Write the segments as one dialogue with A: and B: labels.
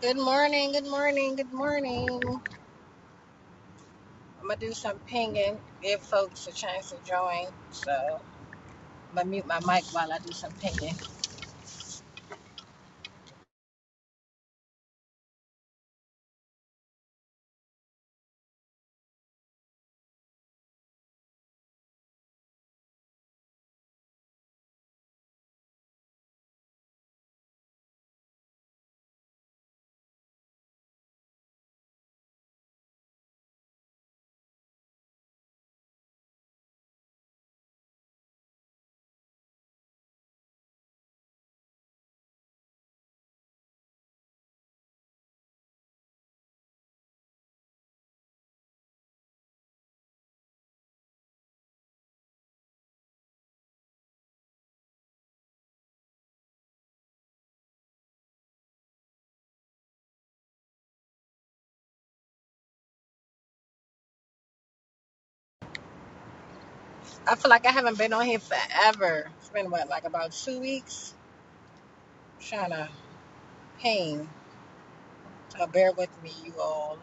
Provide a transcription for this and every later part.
A: Good morning, good morning, good morning. I'm gonna do some pinging, give folks a chance to join. So I'm gonna mute my mic while I do some pinging. I feel like I haven't been on here forever. It's been what, like about two weeks? I'm trying to ping. So bear with me, you all.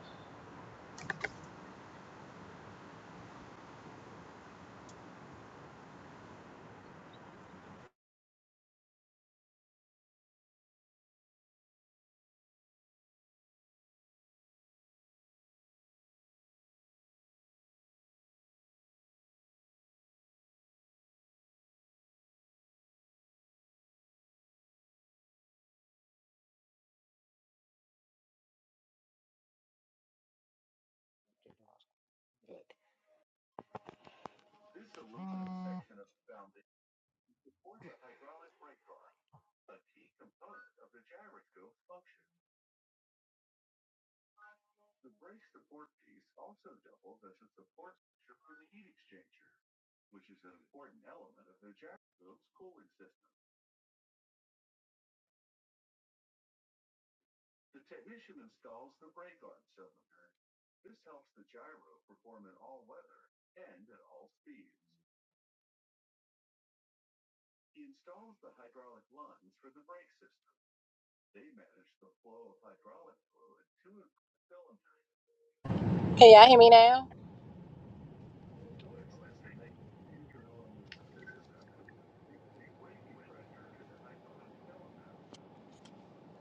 A: Can y'all hear me now?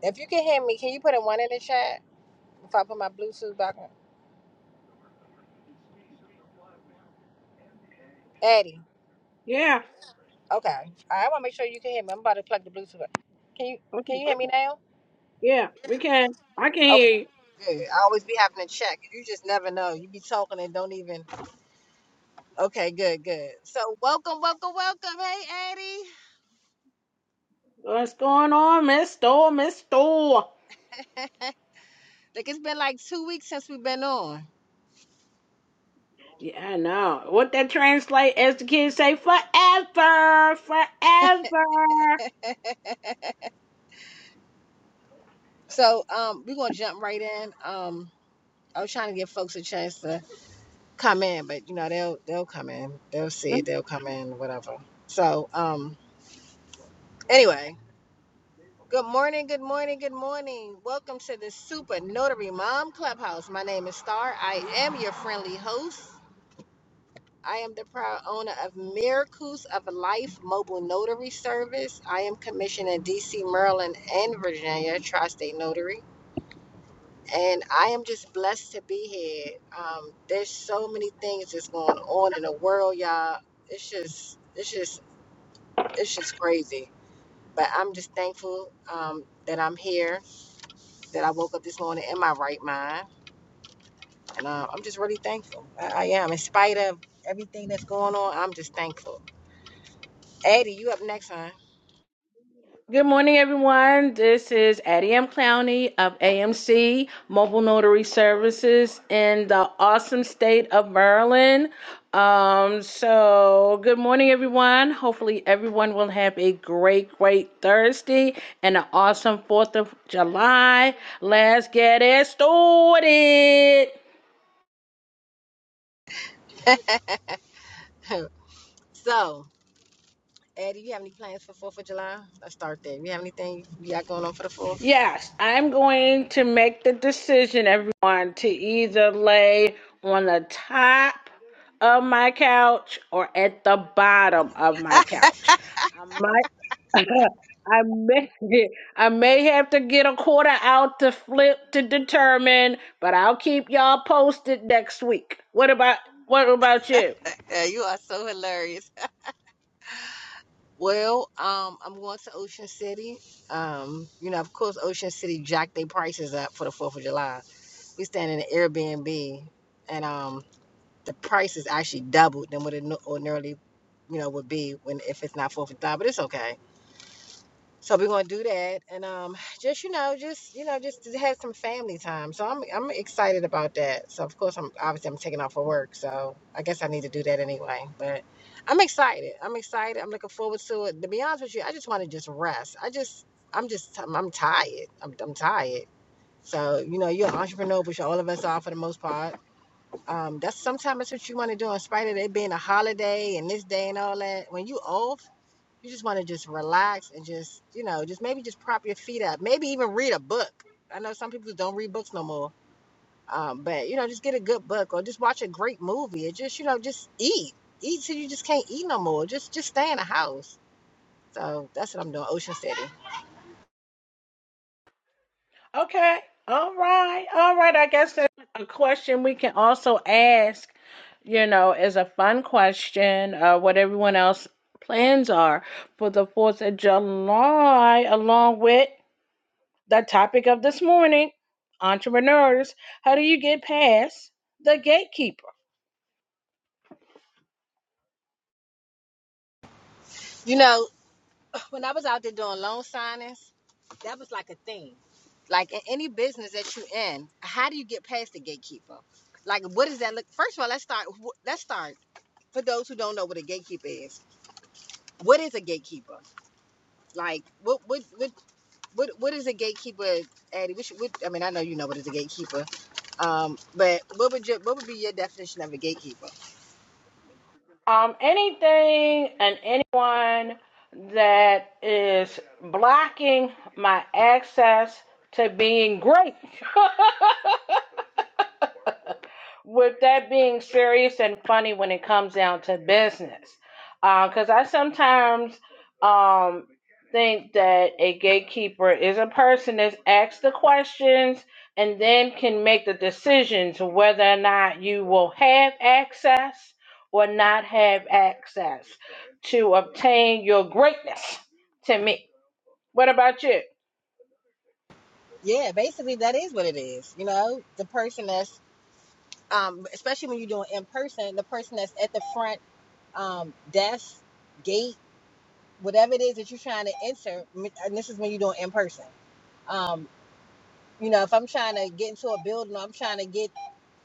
A: If you can hear me, can you put a one in the chat? If I put my Bluetooth back on. Eddie.
B: Yeah.
A: Okay. All right, I wanna make sure you can hear me. I'm about to plug the Bluetooth. in. Can you can
B: Okay.
A: you hear me now?
B: Yeah, we can. I can
A: Okay,
B: hear you.
A: good. I always be having to check. You just never know. You be talking and don't even. Okay, good, good. So welcome, welcome, welcome. Hey,
B: What's going on, Miss Store, Miss Store?
A: Addie. like it's been like two weeks since we've been on.
B: Yeah, I know. What that translate as the kids say, forever, forever.
A: so um, we're gonna jump right in. Um, I was trying to give folks a chance to come in, but you know they'll they'll come in. They'll see it. They'll come in. Whatever. So um, anyway. Good morning, good morning, good morning. Welcome to the Super Notary Mom Clubhouse. My name is Star. I am your friendly host. I am the proud owner of Miracles of Life Mobile Notary Service. I am commissioned in DC, Maryland, and Virginia, Tri State Notary. And I am just blessed to be here. Um, there's so many things that's going on in the world, y'all. It's just, it's just, it's just crazy. But I'm just thankful um, that I'm here, that I woke up this morning in my right mind. And uh, I'm just really thankful. I, I am. In spite of everything that's going on, I'm just thankful. Eddie, you up next, hon?
B: Good morning, everyone. This is Addie M. Clowney of AMC Mobile Notary Services in the awesome state of Maryland. Um, so, good morning, everyone. Hopefully, everyone will have a great, great Thursday and an awesome 4th of July. Let's get it started.
A: so, Eddie, you have any plans for Fourth of July? Let's start there. You have anything you got going on for the Fourth?
B: Yes, I'm going to make the decision, everyone, to either lay on the top of my couch or at the bottom of my couch. I might, I may, I may have to get a quarter out to flip to determine, but I'll keep y'all posted next week. What about, what about you?
A: Yeah, you are so hilarious. Well, um, I'm going to Ocean City. Um, you know, of course, Ocean City jacked their prices up for the Fourth of July. We stand in an Airbnb, and um, the price is actually doubled than what it no- ordinarily, you know, would be when if it's not Fourth of July. But it's okay. So we're gonna do that, and um, just you know, just you know, just to have some family time. So I'm I'm excited about that. So of course I'm obviously I'm taking off for work, so I guess I need to do that anyway. But I'm excited. I'm excited. I'm looking forward to it. To be honest with you, I just want to just rest. I just I'm just I'm, I'm tired. I'm I'm tired. So you know, you're an entrepreneur, which all of us are for the most part. Um, that's sometimes that's what you want to do, in spite of it being a holiday and this day and all that. When you off you just want to just relax and just, you know, just maybe just prop your feet up. Maybe even read a book. I know some people don't read books no more. Um, but you know, just get a good book or just watch a great movie or just, you know, just eat. Eat till you just can't eat no more. Just just stay in the house. So that's what I'm doing, Ocean City.
B: Okay. All right. All right. I guess that's a question we can also ask, you know, is a fun question, uh, what everyone else plans are for the 4th of July, along with the topic of this morning, entrepreneurs. How do you get past the gatekeeper?
A: You know, when I was out there doing loan signings, that was like a thing. Like in any business that you are in, how do you get past the gatekeeper? Like, what does that look? First of all, let's start. Let's start for those who don't know what a gatekeeper is what is a gatekeeper? Like, what what what what, what is a gatekeeper, Addie? What, should, what I mean, I know you know what is a gatekeeper, um, but what would your what would be your definition of a gatekeeper?
B: Um, anything and anyone that is blocking my access to being great. with that being serious and funny when it comes down to business. Because I sometimes um, think that a gatekeeper is a person that's asked the questions and then can make the decisions whether or not you will have access or not have access to obtain your greatness to me. What about you?
A: Yeah, basically that is what it is. You know, the person that's um, especially when you're doing in person, the person that's at the front um, desk, gate, whatever it is that you're trying to enter, and this is when you're doing in person. Um, you know, if I'm trying to get into a building, or I'm trying to get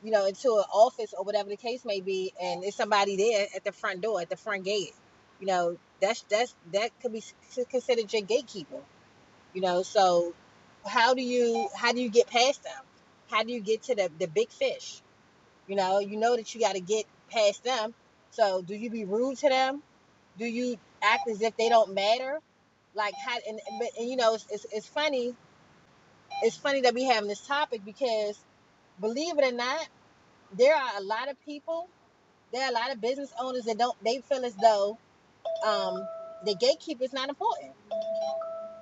A: you know, into an office or whatever the case may be, and there's somebody there at the front door, at the front gate. You know, that's that's that could be considered your gatekeeper. You know, so how do you how do you get past them? How do you get to the the big fish? You know, you know that you got to get past them. So do you be rude to them? Do you act as if they don't matter? Like how and but and you know it's, it's it's funny it's funny that we having this topic because believe it or not, there are a lot of people there are a lot of business owners that don't. They feel as though um, the gatekeeper is not important.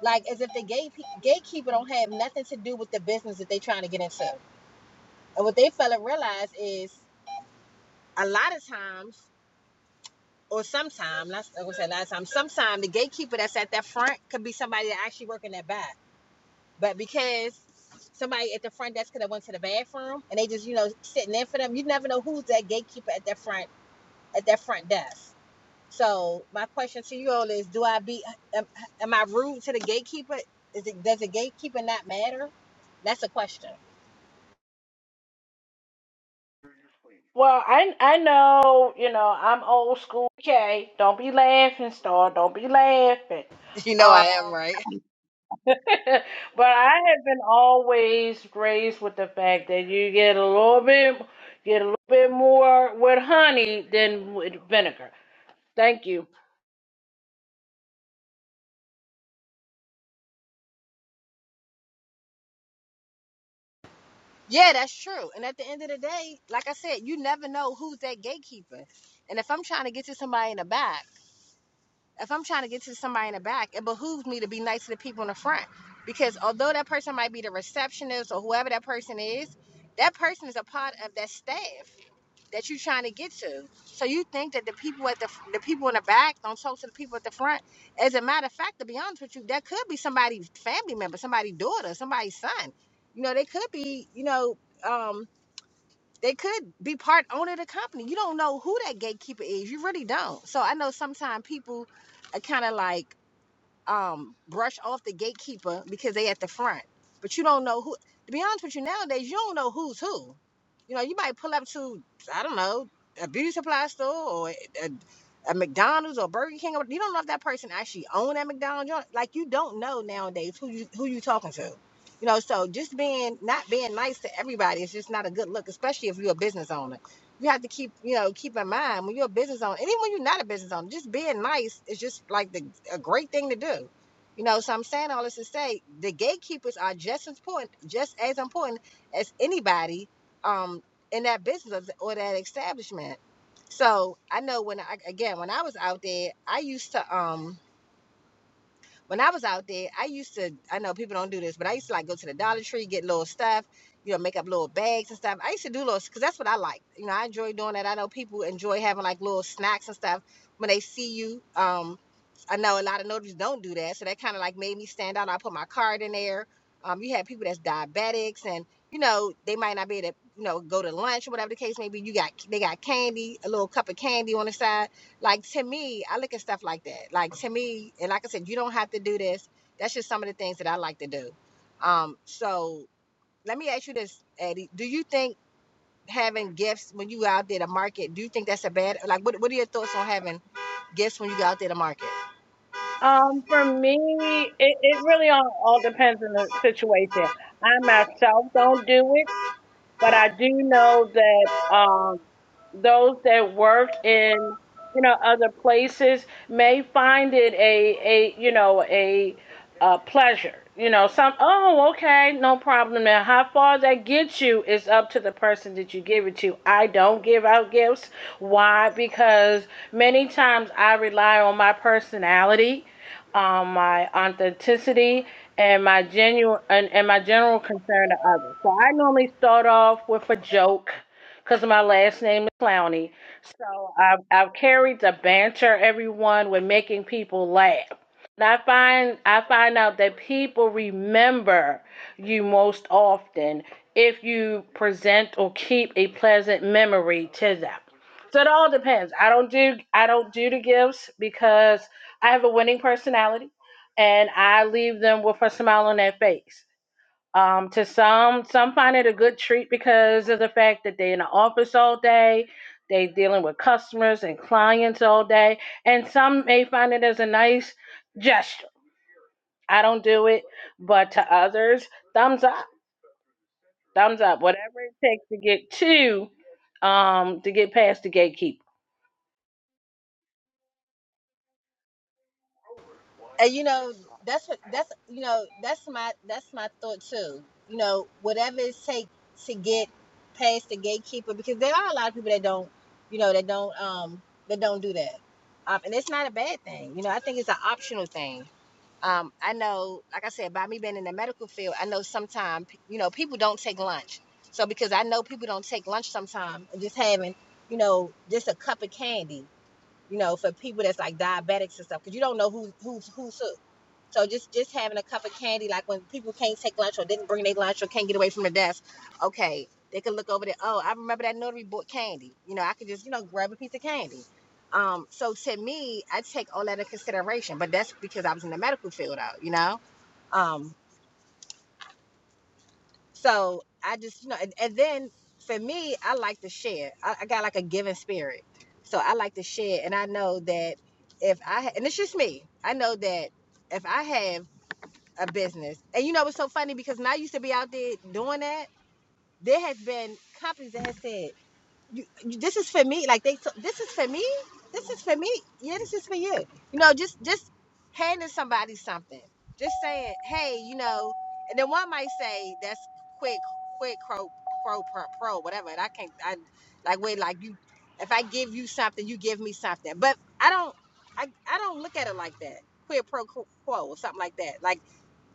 A: Like as if the gate gatekeeper don't have nothing to do with the business that they're trying to get into. And what they fail to realize is a lot of times, or sometimes, not I would say a lot of times, sometimes the gatekeeper that's at that front could be somebody that actually working that back. But because somebody at the front desk could have went to the bathroom and they just you know sitting in for them, you never know who's that gatekeeper at that front at that front desk. So my question to you all is: Do I be am, am I rude to the gatekeeper? Is it does the gatekeeper not matter? That's a question.
B: Well, I I know, you know, I'm old school. Okay, don't be laughing, Star. Don't be laughing.
A: You know
B: Um,
A: I am right.
B: but I have been always raised with the fact that you get a little bit, get a little bit more with honey than with vinegar. Thank you.
A: Yeah, that's true. And at the end of the day, like I said, you never know who's that gatekeeper. And if I'm trying to get to somebody in the back, if I'm trying to get to somebody in the back, it behooves me to be nice to the people in the front. Because although that person might be the receptionist or whoever that person is, that person is a part of that staff. that you're trying to get to. So you think that the people at the the people in the back don't talk to the people at the front. As a matter of fact, to be honest with you, that could be somebody's family member, somebody's daughter, somebody's son. You know, they could be, you know, um, they could be part owner of the company. You don't know who that gatekeeper is. You really don't. So I know sometimes people are kind of like um, brush off the gatekeeper because they at the front. But you don't know who. To be honest with you, nowadays you don't know who's who. You know, you might pull up to I don't know a beauty supply store or a, a McDonald's or Burger King. Or, you don't know if that person actually owned that McDonald's. You don't- Like you don't know nowadays who you who you talking to. You know, so just being not being nice to everybody is just not a good look, especially if you're a business owner you have to keep you know keep in mind when you're a business owner and even when you're not a business owner just being nice is just like the, a great thing to do you know so i'm saying all this to say the gatekeepers are just as important just as important as anybody um in that business or that establishment so i know when i again when i was out there i used to um when I was out there, I used to, I know people don't do this, but I used to like go to the Dollar Tree, get little stuff, you know, make up little bags and stuff. I used to do little, because that's what I like. You know, I enjoy doing that. I know people enjoy having like little snacks and stuff when they see you. Um, I know a lot of notaries don't do that. So that kind of like made me stand out. I put my card in there. Um, you have people that's diabetics and, you know, they might not be able to, you know, go to lunch or whatever the case may be. You got, they got candy, a little cup of candy on the side like to me, I look at stuff like that. Like to me, and like I said, you don't have to do this. That's just some of the things that I like to do. Um, so let me ask you this, Eddie. Do you think having gifts when you go out there to market, do you think that's a bad like what what are your thoughts on having gifts when you go out there to market?
B: Um, for me, it, it really all, all depends on the situation. I myself don't do it, but I do know that um, those that work in you know other places may find it a a you know a, a pleasure. You know, some oh okay, no problem. Now, how far that gets you is up to the person that you give it to. I don't give out gifts. Why? Because many times I rely on my personality um, my authenticity, and my genuine and, and my general concern to others. So I normally start off with a joke because my last name is Clowney. So I've, I've carried to banter everyone with making people laugh. And I find I find out that people remember you most often if you present or keep a pleasant memory to them. So it all depends. I don't do I don't do the gifts because I have a winning personality, and I leave them with a smile on their face. Um, to some, some find it a good treat because of the fact that they're in the office all day, they dealing with customers and clients all day, and some may find it as a nice gesture. I don't do it, but to others, thumbs up, thumbs up, whatever it takes to get to, um, to get past the gatekeeper.
A: and you know that's what- that's you know that's my that's my thought too you know whatever it takes to get past the gatekeeper because there are a lot of people that don't you know that don't um that don't do that um, and it's not a bad thing you know i think it's an optional thing um, i know like i said by me being in the medical field i know sometimes you know people don't take lunch so because i know people don't take lunch sometimes just having you know just a cup of candy you know, for people that's like diabetics and stuff, because you don't know who who's who's who. So just just having a cup of candy, like when people can't take lunch or didn't bring their lunch or can't get away from the desk, okay, they can look over there. Oh, I remember that notary bought candy. You know, I could just you know grab a piece of candy. Um, so to me, I take all that into consideration, but that's because I was in the medical field, out, you know. Um, so I just, you know, and, and then for me, I like to share. I, I got like a giving spirit. So I like to share. And I know that if I, ha- and it's just me, I know that if I have a business, and you know, it's so funny because when I used to be out there doing that, there has been companies that have said, you, you- this is for me. Like they, t- this is for me. This is for me. Yeah, this is for you. You know, just just handing somebody something. Just saying, hey, you know. And then one might say, that's quick, quick, pro, pro, pro, pro, whatever. And I can't, I like wait, like you. If I give you something, you give me something. But I don't, I, I don't look at it like that. Quid pro quo or something like that. Like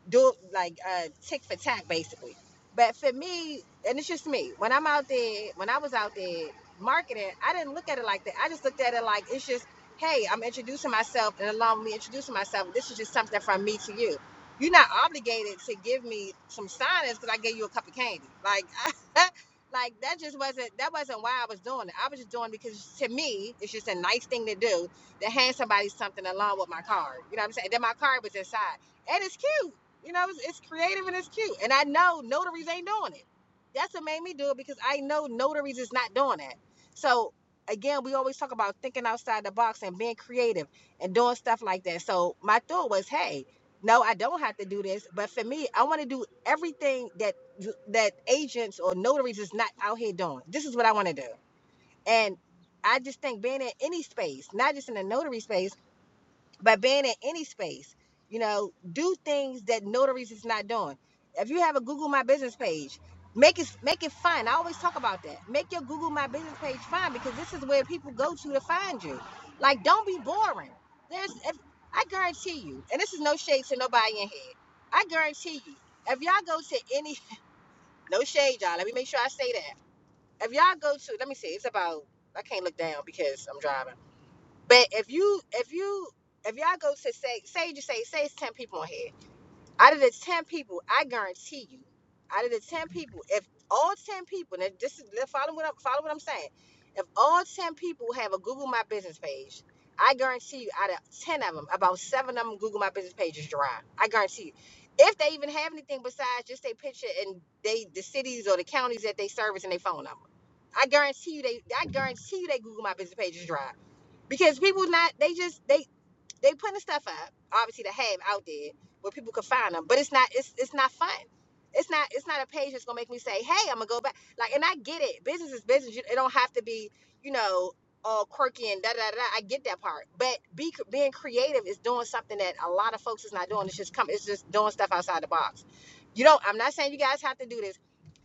A: do like uh tick for tack basically. But for me, and it's just me, when I'm out there, when I was out there marketing, I didn't look at it like that. I just looked at it like it's just, hey, I'm introducing myself and along with me introducing myself, this is just something from me to you. You're not obligated to give me some signings because I gave you a cup of candy. Like like that just wasn't that wasn't why I was doing it. I was just doing it because to me, it's just a nice thing to do to hand somebody something along with my card. You know what I'm saying? Then my card was inside and it's cute. You know, it's, it's creative and it's cute. And I know notaries ain't doing it. That's what made me do it because I know notaries is not doing that. So again, we always talk about thinking outside the box and being creative and doing stuff like that. So my thought was, hey, no, I don't have to do this. But for me, I want to do everything that that agents or notaries is not out here doing. This is what I want to do. And I just think being in any space, not just in the notary space but being in any space, you know, do things that notaries is not doing. If you have a Google My Business page, make it make it fun. I always talk about that. Make your Google My Business page fun because this is where people go to to find you. Like, don't be boring. There's, if, I guarantee you, and this is no shade to nobody in here. I guarantee you, if y'all go to any, no shade, y'all. Let me make sure I say that. If y'all go to, let me see, it's about, I can't look down because I'm driving but if you if you if y'all go to say say you say say it's ten people on here, out of the ten people, I guarantee you, out of the ten people, if all ten people, now this is follow what I'm follow what I'm saying, if all ten people have a Google My Business page, I guarantee you, out of ten of them, about seven of them Google My Business page is dry. I guarantee you. If they even have anything besides just their picture and they the cities or the counties that they service and their phone number, I guarantee you they I guarantee you they Google My Business page is dry because people not they just they they putting the stuff up obviously to have out there where people can find them but it's not it's it's not fun it's not it's not a page that's gonna make me say hey i'm gonna go back like and i get it business is business You- it don't have to be you know all quirky and da da da i get that part but be being creative is doing something that a lot of folks is not doing it's just come it's just doing stuff outside the box you don't i'm not saying you guys have to do this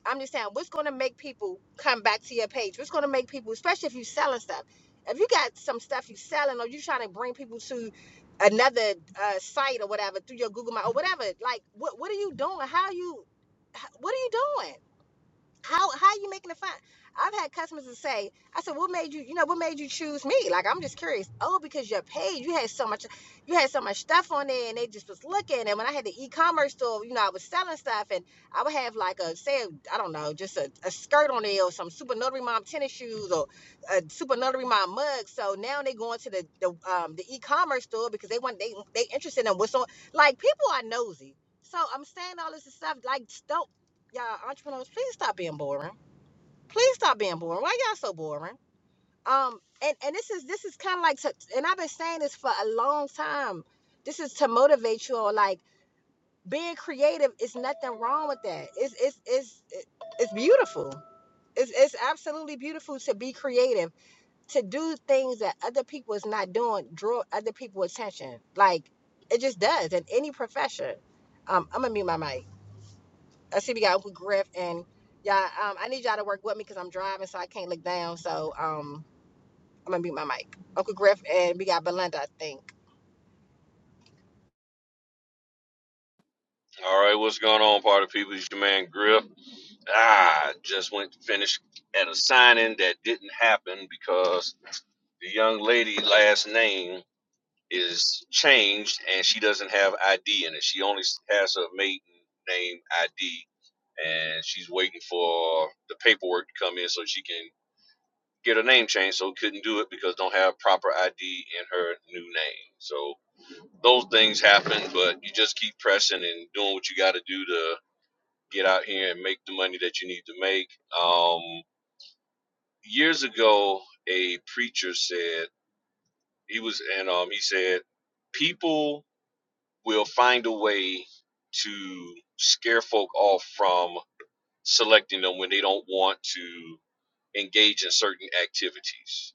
A: I'm just saying, what's going to make people come back to your page? What's going to make people, especially if you're selling stuff, if you got some stuff you're selling or you trying to bring people to another uh, site or whatever through your Google My or whatever, like what what are you doing? How are you, what are you doing? how how you making a fine? I've had customers that say, I said, what made you, you know, what made you choose me? Like I'm just curious. Oh, because your page, you had so much, you had so much stuff on there, and they just was looking. And when I had the e-commerce store, you know, I was selling stuff, and I would have like a say, I don't know, just a, a skirt on there, or some super notary mom tennis shoes, or a super notary mom mug. So now they going to the the um the e-commerce store because they want they they interested in what's on. Like people are nosy. So I'm saying all this stuff. Like don't y'all entrepreneurs please stop being boring please stop being boring why y'all so boring um and and this is this is kind of like to, and i've been saying this for a long time this is to motivate you all like being creative is nothing wrong with that it's it's it's it's beautiful it's, it's absolutely beautiful to be creative to do things that other people is not doing draw other people attention like it just does in any profession um i'm gonna mute my mic I see we got Uncle Griff and y'all. Um, I need y'all to work with me because I'm driving, so I can't look down. So um, I'm gonna mute my mic. Uncle Griff and we got Belinda, I think.
C: All right, what's going on, party people? It's your man Griff. Ah, just went to finish at a signing that didn't happen because the young lady last name is changed and she doesn't have ID in it. She only has her maiden name ID, and she's waiting for the paperwork to come in so she can get her name changed. So couldn't do it because don't have proper ID in her new name. So those things happen, but you just keep pressing and doing what you got to do to get out here and make the money that you need to make. Um, years ago, a preacher said he was, and um, he said, people will find a way to scare folk off from selecting them when they don't want to engage in certain activities.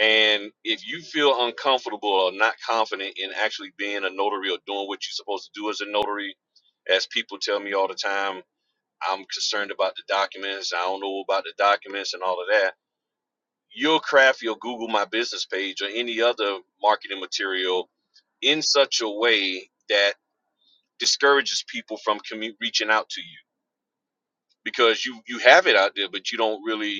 C: And if you feel uncomfortable or not confident in actually being a notary or doing what you're supposed to do as a notary, as people tell me all the time, I'm concerned about the documents. I don't know about the documents and all of that. You'll craft your Google My Business page or any other marketing material in such a way that discourages people from commu- reaching out to you because you you have it out there, but you don't really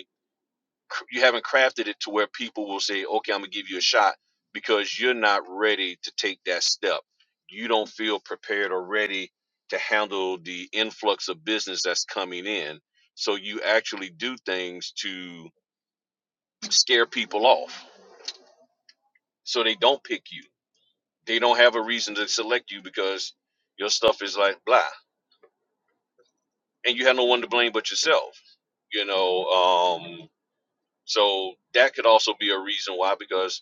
C: cr- you haven't crafted it to where people will say, "Okay, I'm gonna give you a shot," because you're not ready to take that step. You don't feel prepared or ready to handle the influx of business that's coming in. So you actually do things to scare people off, so they don't pick you. They don't have a reason to select you because your stuff is like blah, and you have no one to blame but yourself. You know, um, So that could also be a reason why, because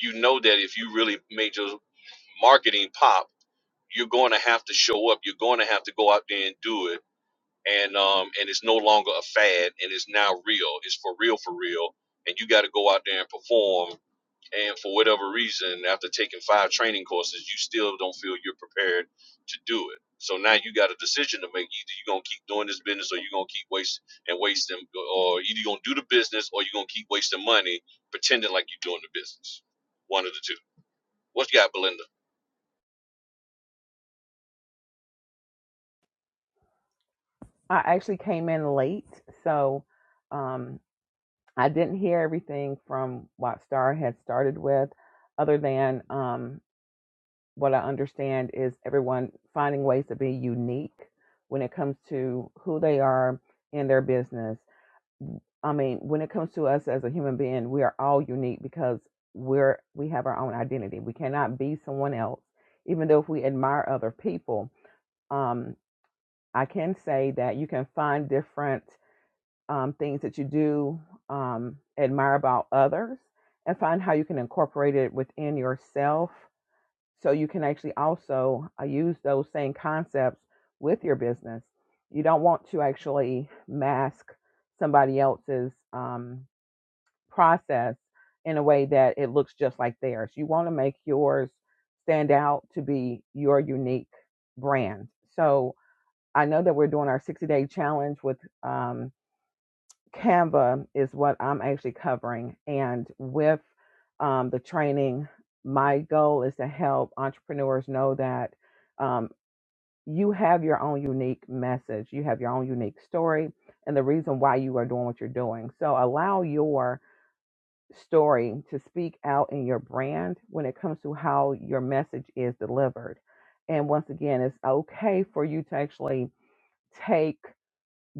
C: you know that if you really made your marketing pop, you're going to have to show up. You're going to have to go out there and do it. And um, and it's no longer a fad, and it's now real. It's for real, for real. And you got to go out there and perform and for whatever reason, after taking five training courses, you still don't feel you're prepared to do it. So now you got a decision to make. Either you're gonna keep doing this business, or you're gonna keep wasting and wasting, or either you're gonna do the business, or you're gonna keep wasting money pretending like you're doing the business. One of the two. What you got, Belinda?
D: I actually came in late, so um, I didn't hear everything from what Star had started with, other than um, what I understand is everyone finding ways to be unique when it comes to who they are in their business. I mean, when it comes to us as a human being, we are all unique because we're we have our own identity. We cannot be someone else, even though if we admire other people. Um, I can say that you can find different um, things that you do um, admire about others and find how you can incorporate it within yourself so you can actually also uh, use those same concepts with your business. You don't want to actually mask somebody else's um, process in a way that it looks just like theirs. You want to make yours stand out to be your unique brand. So I know that we're doing our 60 day challenge with um, Canva is what I'm actually covering. And with um, the training, my goal is to help entrepreneurs know that um, you have your own unique message, you have your own unique story, and the reason why you are doing what you're doing. So allow your story to speak out in your brand when it comes to how your message is delivered. And once again, it's okay for you to actually take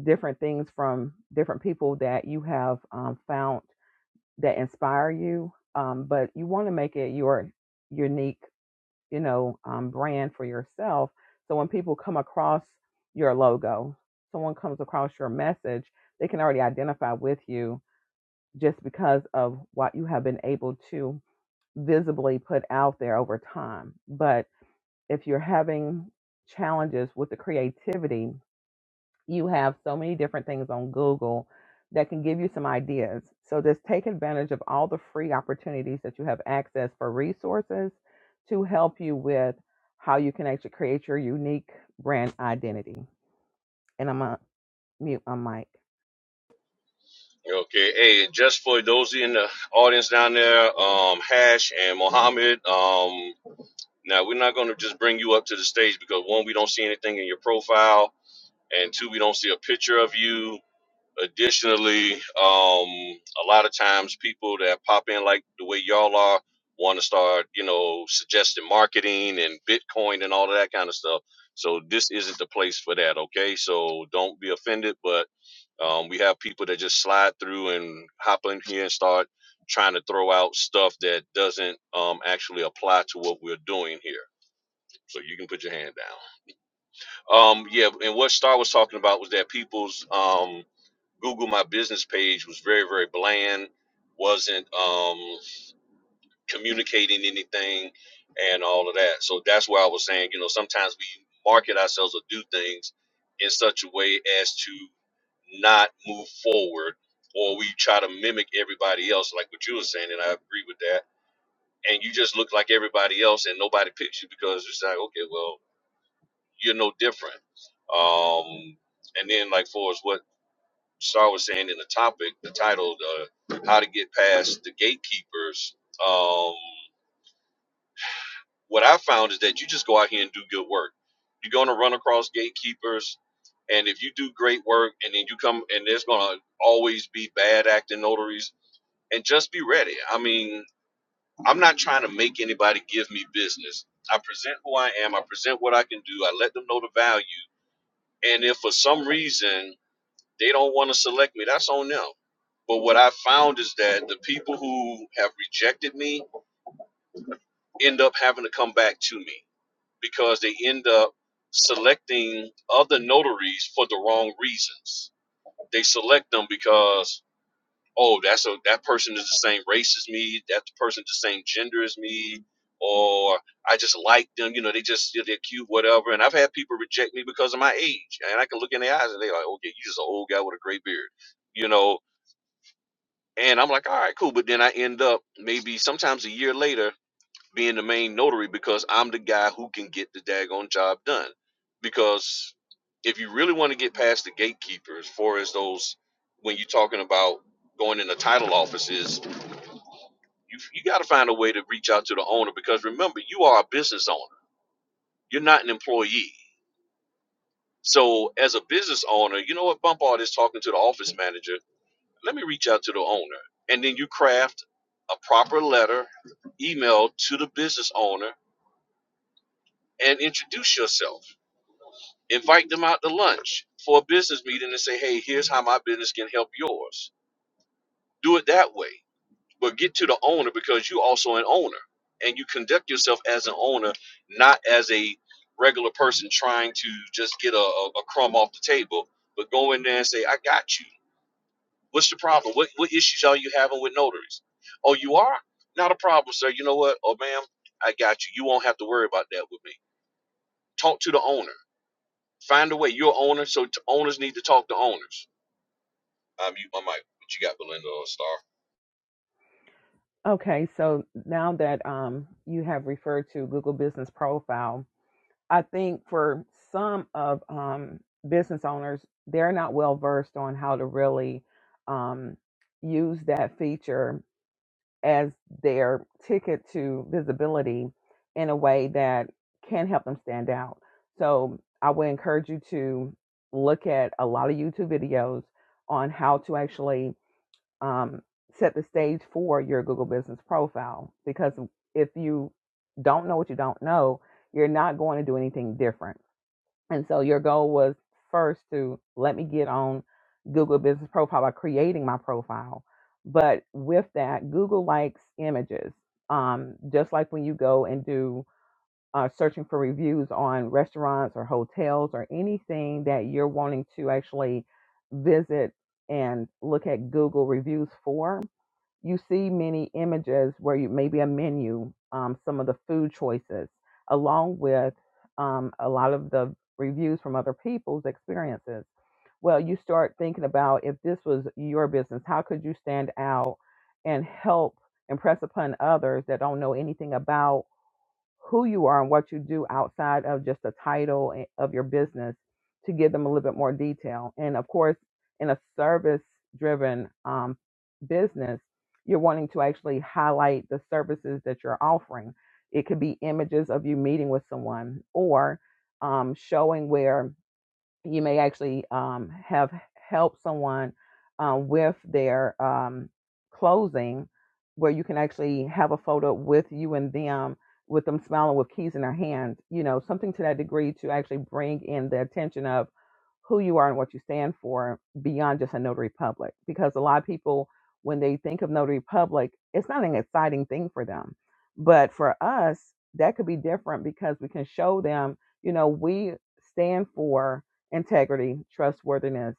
D: different things from different people that you have um, found that inspire you um, but you want to make it your unique you know um, brand for yourself so when people come across your logo someone comes across your message they can already identify with you just because of what you have been able to visibly put out there over time but if you're having challenges with the creativity you have so many different things on Google that can give you some ideas. So just take advantage of all the free opportunities that you have access for resources to help you with how you can actually create your unique brand identity. And I'm gonna mute my mic.
C: Okay, hey, just for those in the audience down there, um, Hash and Mohammed, um, now we're not gonna just bring you up to the stage because one, we don't see anything in your profile, and two, we don't see a picture of you Additionally, um, a lot of times people that pop in like the way y'all are want to start, you know, suggesting marketing and Bitcoin and all of that kind of stuff. So this isn't the place for that. Okay, so don't be offended, but um, we have people that just slide through and hop in here and start trying to throw out stuff that doesn't um, actually apply to what we're doing here. So you can put your hand down. Um, yeah, and what Star was talking about was that people's um, Google My Business page was very very bland, wasn't um, communicating anything, and all of that. So that's why I was saying, you know, sometimes we market ourselves or do things in such a way as to not move forward, or we try to mimic everybody else, like what you were saying, and I agree with that. And you just look like everybody else, and nobody picks you because it's like, okay, well, you're no different. Um, and then like for as what? Star was saying in the topic, the title, uh, how to get past the gatekeepers. Um, what I found is that you just go out here and do good work. You're going to run across gatekeepers, and if you do great work, and then you come, and there's going to always be bad acting notaries, and just be ready. I mean, I'm not trying to make anybody give me business. I present who I am. I present what I can do. I let them know the value. And if for some reason They don't want to select me. That's on them. But what I found is that the people who have rejected me end up having to come back to me because they end up selecting other notaries for the wrong reasons. They select them because oh, that's a that person is the same race as me, that person is the same gender as me, or I just like them, you know, they just yeah, they're cute, whatever. And I've had people reject me because of my age, and I can look in their eyes and they're like, okay, you just an old guy with a gray beard, you know And I'm like, all right, cool. But then I end up maybe sometimes a year later being the main notary because I'm the guy who can get the daggone job done. Because if you really want to get past the gatekeepers, far as those when you're talking about going into title offices, you you got to find a way to reach out to the owner because remember you are a business owner. You're not an employee. So as a business owner, you know what? Bump all this talking to the office manager let me reach out to the owner. And then you craft a proper letter, email to the business owner, and introduce yourself. Invite them out to lunch for a business meeting and say, hey, here's how my business can help yours. Do it that way. But get to the owner because you're also an owner and you conduct yourself as an owner, not as a regular person trying to just get a, a a crumb off the table, but go in there and say, I got you. What's the problem? What what issues are you having with notaries? Oh, you are? Not a problem, sir. You know what? Oh, ma'am, I got you. You won't have to worry about that with me. Talk to the owner. Find a way. You're an owner, so t- owners need to talk to owners. I mute my mic. What you got, Belinda or Star?
D: Okay, so now that um, you have referred to Google Business Profile, I think for some of um, business owners, they're not well versed on how to really um, use that feature as their ticket to visibility in a way that can help them stand out. So I would encourage you to look at a lot of YouTube videos on how to actually um, set the stage for your Google Business Profile because if you don't know what you don't know, you're not going to do anything different and so your goal was first to let me get on Google Business Profile by creating my profile. But with that, Google likes images. Um, just like when you go and do uh, searching for reviews on restaurants or hotels or anything that you're wanting to actually visit and look at Google reviews for, you see many images where you maybe a menu, um, some of the food choices, along with um, a lot of the reviews from other people's experiences. Well, you start thinking about if this was your business, how could you stand out and help impress upon others that don't know anything about who you are and what you do outside of just the title of your business to give them a little bit more detail. And of course, in a service driven um, business, you're wanting to actually highlight the services that you're offering. It could be images of you meeting with someone or um, showing where you may actually um, have helped someone uh, with their um, closing where you can actually have a photo with you and them with them smiling with keys in their hands you know something to that degree to actually bring in the attention of who you are and what you stand for beyond just a notary public because a lot of people when they think of notary public it's not an exciting thing for them but for us that could be different because we can show them you know we stand for integrity, trustworthiness,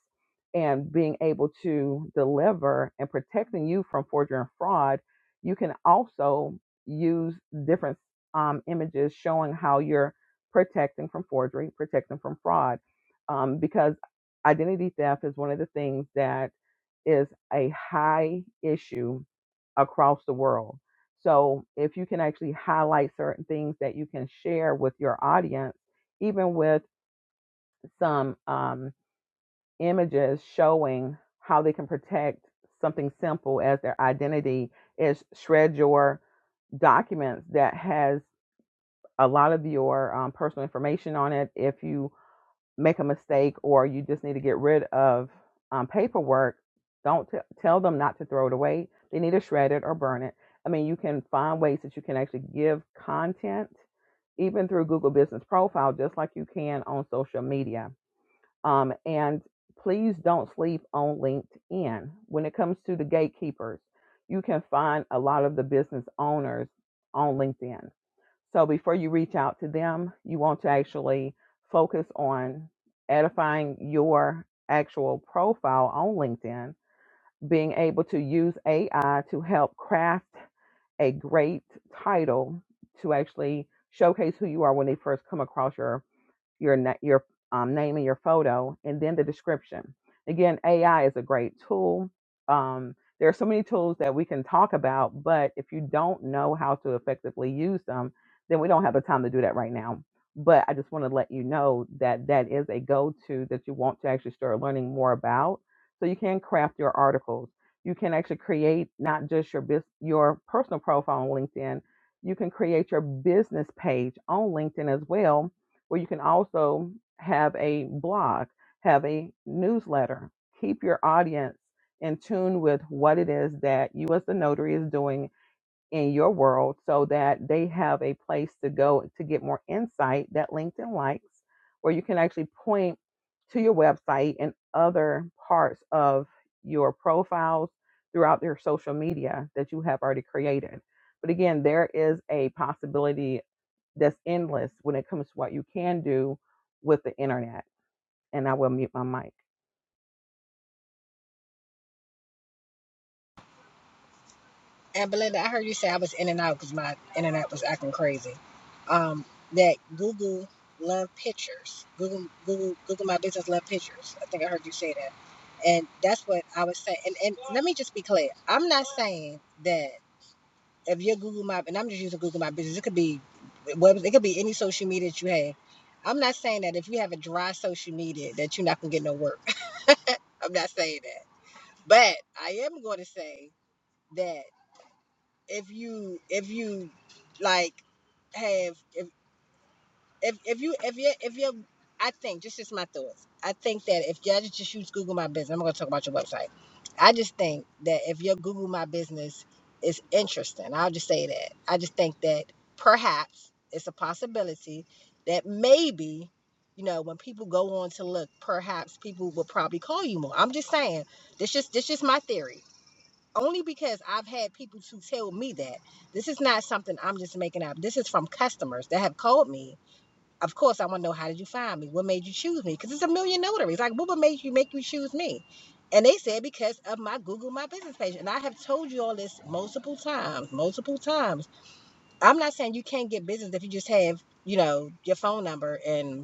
D: and being able to deliver and protecting you from forgery and fraud, you can also use different um, images showing how you're protecting from forgery, protecting from fraud, um, because identity theft is one of the things that is a high issue across the world. So if you can actually highlight certain things that you can share with your audience, even with some um, images showing how they can protect something simple as their identity is shred your documents that has a lot of your um, personal information on it if you make a mistake or you just need to get rid of um, paperwork don't t- tell them not to throw it away they need to shred it or burn it i mean you can find ways that you can actually give content even through google business profile just like you can on social media um, and please don't sleep on LinkedIn. When it comes to the gatekeepers, you can find a lot of the business owners on LinkedIn. So before you reach out to them, you want to actually focus on edifying your actual profile on LinkedIn, being able to use AI to help craft a great title to actually showcase who you are when they first come across your your na- your um, name and your photo, and then the description. Again, AI is a great tool. Um, there are so many tools that we can talk about, but if you don't know how to effectively use them, then we don't have the time to do that right now. But I just want to let you know that that is a go-to that you want to actually start learning more about, so you can craft your articles. You can actually create not just your bus- your personal profile on LinkedIn. You can create your business page on LinkedIn as well, where you can also have a blog, have a newsletter. Keep your audience in tune with what it is that you, as the notary, is doing in your world so that they have a place to go to get more insight that LinkedIn likes, Where you can actually point to your website and other parts of your profiles throughout your social media that you have already created. But again, there is a possibility that's endless when it comes to what you can do with the internet. And I will mute my mic.
A: And Belinda, I heard you say I was in and out because my internet was acting crazy. Um, that Google love pictures. Google Google Google my business love pictures. I think I heard you say that. And that's what I was saying. And, and let me just be clear. I'm not saying that. if your Google My and I'm just using Google My Business, it could be web, it could be any social media that you have. I'm not saying that if you have a dry social media that you're not gonna get no work. I'm not saying that, but I am going to say that if you if you like have if, if if you if you if you I think just just my thoughts. I think that if you I just just use Google My Business, I'm not gonna talk about your website. I just think that if your Google My Business is interesting, I'll just say that. I just think that perhaps it's a possibility that maybe you know when people go on to look, perhaps people will probably call you more. I'm just saying this just this just my theory. Only because I've had people to tell me that this is not something I'm just making up. This is from customers that have called me of course, I want to know how did you find me? What made you choose me? Because it's a million notaries. Like, what would make you make you choose me? And they said because of my Google My Business page. And I have told you all this multiple times, multiple times. I'm not saying you can't get business if you just have, you know, your phone number and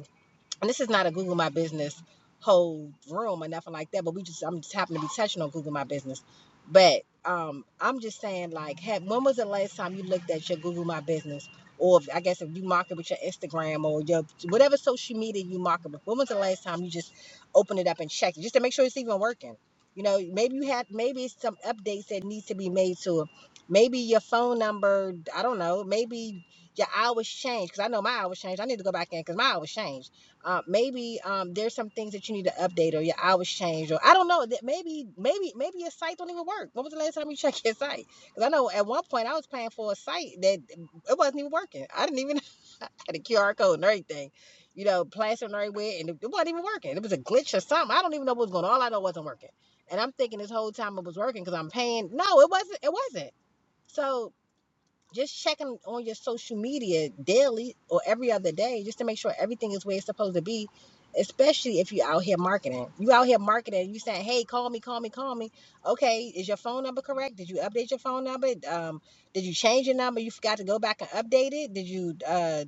A: and this is not a Google My Business whole room or nothing like that, but we just I'm just happen to be touching on Google My Business. But um I'm just saying like had when was the last time you looked at your Google My Business? Or if, I guess if you market with your Instagram or your whatever social media you market with, when was the last time you just opened it up and checked it just to make sure it's even working? You know, maybe you had maybe it's some updates that needs to be made to it. Maybe your phone number, I don't know, maybe your hours change. Cause I know my hours change. I need to go back in because my hours changed uh, maybe um, there's some things that you need to update or your hours change or I don't know that maybe maybe maybe your site don't even work. When was the last time you checked your site? Because I know at one point I was paying for a site that mm, it wasn't even working. I didn't even I had a QR code and everything, you know, plastered everywhere and it it wasn't even working. It was a glitch or something. I don't even know what was going on. All I know it wasn't working. And I'm thinking this whole time it was working because I'm paying. No, it wasn't. It wasn't. So just checking on your social media daily or every other day just to make sure everything is where it's supposed to be especially if you're out here marketing you out here marketing you saying hey call me call me call me okay is your phone number correct did you update your phone number um, did you change your number you forgot to go back and update it did you uh,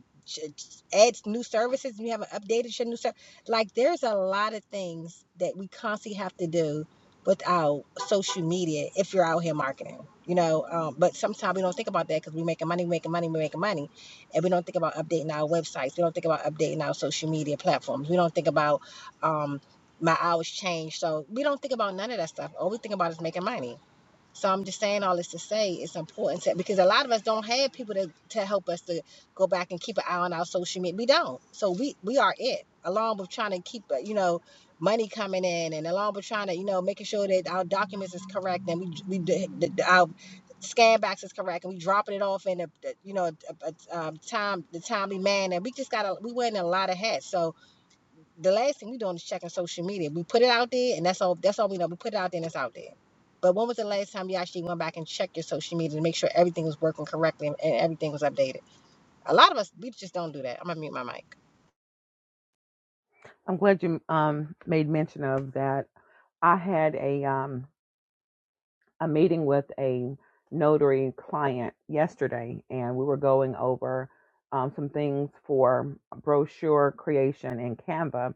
A: add new services and you haven't updated your new stuff like there's a lot of things that we constantly have to do without social media if you're out here marketing you know um, but sometimes we don't think about that because we're making money making money we're making money and we don't think about updating our websites we don't think about updating our social media platforms we don't think about um, my hours change so we don't think about none of that stuff all we think about is making money so I'm just saying all this to say it's important to, because a lot of us don't have people to, to help us to go back and keep an eye on our social media. We don't. So we we are it. Along with trying to keep uh, you know money coming in, and along with trying to you know making sure that our documents is correct and we we our scan box is correct and we dropping it off in a, you know a, a, um, time the timely manner. We just got to we wearing a lot of hats. So the last thing we doing is checking social media. We put it out there, and that's all. That's all we know. We put it out there, and it's out there. But when was the last time you actually went back and checked your social media to make sure everything was working correctly and, and everything was updated? A lot of us, we just don't do that. I'm gonna mute my mic.
D: I'm glad you um, made mention of that. I had a um, a meeting with a notary client yesterday, and we were going over um, some things for brochure creation in Canva.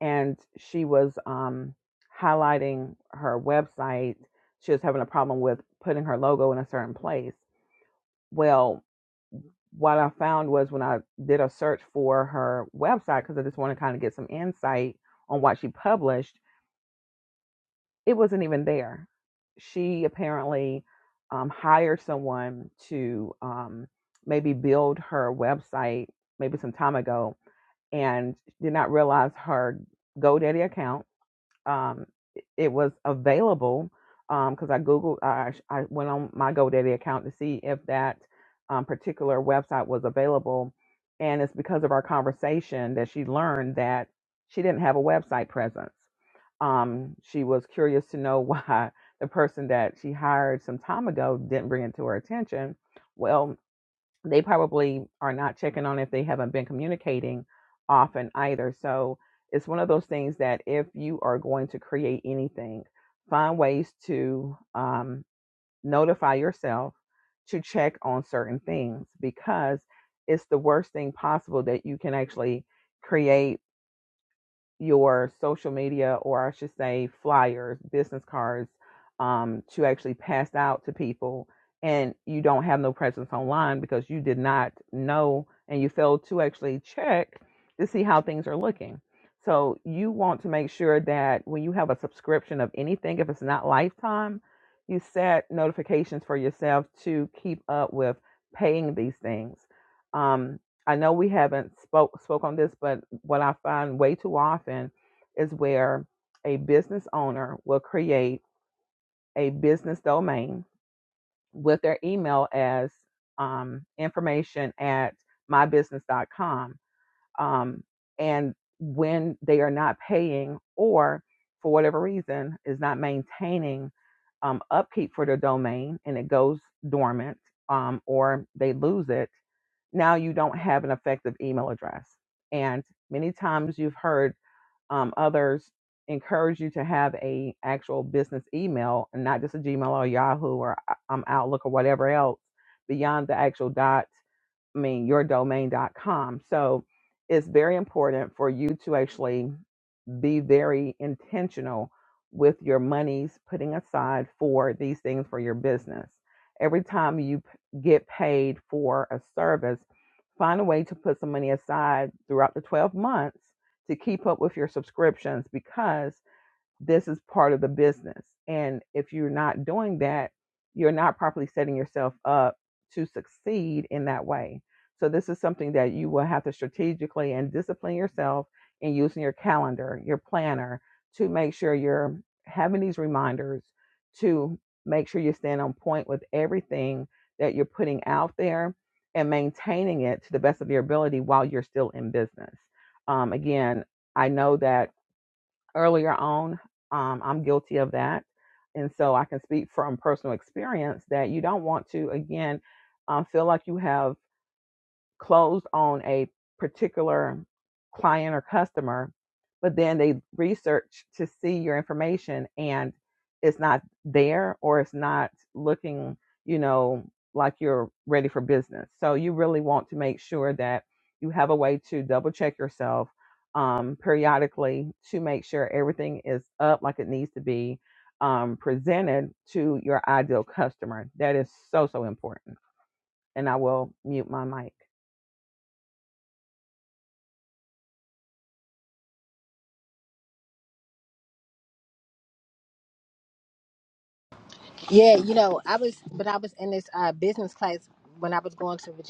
D: And she was um, highlighting her website. She was having a problem with putting her logo in a certain place. Well, what I found was when I did a search for her website, because I just want to kind of get some insight on what she published, it wasn't even there. She apparently um, hired someone to um, maybe build her website maybe some time ago and did not realize her GoDaddy account um, it was available because um, I googled, I, I I went on my GoDaddy account to see if that um, particular website was available, and it's because of our conversation that she learned that she didn't have a website presence. Um, she was curious to know why the person that she hired some time ago didn't bring it to her attention. Well, they probably are not checking on if they haven't been communicating often either. So it's one of those things that if you are going to create anything, find ways to um, notify yourself to check on certain things because it's the worst thing possible that you can actually create your social media, or I should say, flyers, business cards, um, to actually pass out to people, and you don't have no presence online because you did not know and you failed to actually check to see how things are looking. So you want to make sure that when you have a subscription of anything, if it's not lifetime, you set notifications for yourself to keep up with paying these things. Um, I know we haven't spoke spoke on this, but what I find way too often is where a business owner will create a business domain with their email as um, information at my business dot com um, and when they are not paying or for whatever reason is not maintaining um, upkeep for their domain and it goes dormant um, or they lose it now you don't have an effective email address and many times you've heard um, others encourage you to have a actual business email and not just a gmail or yahoo or uh, um, outlook or whatever else beyond the actual dot I mean, yourdomain.com. So it's very important for you to actually be very intentional with your monies putting aside for these things for your business. Every time you p- get paid for a service, find a way to put some money aside throughout the 12 months to keep up with your subscriptions because this is part of the business. And if you're not doing that, you're not properly setting yourself up to succeed in that way. So this is something that you will have to strategically and discipline yourself in using your calendar, your planner to make sure you're having these reminders to make sure you stand on point with everything that you're putting out there and maintaining it to the best of your ability while you're still in business. Um, again, I know that earlier on. Um, I'm guilty of that. And so I can speak from personal experience that you don't want to, again, um, feel like you have closed on a particular client or customer, but then they research to see your information and it's not there or it's not looking, you know, like you're ready for business. So you really want to make sure that you have a way to double check yourself um, periodically to make sure everything is up like it needs to be um, presented to your ideal customer. That is so, so important. And I will mute my mic.
A: Yeah, you know, I was but I was in this uh, business class when I was going to Virginia.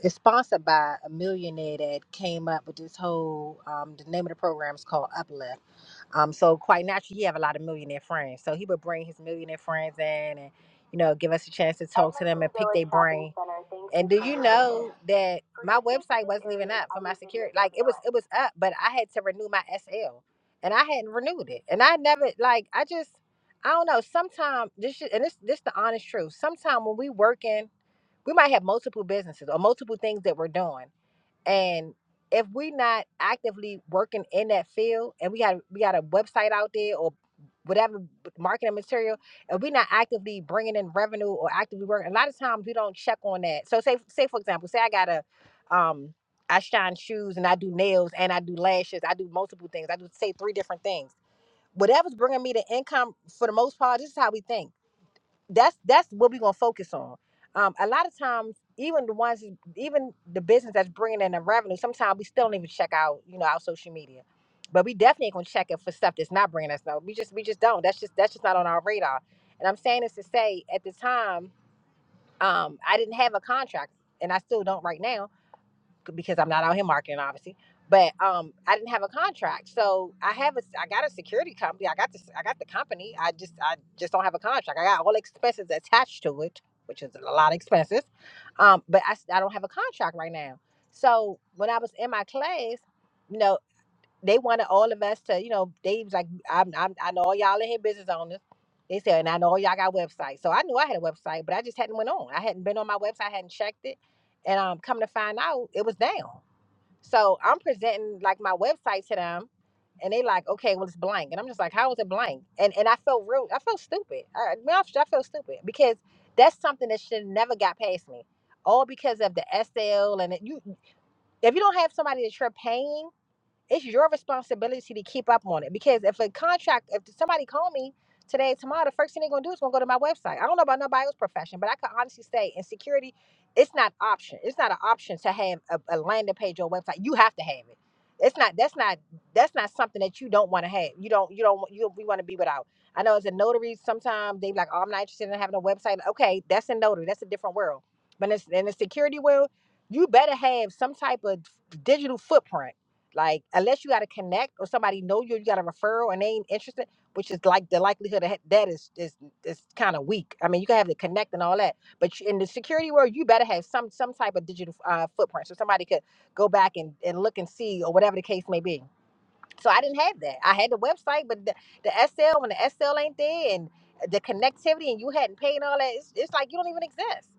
A: It's sponsored by a millionaire that came up with this whole. Um, the name of the program is called Uplift. Um, so quite naturally, he have a lot of millionaire friends. So he would bring his millionaire friends in, and you know, give us a chance to talk to them and pick their brain. And do you know that my website wasn't even up for my security? Like it was, it was up, but I had to renew my SL, and I hadn't renewed it. And I never, like, I just, I don't know. Sometimes this, shit- and this, this the honest truth. Sometimes when we working, we might have multiple businesses or multiple things that we're doing. And if we not actively working in that field and we got we got a website out there or whatever marketing material and we're not actively bringing in revenue or actively working a lot of times we don't check on that so say say for example say i got a um i shine shoes and i do nails and i do lashes i do multiple things i do say three different things whatever's bringing me the income for the most part this is how we think that's that's what we're gonna focus on. Um, a lot of times, even the ones, even the business that's bringing in the revenue, sometimes we still don't even check out, you know, our social media. But we definitely ain't gonna check it for stuff that's not bringing us no. We just we just don't. That's just that's just not on our radar. And I'm saying this to say, at the time, um, I didn't have a contract, and I still don't right now because I'm not out here marketing, obviously. But um, I didn't have a contract, so I have a I got a security company. I got this I got the company. I just I just don't have a contract. I got all expenses attached to it, which is a lot of expenses. Um, but I s- I don't have a contract right now. So when I was in my class, no they wanted all of us to, you know, they was like, I'm, I'm, I know all y'all in here business owners. They said, and I know all y'all got websites. So I knew I had a website, but I just hadn't went on. I hadn't been on my website, I hadn't checked it. And um, come to find out, it was down. So I'm presenting like my website to them, and they like, okay, well it's blank, and I'm just like, how is it blank? And and I felt real, I felt stupid. I, I mean, I I felt stupid because that's something that should never got past me, all because of the SL and it, you. If you don't have somebody that you're paying it's your responsibility to keep up on it because if a contract if somebody call me today tomorrow the first thing they're gonna do is gonna go to my website i don't know about nobody else's profession but i can honestly say in security it's not option it's not an option to have a, a landing page or website you have to have it it's not that's not that's not something that you don't want to have you don't you don't want- you we want to be without i know as a notary sometimes they be like oh i'm not interested in having a website okay that's a notary that's a different world but in, in the security world you better have some type of digital footprint like unless you got to connect or somebody know you, you got a referral and they ain't interested, which is like the likelihood of ha- that is is is kind of weak. I mean, you can have the connect and all that, but you- in the security world, you better have some some type of digital uh, footprint so somebody could go back and, and look and see or whatever the case may be. So I didn't have that. I had the website, but the, the SL when the SL ain't there and the connectivity and you hadn't paid and all that, it's, it's like you don't even exist.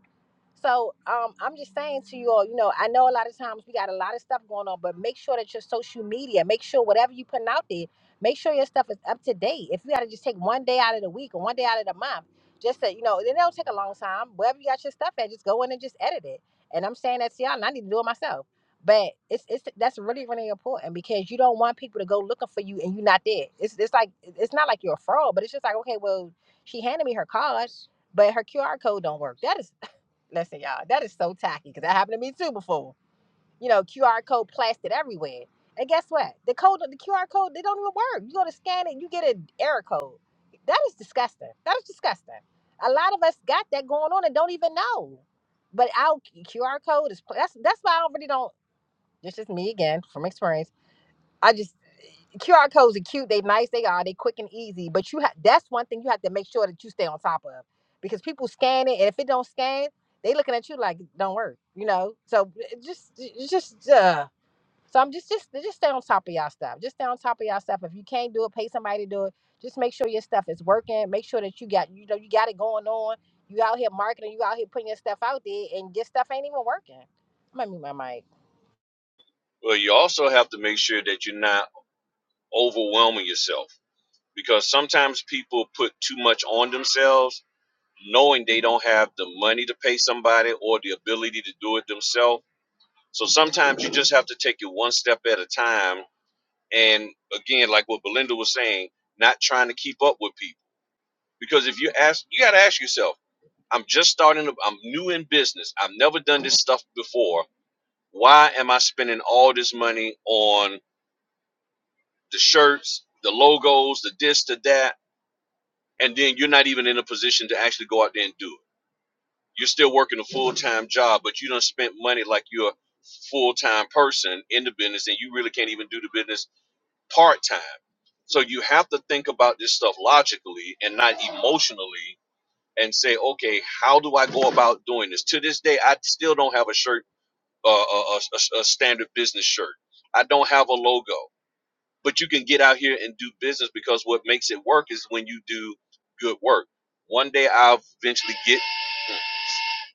A: So um, I'm just saying to you all, you know, I know a lot of times we got a lot of stuff going on, but make sure that your social media, make sure whatever you putting out there, make sure your stuff is up to date. If you got to just take one day out of the week or one day out of the month, just to, you know, it don't take a long time. Wherever you got your stuff at, just go in and just edit it. And I'm saying that to y'all, and I need to do it myself. But it's it's that's really really important because you don't want people to go looking for you and you're not there. It's it's like it's not like you're a fraud, but it's just like okay, well, she handed me her cards but her QR code don't work. That is Listen, y'all, that is so tacky because that happened to me too before. You know, QR code plastered everywhere. And guess what? The code, the QR code, they don't even work. You go to scan it, you get an error code. That is disgusting. That is disgusting. A lot of us got that going on and don't even know. But our QR code is pla- that's that's why I really don't. It's just me again from experience. I just QR codes are cute, they nice, they are, they quick and easy. But you have that's one thing you have to make sure that you stay on top of because people scan it, and if it don't scan, they looking at you like it don't work, you know. So it just, it just, uh, so I'm just, just, just stay on top of y'all stuff. Just stay on top of y'all stuff. If you can't do it, pay somebody to do it. Just make sure your stuff is working. Make sure that you got, you know, you got it going on. You out here marketing, you out here putting your stuff out there, and your stuff ain't even working. I'm gonna mute my mic.
C: Well, you also have to make sure that you're not overwhelming yourself because sometimes people put too much on themselves, knowing they don't have the money to pay somebody or the ability to do it themselves. So sometimes you just have to take it one step at a time and again like what belinda was saying not trying to keep up with people because if you ask you got to ask yourself i'm just starting to, i'm new in business i've never done this stuff before why am i spending all this money on the shirts the logos the this the that and then you're not even in a position to actually go out there and do it you're still working a full-time job but you don't spend money like you're a full-time person in the business and you really can't even do the business part time. So you have to think about this stuff logically and not emotionally and say, okay, how do I go about doing this? To this day, I still don't have a shirt, uh, a, a, a a standard business shirt. I don't have a logo, but you can get out here and do business because what makes it work is when you do good work. One day I'll eventually get, hmm,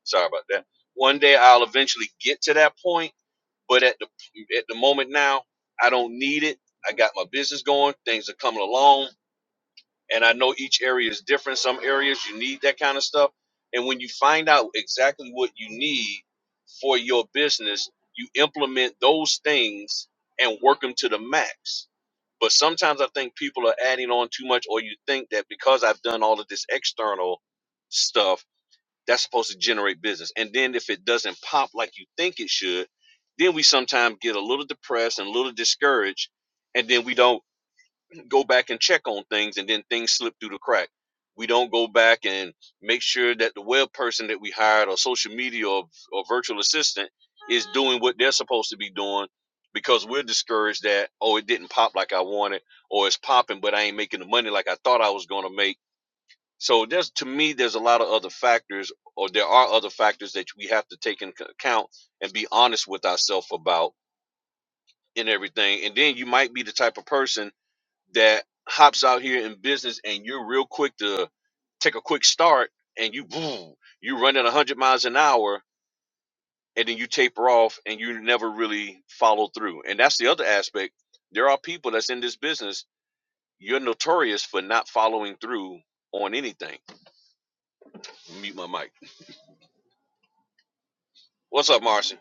C: sorry about that. One day I'll eventually get to that point but at the at the moment now, I don't need it. I got my business going. Things are coming along, and I know each area is different. Some areas you need that kind of stuff, and when you find out exactly what you need for your business, you implement those things and work them to the max. But sometimes I think people are adding on too much, or you think that because I've done all of this external stuff that's supposed to generate business. And then if it doesn't pop like you think it should, then we sometimes get a little depressed and a little discouraged, and then we don't go back and check on things, and then things slip through the crack. We don't go back and make sure that the web person that we hired, or social media, or, or virtual assistant, is doing what they're supposed to be doing because we're discouraged that oh it didn't pop like I wanted, or it's popping but I ain't making the money like I thought I was going to make so there's to me there's a lot of other factors or there are other factors that we have to take into account and be honest with ourselves about in everything. And then you might be the type of person that hops out here in business and you're real quick to take a quick start and you boom, you run at 100 miles an hour and then you taper off and you never really follow through. And that's the other aspect. There are people that's in this business, you're notorious for not following through on anything. Mute my mic. What's up, Marcy?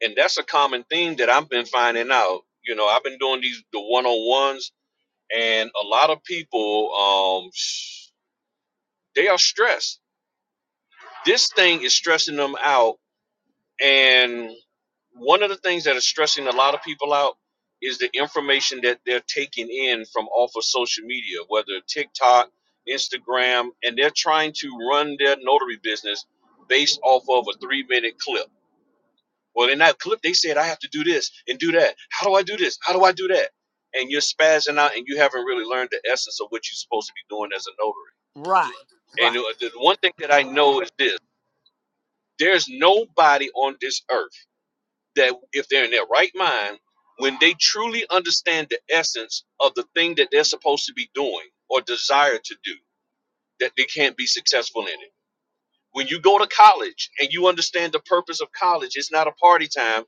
C: and that's a common theme that I've been finding out. You know, I've been doing these the one on ones, and a lot of people, um, they are stressed. This thing is stressing them out, and one of the things that is stressing a lot of people out is the information that they're taking in from off of social media, whether TikTok, Instagram, and they're trying to run their notary business based off of a three minute clip Well, in that clip, they said I have to do this and do that. How do I do this? How do I do that? And you're spazzing out, and you haven't really learned the essence of what you're supposed to be doing as a notary. And uh, the one thing that I know is this: there's nobody on this earth that, if they're in their right mind, when they truly understand the essence of the thing that they're supposed to be doing or desire to do, that they can't be successful in it. When you go to college and you understand the purpose of college, it's not a party time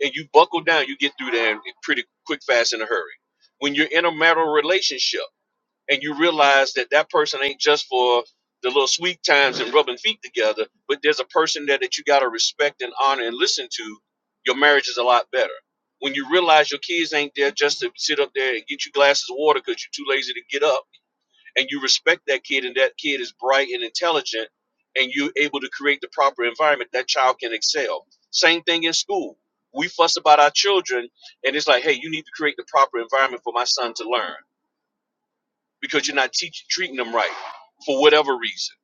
C: and you buckle down, you get through there in pretty quick, fast, in a hurry. When you're in a marital relationship and you realize that that person ain't just for the little sweet times and rubbing feet together, but there's a person there that you got to respect and honor and listen to, your marriage is a lot better. When you realize your kids ain't there just to sit up there and get you glasses of water because you're too lazy to get up and you respect that kid and that kid is bright and intelligent and you're able to create the proper environment that child can excel same thing in school we fuss about our children and it's like hey you need to create the proper environment for my son to learn because you're not teaching treating them right for whatever reason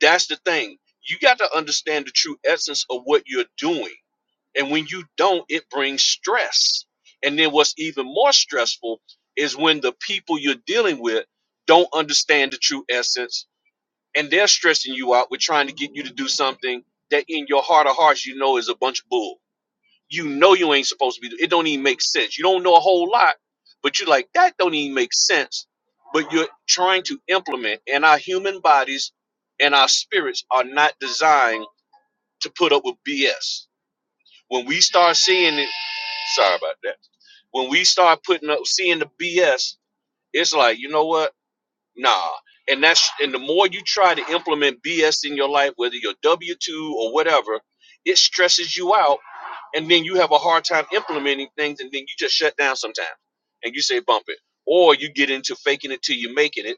C: that's the thing you got to understand the true essence of what you're doing and when you don't it brings stress and then what's even more stressful is when the people you're dealing with don't understand the true essence and they're stressing you out with trying to get you to do something that in your heart of hearts you know is a bunch of bull. You know you ain't supposed to be. It don't even make sense. You don't know a whole lot, but you're like that don't even make sense. But you're trying to implement, and our human bodies and our spirits are not designed to put up with BS. When we start seeing it, sorry about that. When we start putting up seeing the BS, it's like you know what? Nah. And that's and the more you try to implement BS in your life, whether you're W two or whatever, it stresses you out, and then you have a hard time implementing things, and then you just shut down sometimes, and you say bump it, or you get into faking it till you're making it,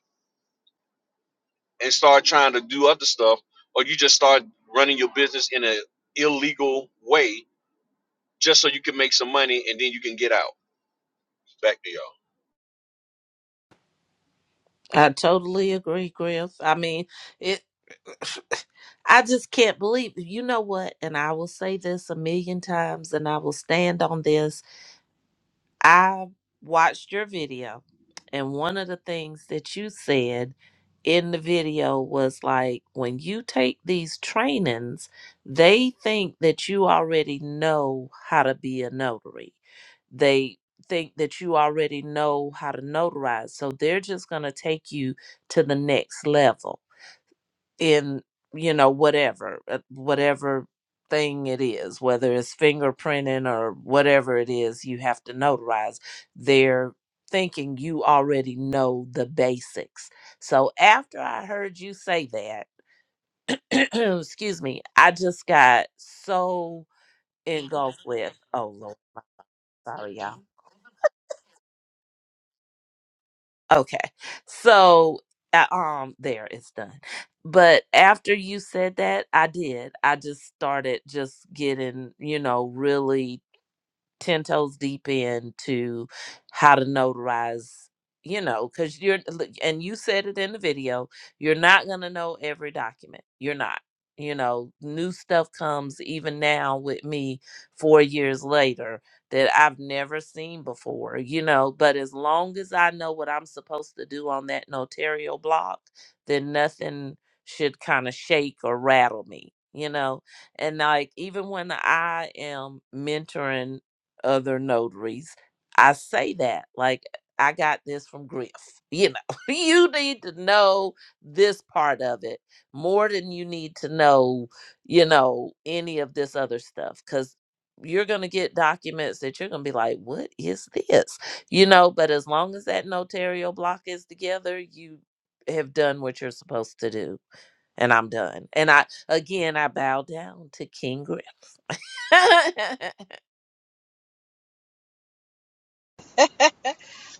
C: and start trying to do other stuff, or you just start running your business in an illegal way just so you can make some money, and then you can get out. Back to y'all.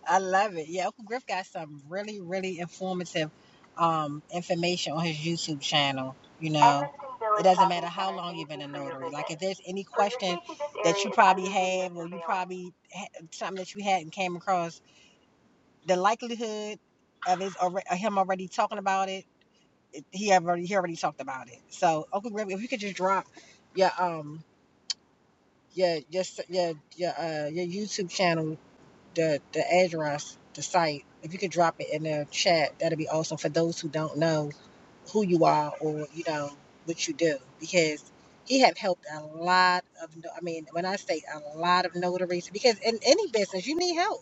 A: I love it. Yeah, Uncle Griff got some really, really informative um, information on his YouTube channel. You know, it doesn't matter how long you've been a notary. Like, if there's any question that you probably have, or you probably ha- something that you hadn't came across, the likelihood of his alre- him already talking about it, he already he already talked about it. So, Uncle Griff, if you could just drop your um your your your your, uh, your YouTube channel the the address, the site. If you could drop it in the chat, that'd be awesome for those who don't know who you are or you know what you do, because he have helped a lot of. no- I mean, when I say a lot of notaries, because in any business you need help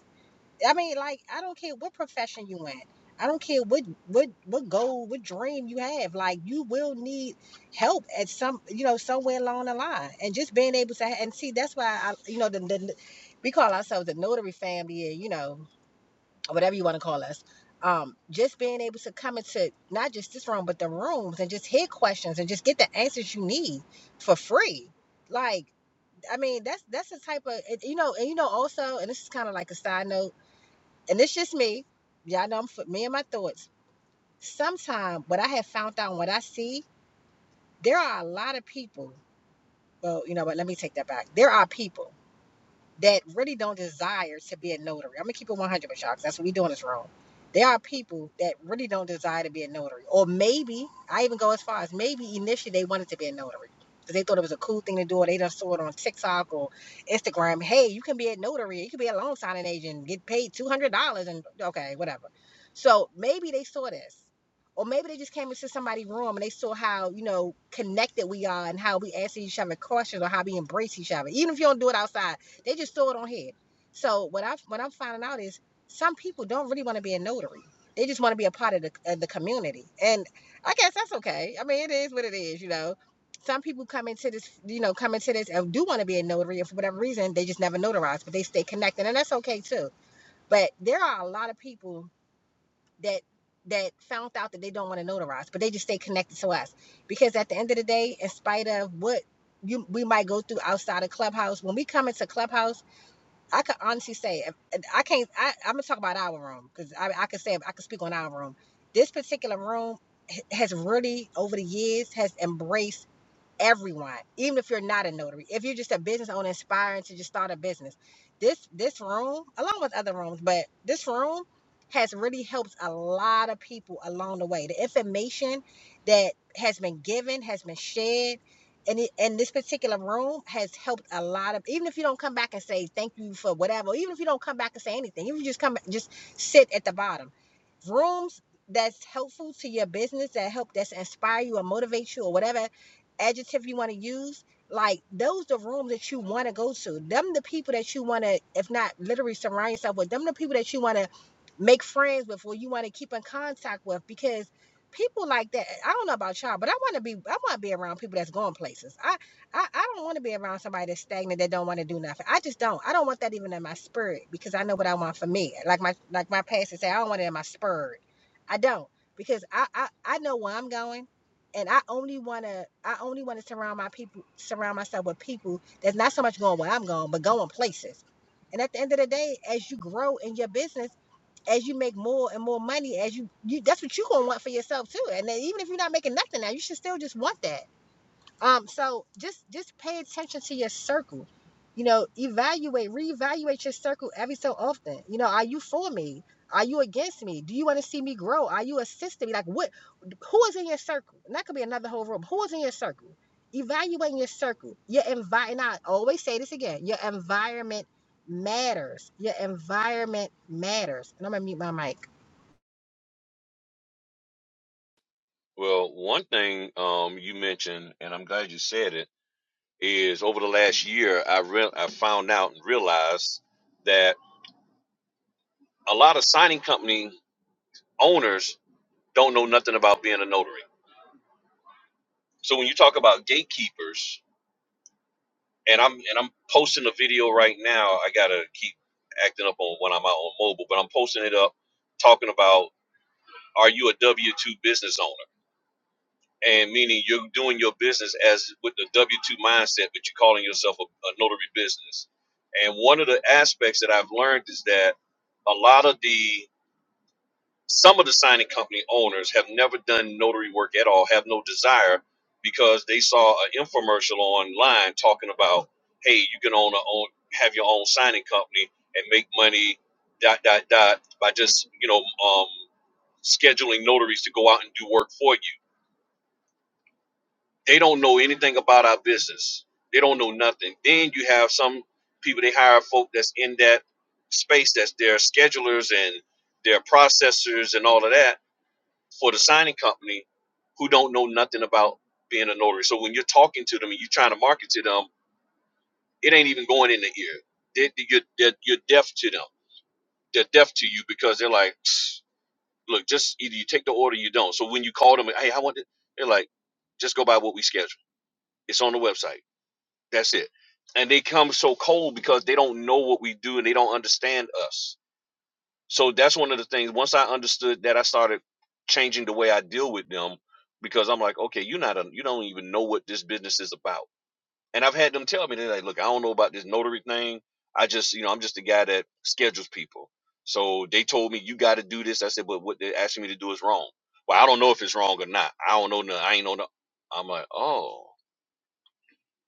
A: I mean, like, I don't care what profession you in. I don't care what what what goal, what dream you have. Like, you will need help at some, you know, somewhere along the line. And just being able to, and see, that's why I, you know, the, the we call ourselves the notary family, or, you know, or whatever you want to call us. Um, just being able to come into not just this room, but the rooms, and just hear questions and just get the answers you need for free. Like, I mean, that's that's the type of, you know, and you know, also, and this is kind of like a side note and it's just me. Y'all know I'm me and my thoughts. Sometimes what I have found out, what I see, there are a lot of people. Well, you know what? Let me take that back. There are people that really don't desire to be a notary. I'm gonna keep it 100 with y'all 'cause that's what we doing is wrong. There are people that really don't desire to be a notary, or maybe I even go as far as maybe initially they wanted to be a notary because they thought it was a cool thing to do, or they done saw it on TikTok or Instagram. Hey, you can be a notary, you can be a loan signing agent, get paid two hundred dollars, and okay, whatever. So maybe they saw this. Or maybe they just came into somebody's room and they saw how, you know, connected we are and how we answer each other questions or how we embrace each other. Even if you don't do it outside, they just throw it on head. So what I what I'm finding out is some people don't really want to be a notary. They just want to be a part of the of the community, and I guess that's okay. I mean, it is what it is, you know. Some people come into this, you know, come into this and do want to be a notary, and for whatever reason, they just never notarize, but they stay connected, and that's okay too. But there are a lot of people that that found out that they don't want to notarize, but they just stay connected to us because at the end of the day, in spite of what you we might go through outside of Clubhouse, when we come into Clubhouse I could honestly say if, I can't. I, I'm gonna talk about our room because I, I could say I could speak on our room. This particular room h- has really, over the years, has embraced everyone, even if you're not a notary, if you're just a business owner inspiring to just start a business. This this room, along with other rooms, but this room has really helped a lot of people along the way. The information that has been given has been shared. And, it, and this particular room has helped a lot of even if you don't come back and say thank you for whatever even if you don't come back and say anything even if you just come just sit at the bottom rooms that's helpful to your business that help that's inspire you or motivate you or whatever adjective you want to use like those the rooms that you want to go to them the people that you want to if not literally surround yourself with them the people that you want to make friends with or you want to keep in contact with because people like that i don't know about y'all but i want to be i want to be around people that's going places I. I, I don't want to be around somebody that's stagnant that don't want to do nothing. I just don't. I don't want that even in my spirit because I know what I want for me. Like my like my pastor said, I don't want it in my spirit. I don't because I I, I know where I'm going, and I only wanna I only wanna surround my people surround myself with people that's not so much going where I'm going, but going places. And at the end of the day, as you grow in your business, as you make more and more money, as you, you that's what you're gonna want for yourself too. And then even if you're not making nothing now, you should still just want that um, so just just pay attention to your circle. You know, evaluate, reevaluate your circle every so often. You know, are you for me? Are you against me? Do you want to see me grow? Are you assisting me? Like what who is in your circle? And that could be another whole room. Who is in your circle? Evaluating your circle. Your environment I always say this again. Your environment matters. Your environment matters. And I'm gonna mute my mic.
C: Well, one thing um, you mentioned, and I'm glad you said it is over the last year I re I found out and realized that a lot of signing company owners don't know nothing about being a notary. So when you talk about gatekeepers, and I'm and I'm posting a video right now, I gotta keep acting up on when I'm out on mobile, but I'm posting it up talking about are you a W two business owner? and meaning you're doing your business as with the W two mindset, but you're calling yourself a, a notary business. And one of the aspects that I've learned is that a lot of the some of the signing company owners have never done notary work at all, have no desire, because they saw an infomercial online talking about, hey, you can own a own have your own signing company and make money, dot dot dot, by just you know um, scheduling notaries to go out and do work for you they don't know anything about our business. They don't know nothing. Then you have some people they hire folk that's in that space that's their schedulers and their processors and all of that for the signing company who don't know nothing about being a notary. So when you're talking to them and you're trying to market to them, it ain't even going in the ear. They, they- you're, they're- you're deaf to them. They're deaf to you because they're like, "Psst, look, just either you take the order or you don't. So when you call them, hey, I want it, they're like, just go by what we schedule. It's on the website. That's it. And they come so cold because they don't know what we do and they don't understand us. So that's one of the things. Once I understood that, I started changing the way I deal with them because I'm like, okay, you're not, a, you don't even know what this business is about. And I've had them tell me, they're like, look, I don't know about this notary thing. I just, you know, I'm just a guy that schedules people. So they told me, you got to do this. I said, but what they're asking me to do is wrong. Well, I don't know if it's wrong or not. I don't know. nothing. I ain't know. nothing." I'm like, oh.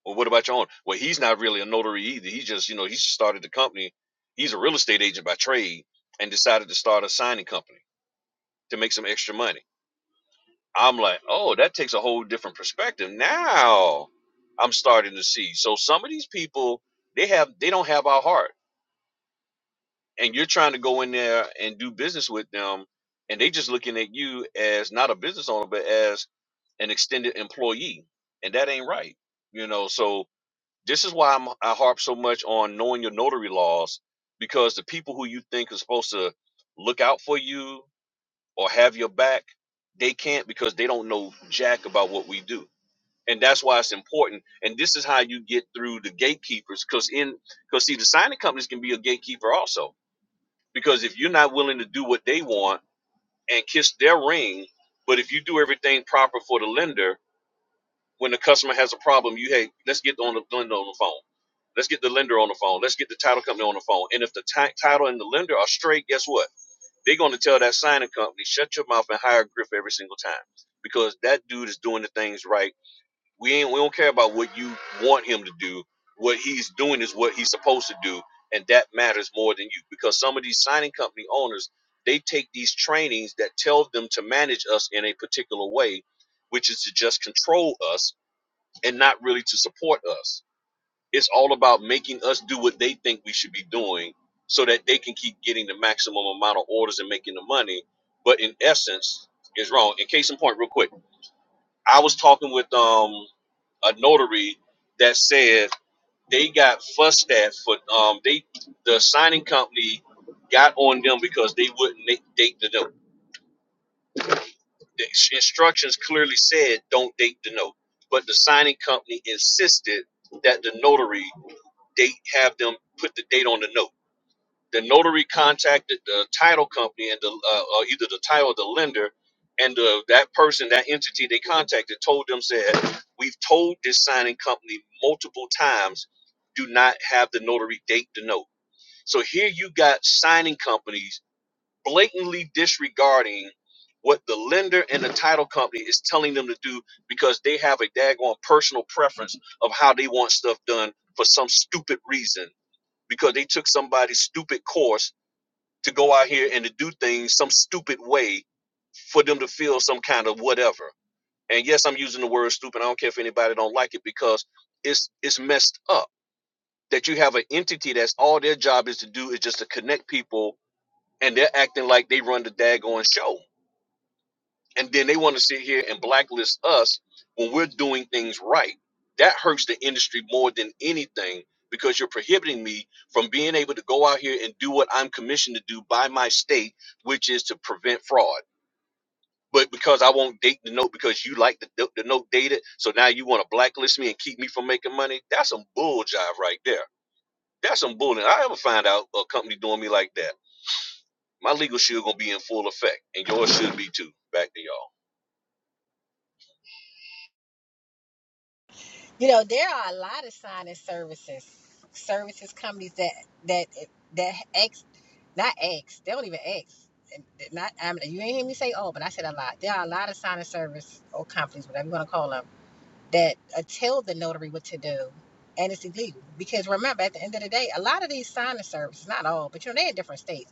C: Well, what about your own? Well, he's not really a notary either. He just, you know, he just started the company. He's a real estate agent by trade and decided to start a signing company to make some extra money. I'm like, oh, that takes a whole different perspective. Now I'm starting to see. So some of these people, they have they don't have our heart. And you're trying to go in there and do business with them, and they just looking at you as not a business owner, but as an extended employee. And that ain't right. You know, so This is why I'm, I harp so much on knowing your notary laws because the people who you think are supposed to look out for you or have your back, they can't because they don't know jack about what we do. And that's why it's important. And this is how you get through the gatekeepers because in because see the signing companies can be a gatekeeper also. Because if you're not willing to do what they want and kiss their ring, but if you do everything proper for the lender, when the customer has a problem, you hey, let's get on the lender on the phone. Let's get the lender on the phone. Let's get the title company on the phone. And if the ti- title and the lender are straight, guess what? They're going to tell that signing company, shut your mouth and hire Griff every single time because that dude is doing the things right. We ain't we don't care about what you want him to do. What he's doing is what he's supposed to do, and that matters more than you because some of these signing company owners they take these trainings that tell them to manage us in a particular way, which is to just control us and not really to support us. It's all about making us do what they think we should be doing so that they can keep getting the maximum amount of orders and making the money. But in essence, is wrong. In case in point, real quick, I was talking with um a notary that said they got fussed at for um they the signing company got on them because they wouldn't na- date the note. The instructions clearly said don't date the note, but the signing company insisted that the notary date, have them put the date on the note. The notary contacted the title company and the uh, uh, either the title or the lender, and uh, that person, that entity they contacted, told them said, "We've told this signing company multiple times, do not have the notary date the note." So here you got signing companies blatantly disregarding what the lender and the title company is telling them to do because they have a daggone personal preference of how they want stuff done for some stupid reason because they took somebody's stupid course to go out here and to do things some stupid way for them to feel some kind of whatever. And yes, I'm using the word stupid. I don't care if anybody don't like it because it's it's messed up that you have an entity that's all their job is to do is just to connect people and they're acting like they run the daggone show. and then they want to sit here and blacklist us when we're doing things right. That hurts the industry more than anything because you're prohibiting me from being able to go out here and do what I'm commissioned to do by my state, which is to prevent fraud. But because I won't date the note because you like the, the the note dated, so now you want to blacklist me and keep me from making money. That's some bull jive right there. That's some bull. And I ever find out a company doing me like that, my legal shield gonna be in full effect, and yours should be too. Back to y'all.
A: You know, there are a lot of signing services, services companies that that that ex, not ex, they don't even ex. Not I mean, you ain't hear me say all, but I said a lot. There are a lot of signing service or companies, whatever you want to call them, that uh, tell the notary what to do, and it's illegal because remember, at the end of the day, a lot of these signing services, not all, but you know, they're in different states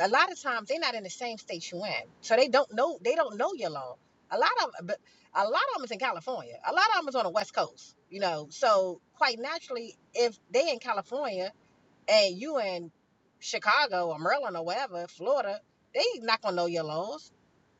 A: a lot of times they're not in the same state you in, so they don't know they don't know your law. A lot of but a lot of them is in California. A lot of them is on the West Coast, you know. So quite naturally, if they in California and you in Chicago or Maryland or wherever, Florida, they not gonna know your laws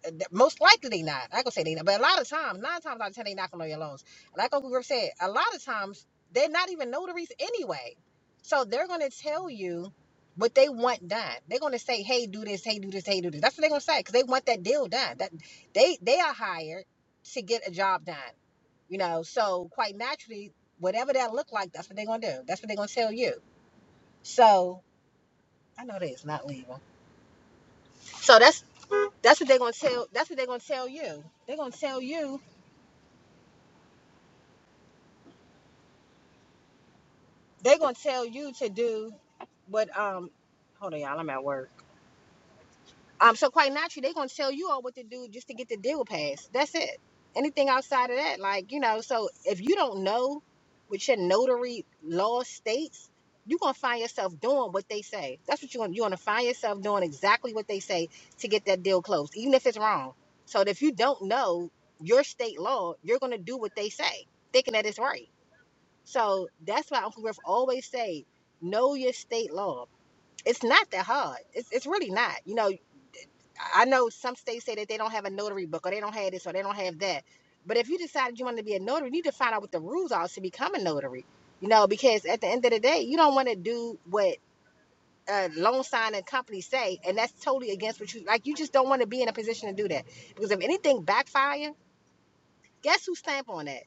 A: uh, Most likely they not. I gonna say they not, but a lot of times, nine times out of ten, they not gonna know your loans. Like Uncle Griff said, a lot of times they're not even notaries anyway, so they're gonna tell you what they want done. They're gonna say, "Hey, do this. Hey, do this. Hey, do this." That's what they're gonna say because they want that deal done. That they they are hired to get a job done. You know, so quite naturally, whatever that look like, that's what they're gonna do. That's what they're gonna tell you. So I know that it's not legal. So that's that's what they're gonna tell. That's what they're gonna tell you. They're gonna tell you. They're gonna tell you to do what. Um, hold on, y'all. I'm at work. Um, so quite naturally, they're gonna tell you all what to do just to get the deal passed. That's it. Anything outside of that, like you know, so if you don't know what your notary law states, you're gonna find yourself doing what they say. That's what you're gonna you're gonna find yourself doing exactly what they say to get that deal closed, even if it's wrong. So if you don't know your state law, you're gonna do what they say, thinking that it's right. So that's why Uncle Griff always say, know your state law. It's not that hard. It's it's really not. You know, I know some states say that they don't have a notary book or they don't have this or they don't have that. But if you decided you want to be a notary, you need to find out what the rules are to become a notary. You know, because at the end of the day, you don't want to do what uh, loan signing companies say, and that's totally against what you like. You just don't want to be in a position to do that because if anything backfire, guess who stamp on that?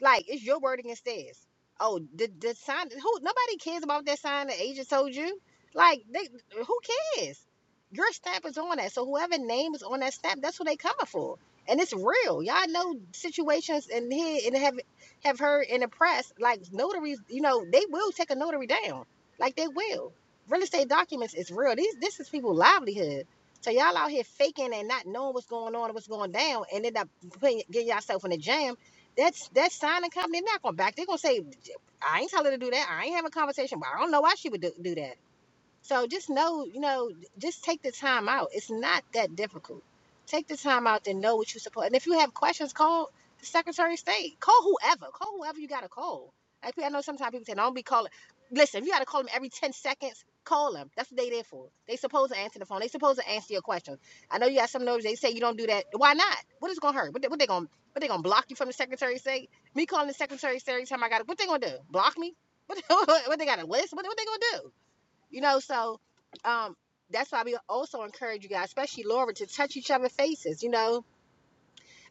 A: Like it's your word against theirs. Oh, the the sign. Who nobody cares about that sign the agent told you. Like they, who cares? Your stamp is on that. So whoever name is on that stamp, that's what they coming for. And it's real. Y'all know situations and here and have have heard in the press like notaries. You know they will take a notary down. Like they will. Real estate documents is real. These this is people livelihood. So y'all out here faking and not knowing what's going on and what's going down, and end up putting, getting yourself in a jam that's that signing company not gonna back. They're gonna say, I ain't telling her to do that. I ain't having a conversation, but I don't know why she would do, do that. So just know, you know, just take the time out. It's not that difficult. Take the time out to know what you support. And if you have questions, call the Secretary of State. Call whoever. Call whoever you got to call. Like I know sometimes people say, don't be calling. Listen, if you got to call them every 10 seconds, call them. That's what they there for. They supposed to answer the phone. They supposed to answer your questions. I know you got some nerves. They say you don't do that. Why not? What is going to hurt? What they, what they going to what they gonna block you from the Secretary of State? Me calling the Secretary of State every time I got to, what they going to do? Block me? What, what they got a list? What, what they going to do? You know, so um, that's why we also encourage you guys, especially Laura, to touch each other's faces. You know,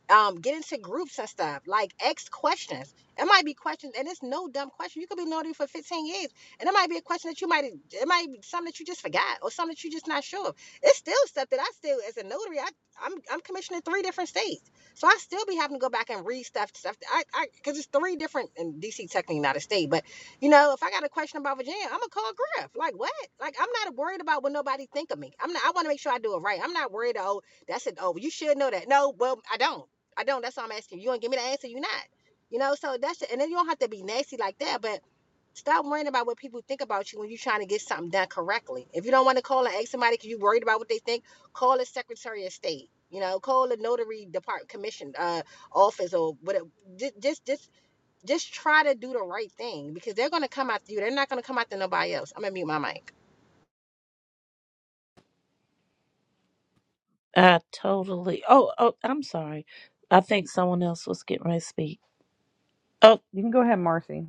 A: um, get into groups and stuff. Like, ask questions. It might be questions, and it's no dumb question. You could be notary for 15 years, and it might be a question that you might, it might be something that you just forgot or something that you're just not sure of. It's still stuff that I still, as a notary, I, I'm, I'm commissioned in three different states. So I still be having to go back and read stuff, stuff. that I, I, because it's three different, and DC technically not a state, but you know, if I got a question about Virginia, I'm gonna call Griff. Like what? Like I'm not worried about what nobody think of me. I'm not. I want to make sure I do it right. I'm not worried. Oh, that's it. Oh, you should know that. No, well, I don't. I don't. That's all I'm asking you. You don't give me the answer. You are not. You know. So that's it. And then you don't have to be nasty like that. But stop worrying about what people think about you when you're trying to get something done correctly. If you don't want to call and ask somebody because you're worried about what they think, call a Secretary of State. You know, call a notary depart commission uh, office or whatever. Just, just, just, just try to do the right thing because they're gonna come after you. They're not gonna come after nobody else. I'm gonna mute my mic.
D: You can go ahead, Marcy.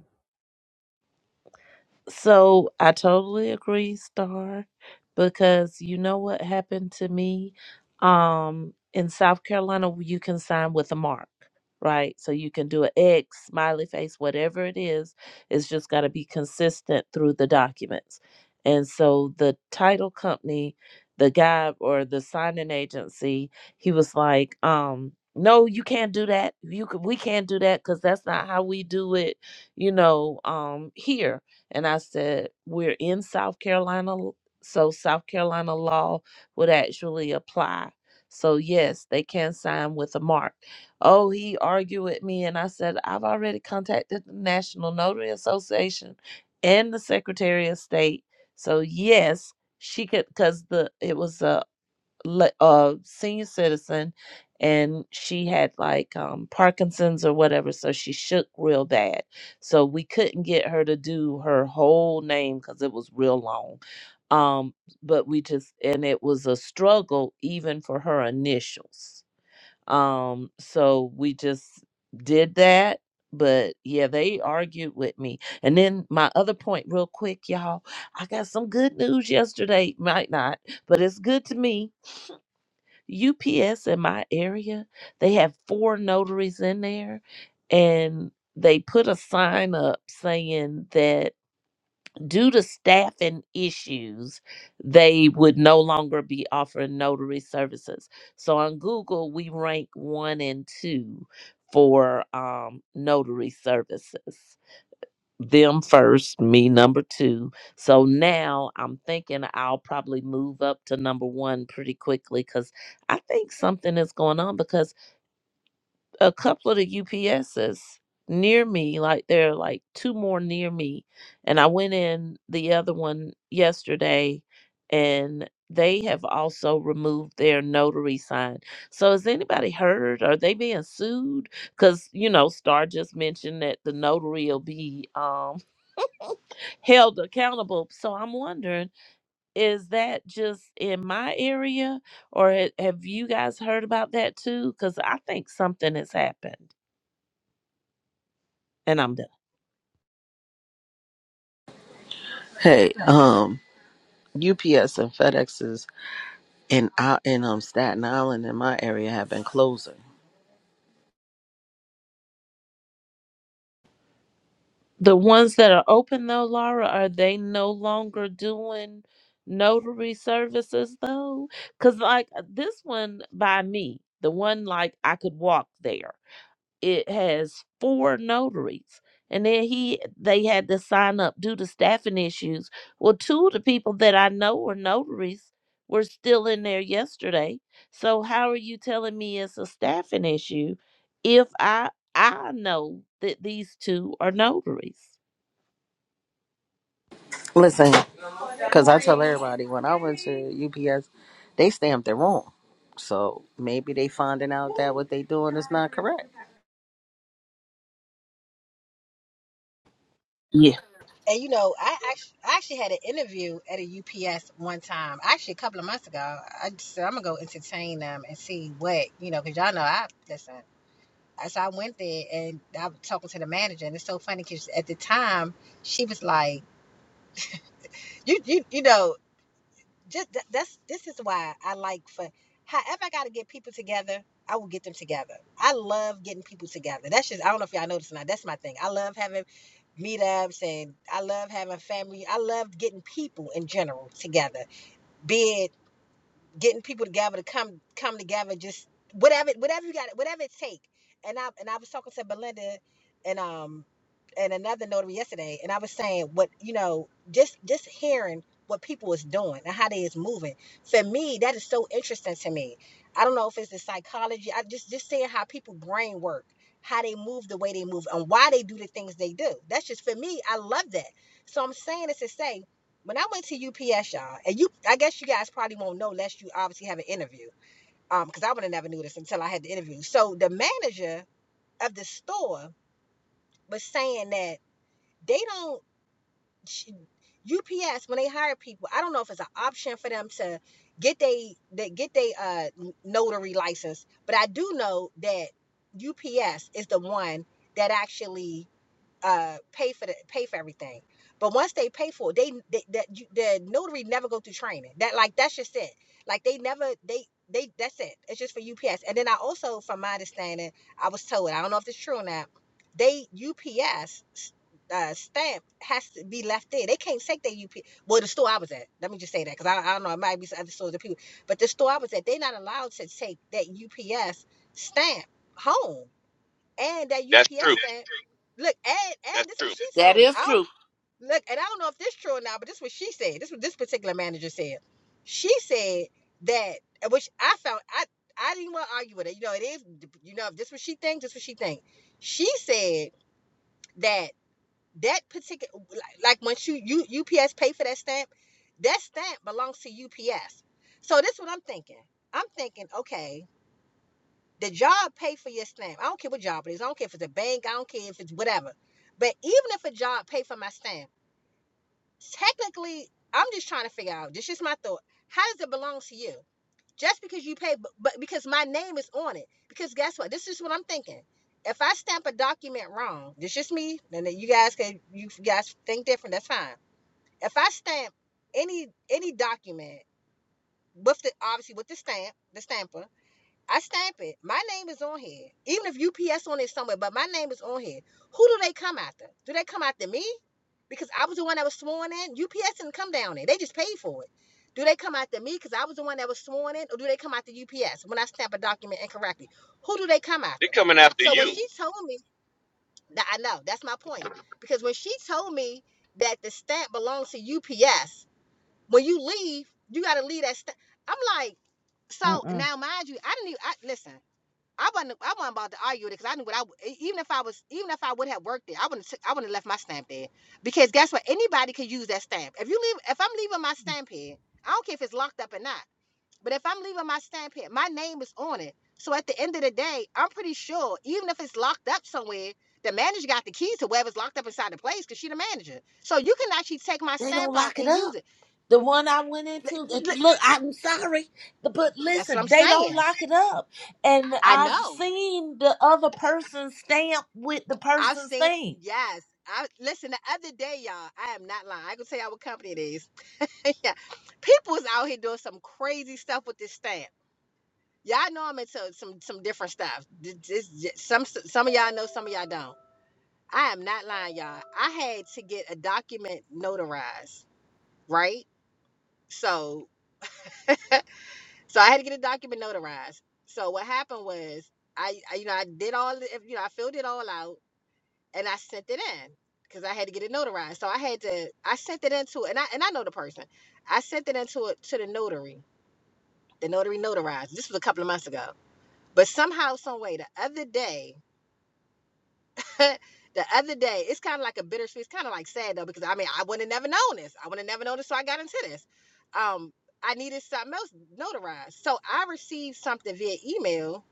A: And you know, I actually, I actually had an interview at a UPS one time, actually a couple of months ago. I just said I'm gonna go entertain them and see what you know, because y'all know I listen. So I went there and I was talking to the manager, and it's so funny because at the time she was like, "You, you, you know," just th- that's this is why I like for however I gotta get people together, I will get them together. I love getting people together. That's just I don't know if y'all noticed or not. That's my thing. I love having meetups and I love having family. I love getting people in general together. be it getting people together to come come together just whatever whatever you got whatever it take and i and i was talking to belinda and um and another notary yesterday and i was saying what you know just just hearing what people is doing and how they is moving for me that is so interesting to me i don't know if it's the psychology i just just seeing how people brain work how they move the way they move and why they do the things they do that's just for me i love that so i'm saying this to say when I went to UPS, y'all, and you, I guess you guys probably won't know unless you obviously have an interview. Um, because I would have never knew this until I had the interview. So the manager of the store was saying that they don't. UPS when they hire people, I don't know if it's an option for them to get they that get they uh notary license, but I do know that UPS is the one that actually uh pay for the pay for everything but once they pay for it they, they that you, the notary never go through training that like that's just it like they never they they that's it it's just for ups and then i also from my understanding i was told i don't know if it's true or not they ups uh, stamp has to be left there. They can't take their UPS. Well, the store I was at, let me just say that because I, I don't know, it might be some other stores that people, but the store I was at, they're not allowed to take that UPS stamp home and that
C: That's
A: UPS
C: true.
A: thing. Look, and and
C: That's
A: this is
C: true.
A: what she told me. I don't look, and I don't know if this is true or not, but this is what she said. This is what this particular manager said. She said that, which I found I I didn't want to argue with it. You know, it is. You know, if this is what she thinks, this is what she thinks. She said that that particular, like when you, you UPS pay for that stamp, that stamp belongs to UPS. So this is what I'm thinking. I'm thinking, okay, the job pay for your stamp. I don't care what job it is. I don't care if it's a bank. I don't care if it's whatever. But even if a job pay for my stamp, technically, I'm just trying to figure out. This is my thought. How does it belong to you? Just because you pay, but, because my name is on it. Because guess what? This is what I'm thinking. If I stamp a document wrong, this is me, and then you guys can you guys think different. That's fine. If I stamp any any document with the obviously with the stamp, the stamper, I stamp it. My name is on here. Even if UPS on it somewhere, but my name is on here. Who do they come after? Do they come after me? Because I was the one that was sworn in. UPS didn't come down there. They just paid for it. Do they come after me because I was the one that was sworn in? Or do they come after UPS when I stamp a document incorrectly? Who do they come
C: They're
A: after?
C: coming after
A: So when
C: you,
A: she told me that I know, that's my point. Because when she told me that the stamp belongs to UPS, when you leave, you gotta leave that stamp. I'm like, so
D: Mm-mm.
A: now, mind you, I didn't even I, listen. I wasn't. I wasn't about to argue it because I knew what I. would- e- Even if I was, even if I would have worked there, I wouldn't. I wouldn't have left my stamp there because guess what? Anybody could use that stamp. If you leave, if I'm leaving my stamp here, I don't care if it's locked up or not. But if I'm leaving my stamp here, my name is on it. So at the end of the day, I'm pretty sure, even if it's locked up somewhere, the manager got the keys to wherever's locked up inside the place because she's the manager. So you can actually take my stamp out and use it. That's what I'm saying. I know. I've seen yes. I listen the other day, y'all. I am not lying. I can tell y'all what company it is. yeah. People is out here doing some crazy stuff with this stamp. Y'all know I'm into some some different stuff. Th- this- j- some some of y'all know, some of y'all don't. I am not lying, y'all. I had to get a document notarized, right? So so I had to get a document notarized. So what happened was I, I you know I did all the, you know I filled it all out and I sent it in because I had to get it notarized. So I had to I sent it into and I and I know the person. I sent it into it to the notary. The notary notarized. This was a couple of months ago. But somehow, some way, the other day, the other day, it's kind of like a bittersweet. It's kind of like sad though, because I mean, I would have never known this. I would have never known this, so I got into this. Um, I needed something else notarized, so I received something via email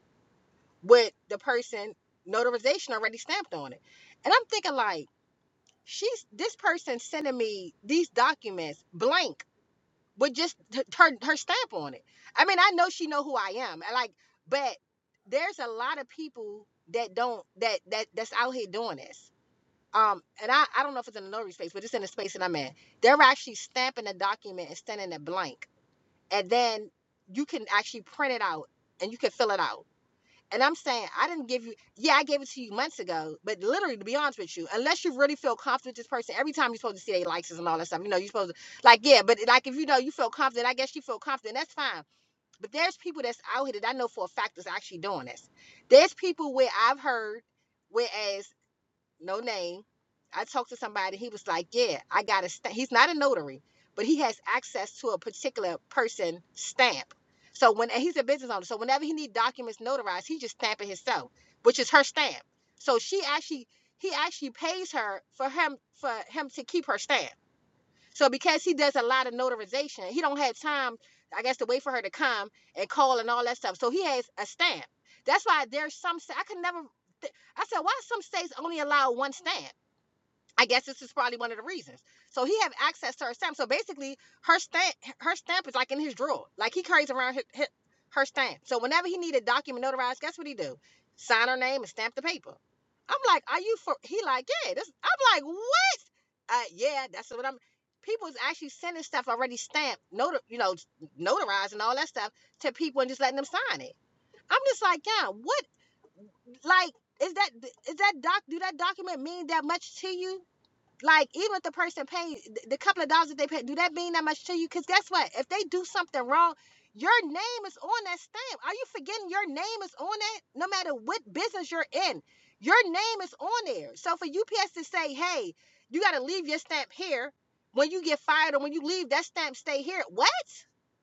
A: with the person notarization already stamped on it, and I'm thinking like she's this person sending me these documents blank with just h- her her stamp on it. I mean, I know she know who I am. I like, but there's a lot of people that don't that that that's out here doing this. Um, and I I don't know if it's in the notary space, but it's in the space that I'm in. They're actually stamping a document and sending it blank, and then you can actually print it out and you can fill it out and I'm saying, I didn't give you, yeah, I gave it to you months ago, but literally, to be honest with you, unless you really feel confident with this person, every time you're supposed to see their likes and all that stuff, you know, you're supposed to, like, yeah, but like, if you know you feel confident, I guess you feel confident, that's fine. But there's people that's out here that I know for a fact that's actually doing this. There's people where I've heard, whereas no name. I talked to somebody. He was like, "Yeah, I got a stamp." He's not a notary, but he has access to a particular person stamp. So when and he's a business owner, so whenever he need documents notarized, he just stamp it himself, which is her stamp. So she actually, he actually pays her for him for him to keep her stamp. So because he does a lot of notarization, he don't have time, I guess, to wait for her to come and call and all that stuff. So he has a stamp. That's why there's some I could never. I said, why some states only allow one stamp? I guess this is probably one of the reasons. So he have access to her stamp. So basically, her stamp, her stamp is like in his drawer. Like he carries around his, his, her stamp. So whenever he need a document notarized, guess what he do? Sign her name and stamp the paper. I'm like, are you for? He like, yeah. This. I'm like, what? Uh, yeah. That's what I'm. People is actually sending stuff already stamped, notar, you know, notarized and all that stuff to people and just letting them sign it. I'm just like, yeah. What? Like, is that is that doc? Do that document mean that much to you? like even if the person pays the couple of dollars that they pay, do that mean that much to you? Because guess what? If they do something wrong, your name is on that stamp. Are you forgetting your name is on that? No matter what business you're in, your name is on there. So for UPS to say, hey, you got to leave your stamp here when you get fired or when you leave, that stamp stay here. What?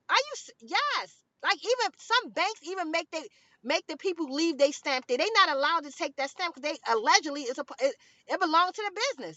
A: Are you? s- Yes. Like even some banks even make they make the people leave they stamp there. They not allowed to take that stamp because they allegedly is a it, it belongs to the business.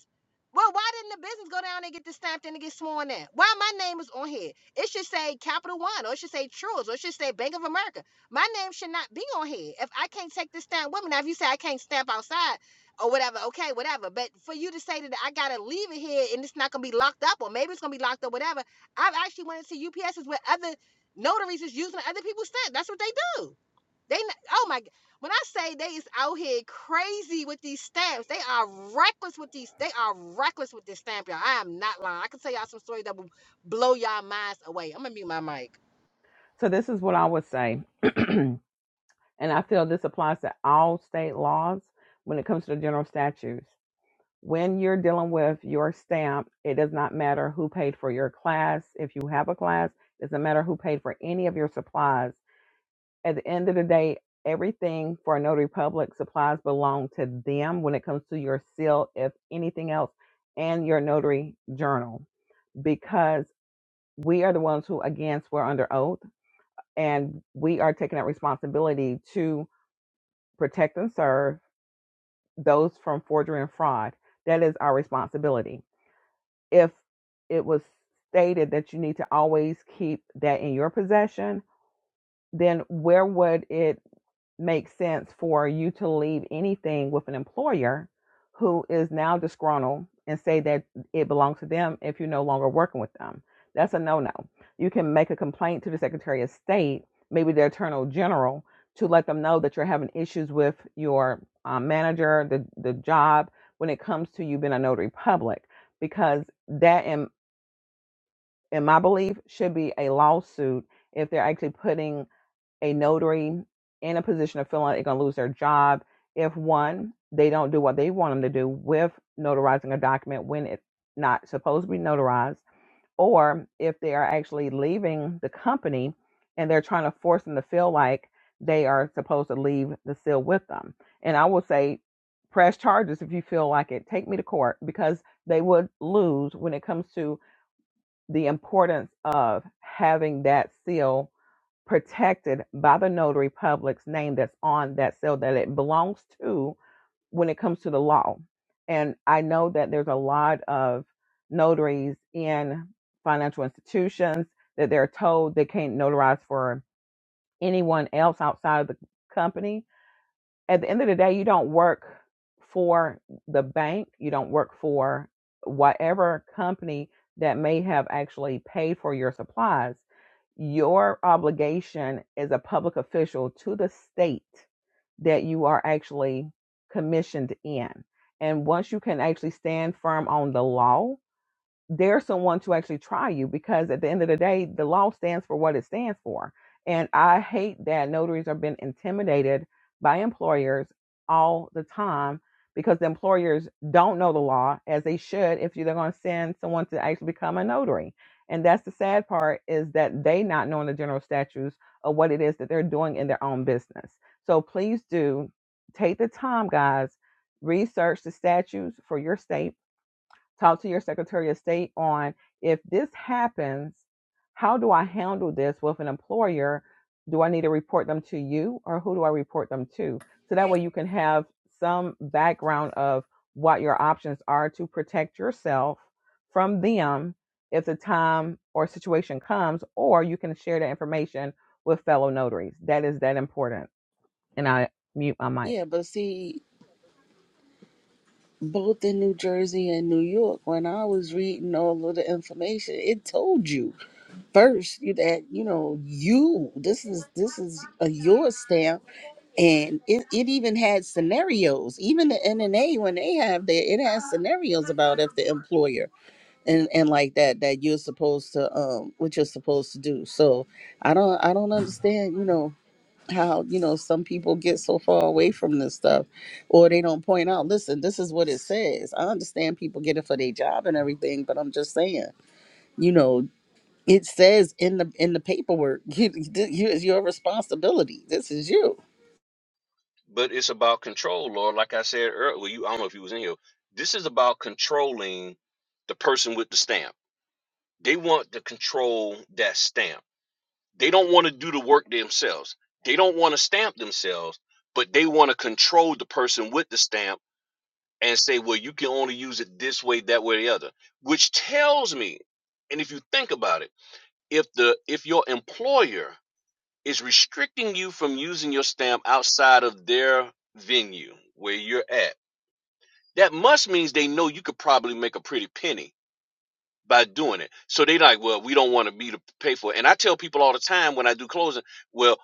A: Well, why didn't the business go down and get this stamped in and get sworn in? Why my name is on here? It should say Capital One, or it should say Truist, or it should say Bank of America. My name should not be on here if I can't take this stamp with me. Now, if you say I can't stamp outside or whatever, okay, whatever. But for you to say that I gotta leave it here and it's not gonna be locked up, or maybe it's gonna be locked up, whatever. I've actually went into UPSs where other notaries is using other people's stamp. That's what they do. They, oh my, when I say they is out here crazy with these stamps, they are reckless with these. They are reckless with this stamp, y'all. I am not lying. I can tell y'all some story that will blow y'all minds away. I'm gonna mute my mic.
D: So this is what I would say, and I feel this applies to all state laws when it comes to the general statutes. When you're dealing with your stamp, it does not matter who paid for your class. If you have a class, it doesn't matter who paid for any of your supplies. At the end of the day, everything for a notary public supplies belong to them when it comes to your seal, if anything else, and your notary journal. Because we are the ones who again swear under oath and we are taking that responsibility to protect and serve those from forgery and fraud that is our responsibility if it was stated that you need to always keep that in your possession then where would it make sense for you to leave anything with an employer who is now disgruntled and say that it belongs to them if you're no longer working with them? That's a no no. You can make a complaint to the Secretary of State, maybe the Attorney General, to let them know that you're having issues with your um, manager, the, the job, when it comes to you being a notary public, because that, in, in my belief, should be a lawsuit if they're actually putting a notary in a position of feeling like they're going to lose their job if one they don't do what they want them to do with notarizing a document when it's not supposed to be notarized or if they are actually leaving the company and they're trying to force them to feel like they are supposed to leave the seal with them and i will say press charges if you feel like it take me to court because they would lose when it comes to the importance of having that seal protected by the notary public's name that's on that sale that it belongs to when it comes to the law. And I know that there's a lot of notaries in financial institutions that they're told they can't notarize for anyone else outside of the company at the end of the day, you don't work for the bank. You don't work for whatever company that may have actually paid for your supplies. Your obligation as a public official to the state that you are actually commissioned in. And once you can actually stand firm on the law dare someone to actually try you because at the end of the day, the law stands for what it stands for. And I hate that notaries are being intimidated by employers all the time because the employers don't know the law as they should if they're going to send someone to actually become a notary. And that's the sad part is that they not knowing the general statutes of what it is that they're doing in their own business. So please do take the time, guys, research the statutes for your state talk to your secretary of state on if this happens how do i handle this with an employer do i need to report them to you or who do i report them to so that way you can have some background of what your options are to protect yourself from them if the time or situation comes or you can share that information with fellow notaries that is that important and i mute my mic
C: but it's about control, Lord. Like I said earlier, well, you I don't know if you was in here. This is about controlling the person with the stamp. They want to control that stamp. They don't want to do the work themselves. They don't want to stamp themselves, but they want to control the person with the stamp and say, well, you can only use it this way, that way, or the other. Which tells me, and if you think about it, if the if your employer is restricting you from using your stamp outside of their venue where you're at. That must means they know you could probably make a pretty penny by doing it. So they like, well, we don't want to be to pay for it. And I tell people all the time when I do closing, well,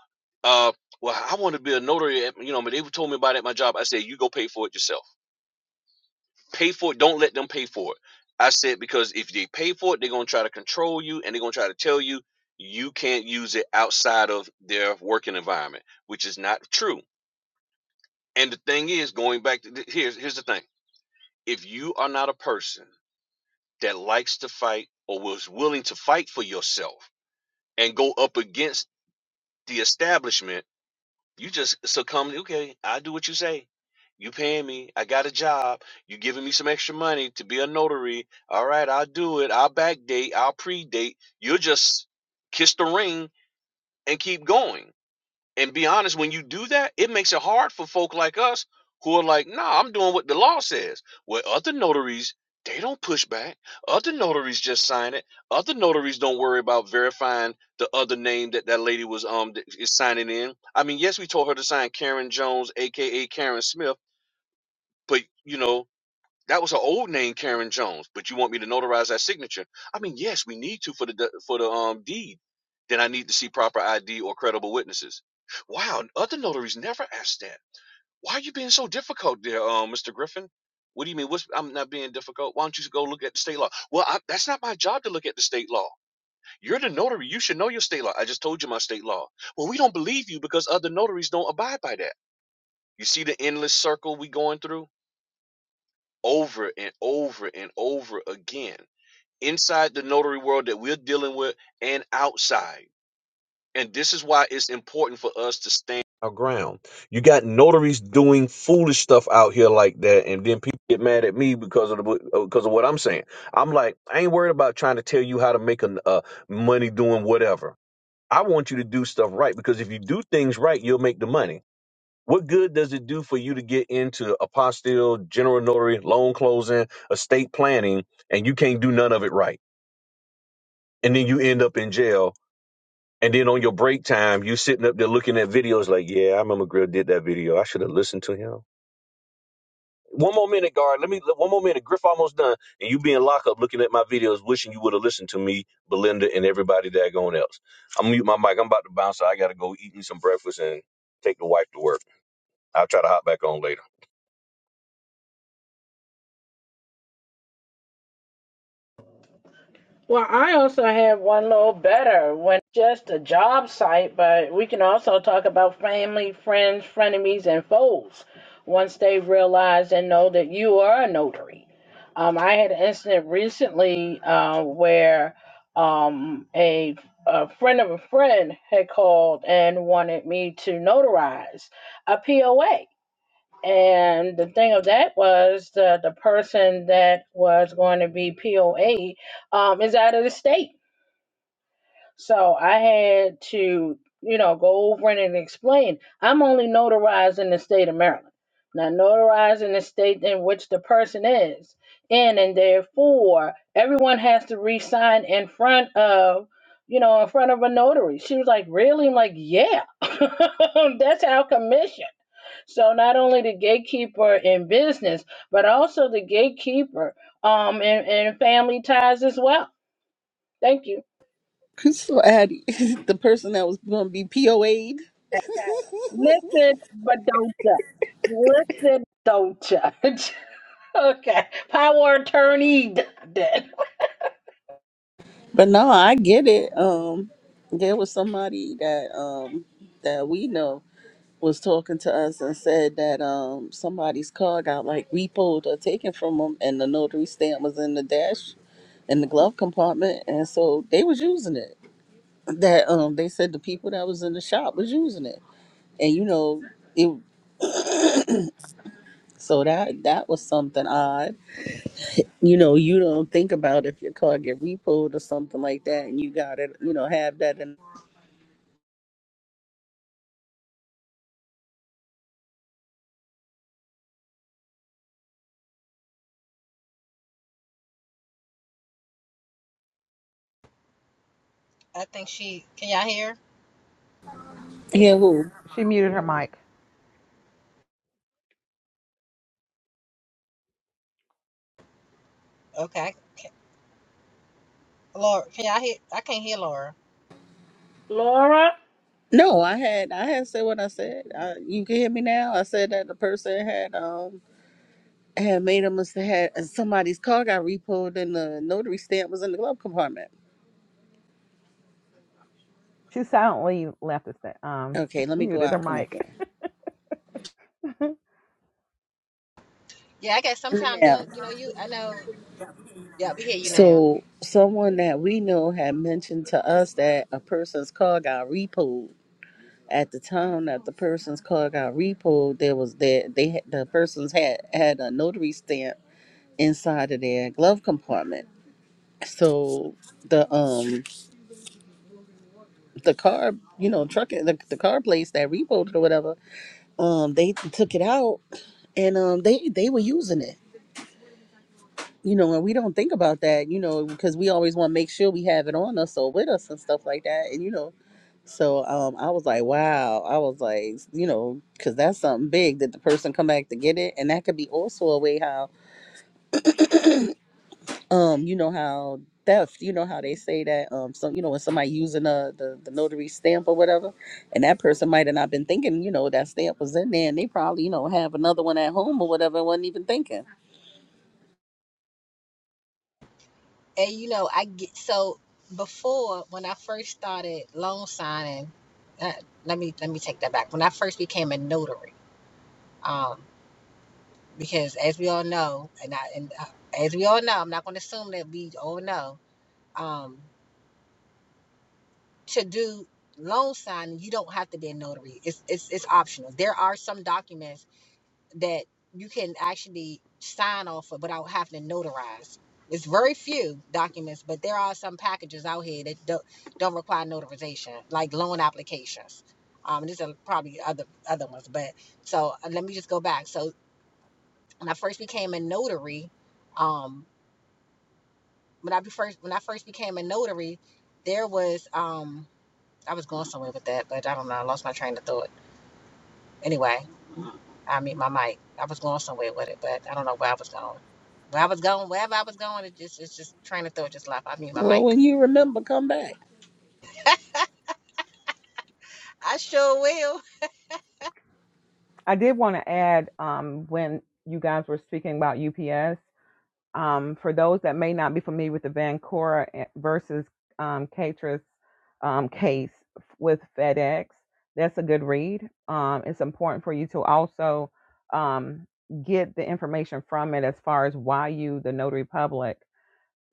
C: uh, well, I want to be a notary. At, you know, but they told me about it at my job. I said, you go pay for it yourself. Pay for it. Don't let them pay for it. I said because if they pay for it, they're gonna try to control you and they're gonna try to tell you you can't use it outside of their working environment which is not true. And the thing is, going back to th- here's here's the thing: if you are not a person that likes to fight or was willing to fight for yourself and go up against the establishment, you just succumb. to, Okay, I do what you say. You paying me. I got a job. You giving me some extra money to be a notary. All right, I'll do it. I'll backdate. I'll predate. You'll just kiss the ring and keep going. And be honest, when you do that, it makes it hard for folk like us who are like, nah, I'm doing what the law says. Where other notaries, they don't push back. Other notaries just sign it. Other notaries don't worry about verifying the other name that that lady was um th- is signing in. I mean, yes, we told her to sign Karen Jones, aka Karen Smith, but you know that was her old name, Karen Jones. But you want me to notarize that signature? I mean, yes, we need to for the for the um deed. Then I need to see proper ID or credible witnesses. Wow, other notaries never ask that. Why are you being so difficult, there, um, Mr. Griffin? What do you mean? What's, I'm not being difficult. Why don't you go look at the state law? Well, I, that's not my job to look at the state law. You're the notary. You should know your state law. I just told you my state law. Well, we don't believe you because other notaries don't abide by that. You see the endless circle we going through? over and over and over again inside the notary world that we're dealing with and outside. And this is why it's important for us to stand our ground. You got notaries doing foolish stuff out here like that, and then people get mad at me because of the, uh, because of what I'm saying. I'm like, I ain't worried about trying to tell you how to make a, uh, money doing whatever. I want you to do stuff right because if you do things right, you'll make the money. What good does it do for you to get into apostille, general notary, loan closing, estate planning, and you can't do none of it right? And then you end up in jail. And then on your break time, you sitting up there looking at videos like, yeah, I remember Grill did that video. I should have listened to him. One more minute, guard. Let me, one more minute. Griff almost done. And you be in lockup looking at my videos, wishing you would have listened to me, Belinda, and everybody daggone else. I'm gonna mute my mic. I'm about to bounce. I got to go eat me some breakfast and take the wife to work. I'll try to hop back on later.
B: Well, I also have one little better when just a job site, but we can also talk about family, friends, frenemies, and foes once they realize and know that you are a notary. Um, I had an incident recently uh, where um, a, a friend of a friend had called and wanted me to notarize a POA. And the thing of that was the the person that was going to be POA um, is out of the state. So I had to, you know, go over it and explain. I'm only notarized in the state of Maryland. Now notarized in the state in which the person is in, and therefore everyone has to re-sign in front of, you know, in front of a notary. She was like, "Really?" I'm like, "Yeah, that's our commission." So not only the gatekeeper in business, but also the gatekeeper um in, in family ties as well. Thank you. Okay. Listen, but don't you. Listen, don't judge. okay. Power attorney.
A: I think she. Can y'all hear?
D: she muted her mic
A: Okay, Laura. Can y'all hear? I can't hear Laura.
B: Laura,
D: she silently left us that, um muted her mic
A: Yeah, I guess sometimes you don't, you know, you I know. Yeah, we hear you now. And you know, I get so before when I first started loan signing. Uh, let me let me take that back. When I first became a notary, um. because as we all know, and I, and uh, as we all know, I'm not going to assume that we all know. Um, to do loan signing, you don't have to be a notary. It's it's it's optional. There are some documents that you can actually sign off of without having to notarize. It's very few documents, but there are some packages out here that don't, don't require notarization, like loan applications. Um, there's are probably other other ones, but so uh, let me just go back. So when I first became a notary, um, when I first when I first became a notary, there was um I was going somewhere with that, but I don't know. I lost my train of thought. Anyway, I mean my mic. I was going somewhere with it, but I don't know where I was going. Where I was going, wherever I was going, it just it's just train of thought just left. I mean my mic. I sure will.
D: I did want to add um, when you guys were speaking about UPS, um, for those that may not be familiar with the Vancora eh, versus um, Catris um, case with FedEx, that's a good read. Um, it's important for you to also um, get the information from it as far as why you, the notary public,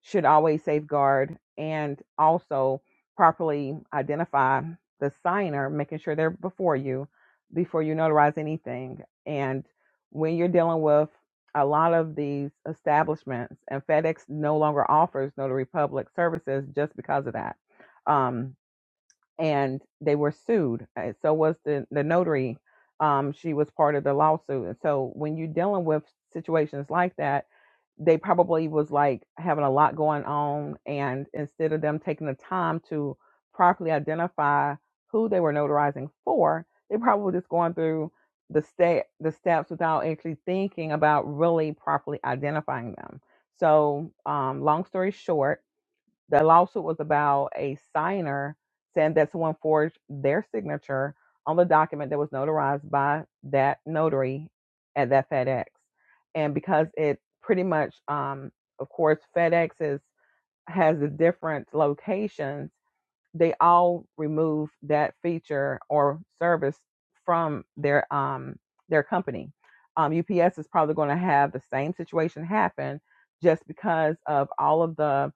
D: should always safeguard and also properly identify the signer, making sure they're before you before you notarize anything. And when you're dealing with a lot of these establishments, and FedEx no longer offers notary public services just because of that. Um, and they were sued. And so was the the notary. Um, she was part of the lawsuit. And so when you're dealing with situations like that, they probably was like having a lot going on, and instead of them taking the time to properly identify who they were notarizing for, they probably were just going through the state the steps without actually thinking about really properly identifying them. So, um, long story short the lawsuit was about a signer saying that someone forged their signature on the document that was notarized by that notary at that FedEx. And because it pretty much, um, of course, FedEx is, has the different locations, they all remove that feature or service from their um, their company. Um, UPS is probably going to have the same situation happen just because of all of the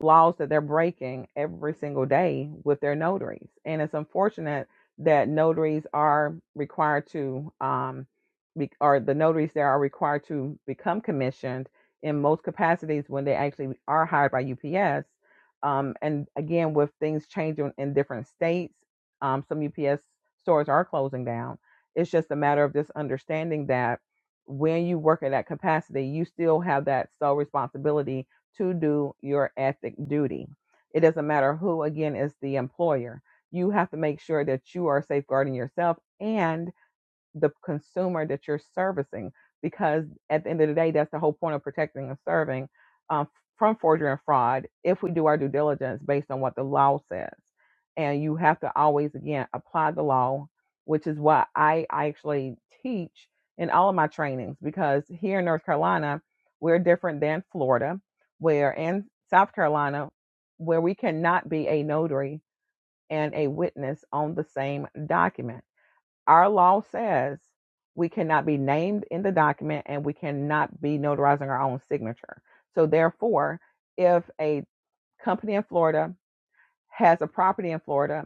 D: laws that they're breaking every single day with their notaries. And it's unfortunate that notaries are required to, um, be, or the notaries there are required to become commissioned in most capacities when they actually are hired by UPS. Um, and again, with things changing in different states, um, some UPS stores are closing down. It's just a matter of just understanding that when you work in that capacity, you still have that sole responsibility to do your ethic duty. It doesn't matter who, again, is the employer. You have to make sure that you are safeguarding yourself. and the consumer that you're servicing because at the end of the day that's the whole point of protecting and serving um, from forgery and fraud if we do our due diligence based on what the law says and you have to always again apply the law which is what i, I actually teach in all of my trainings because here in north carolina we're different than florida where in south carolina where we cannot be a notary and a witness on the same document our law says we cannot be named in the document and we cannot be notarizing our own signature. So, therefore, if a company in Florida has a property in Florida,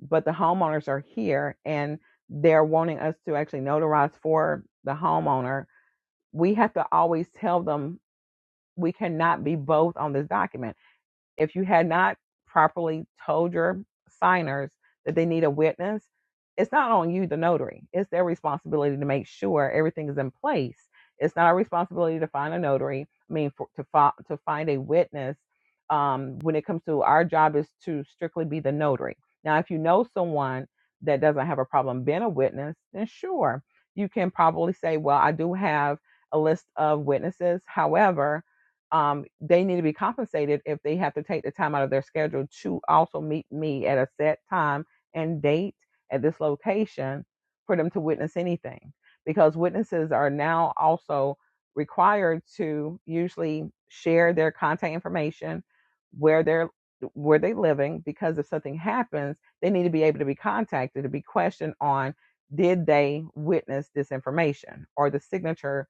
D: but the homeowners are here and they're wanting us to actually notarize for the homeowner, we have to always tell them we cannot be both on this document if you had not properly told your signers that they need a witness, it's not on you, the notary. It's their responsibility to make sure everything is in place. It's not our responsibility to find a notary. I mean, for, to fi- to find a witness. Um, when it comes to our job is to strictly be the notary. Now, if you know someone that doesn't have a problem being a witness, then sure, you can probably say, well, I do have a list of witnesses. However, um, they need to be compensated if they have to take the time out of their schedule to also meet me at a set time and date at this location for them to witness anything. Because witnesses are now also required to usually share their contact information, where they're where they're living, because if something happens, they need to be able to be contacted to be questioned on did they witness this information or the signature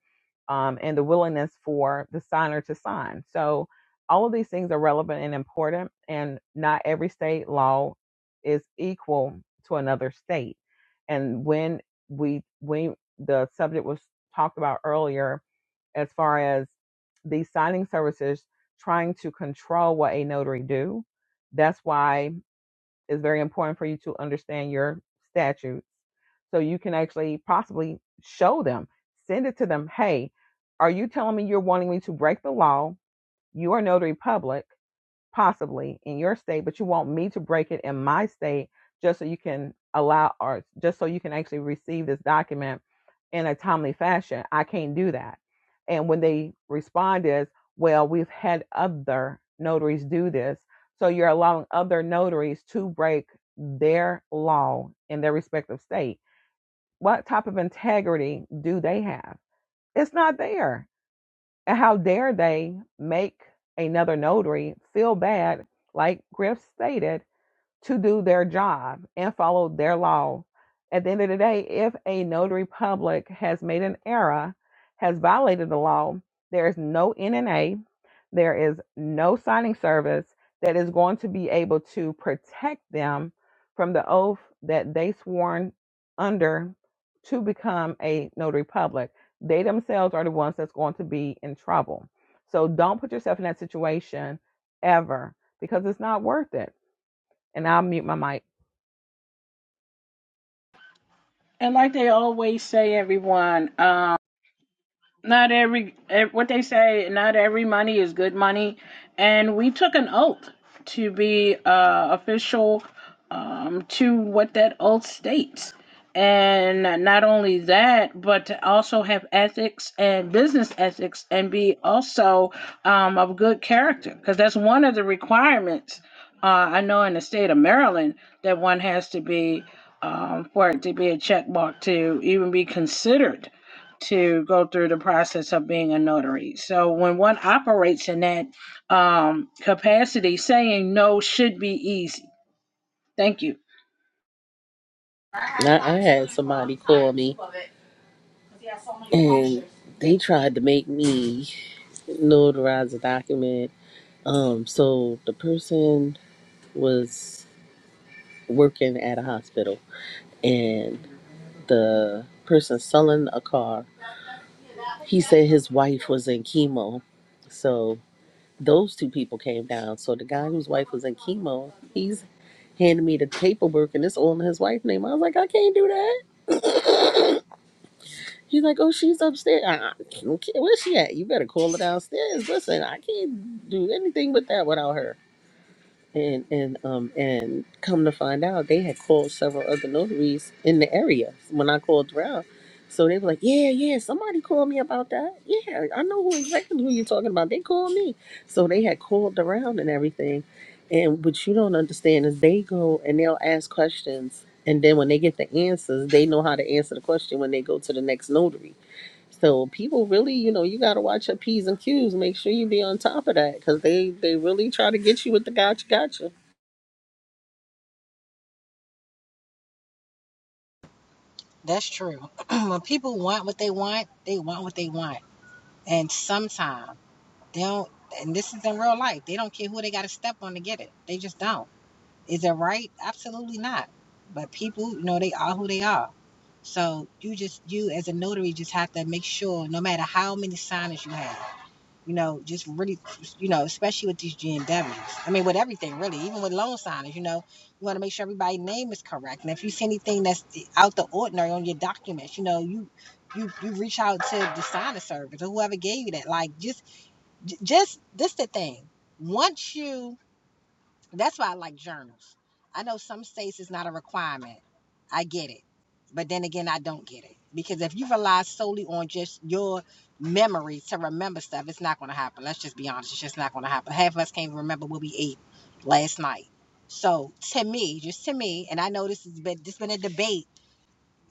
D: um, and the willingness for the signer to sign. So, all of these things are relevant and important, and not every state law is equal to another state. And when we when the subject was talked about earlier, as far as these signing services trying to control what a notary do, that's why it's very important for you to understand your statutes so you can actually possibly show them, send it to them. Hey, are you telling me you're wanting me to break the law? You are notary public possibly in your state, but you want me to break it in my state just so you can allow or just so you can actually receive this document in a timely fashion. I can't do that. And when they respond is, well, we've had other notaries do this. So you're allowing other notaries to break their law in their respective state. What type of integrity do they have? It's not there. And how dare they make another notary feel bad, like Griff stated, to do their job and follow their law. At the end of the day, if a notary public has made an error, has violated the law, there is no NNA, there is no signing service that is going to be able to protect them from the oath that they sworn under to become a notary public. They themselves are the ones that's going to be in trouble. So don't put yourself in that situation ever because it's not worth it and I'll mute my mic.
B: and like they always say, everyone. um, not every eh, what they say not every money is good money and we took an oath to be uh, official um, to what that oath states and not only that but to also have ethics and business ethics and be also um, of good character because that's one of the requirements uh, i know in the state of maryland that one has to be um, for it to be a check mark to even be considered to go through the process of being a notary. So when one operates in that um, capacity, saying no should be easy. Thank you.
A: That's true. when people want what they want, they want what they want, and sometimes they don't. And this is in real life. They don't care who they got to step on to get it. They just don't Is it right? Absolutely not. But people, you know, they are who they are. So you just, you as a notary, just have to make sure, no matter how many signers you have, you know, just really, you know, especially with these GNWs. I mean, with everything really, even with loan signers, you know, you want to make sure everybody's name is correct. And if you see anything that's out the ordinary on your documents, you know, you. You, you reach out to the signer service or whoever gave you that. Like just just this the thing. Once you that's why I like journals. I know some states it's not a requirement. I get it. But then again, I don't get it. Because if you rely solely on just your memory to remember stuff, it's not going to happen. Let's just be honest. It's just not going to happen. Half of us can't even remember what we ate last night. So to me, just to me, and I know this has been, this has been a debate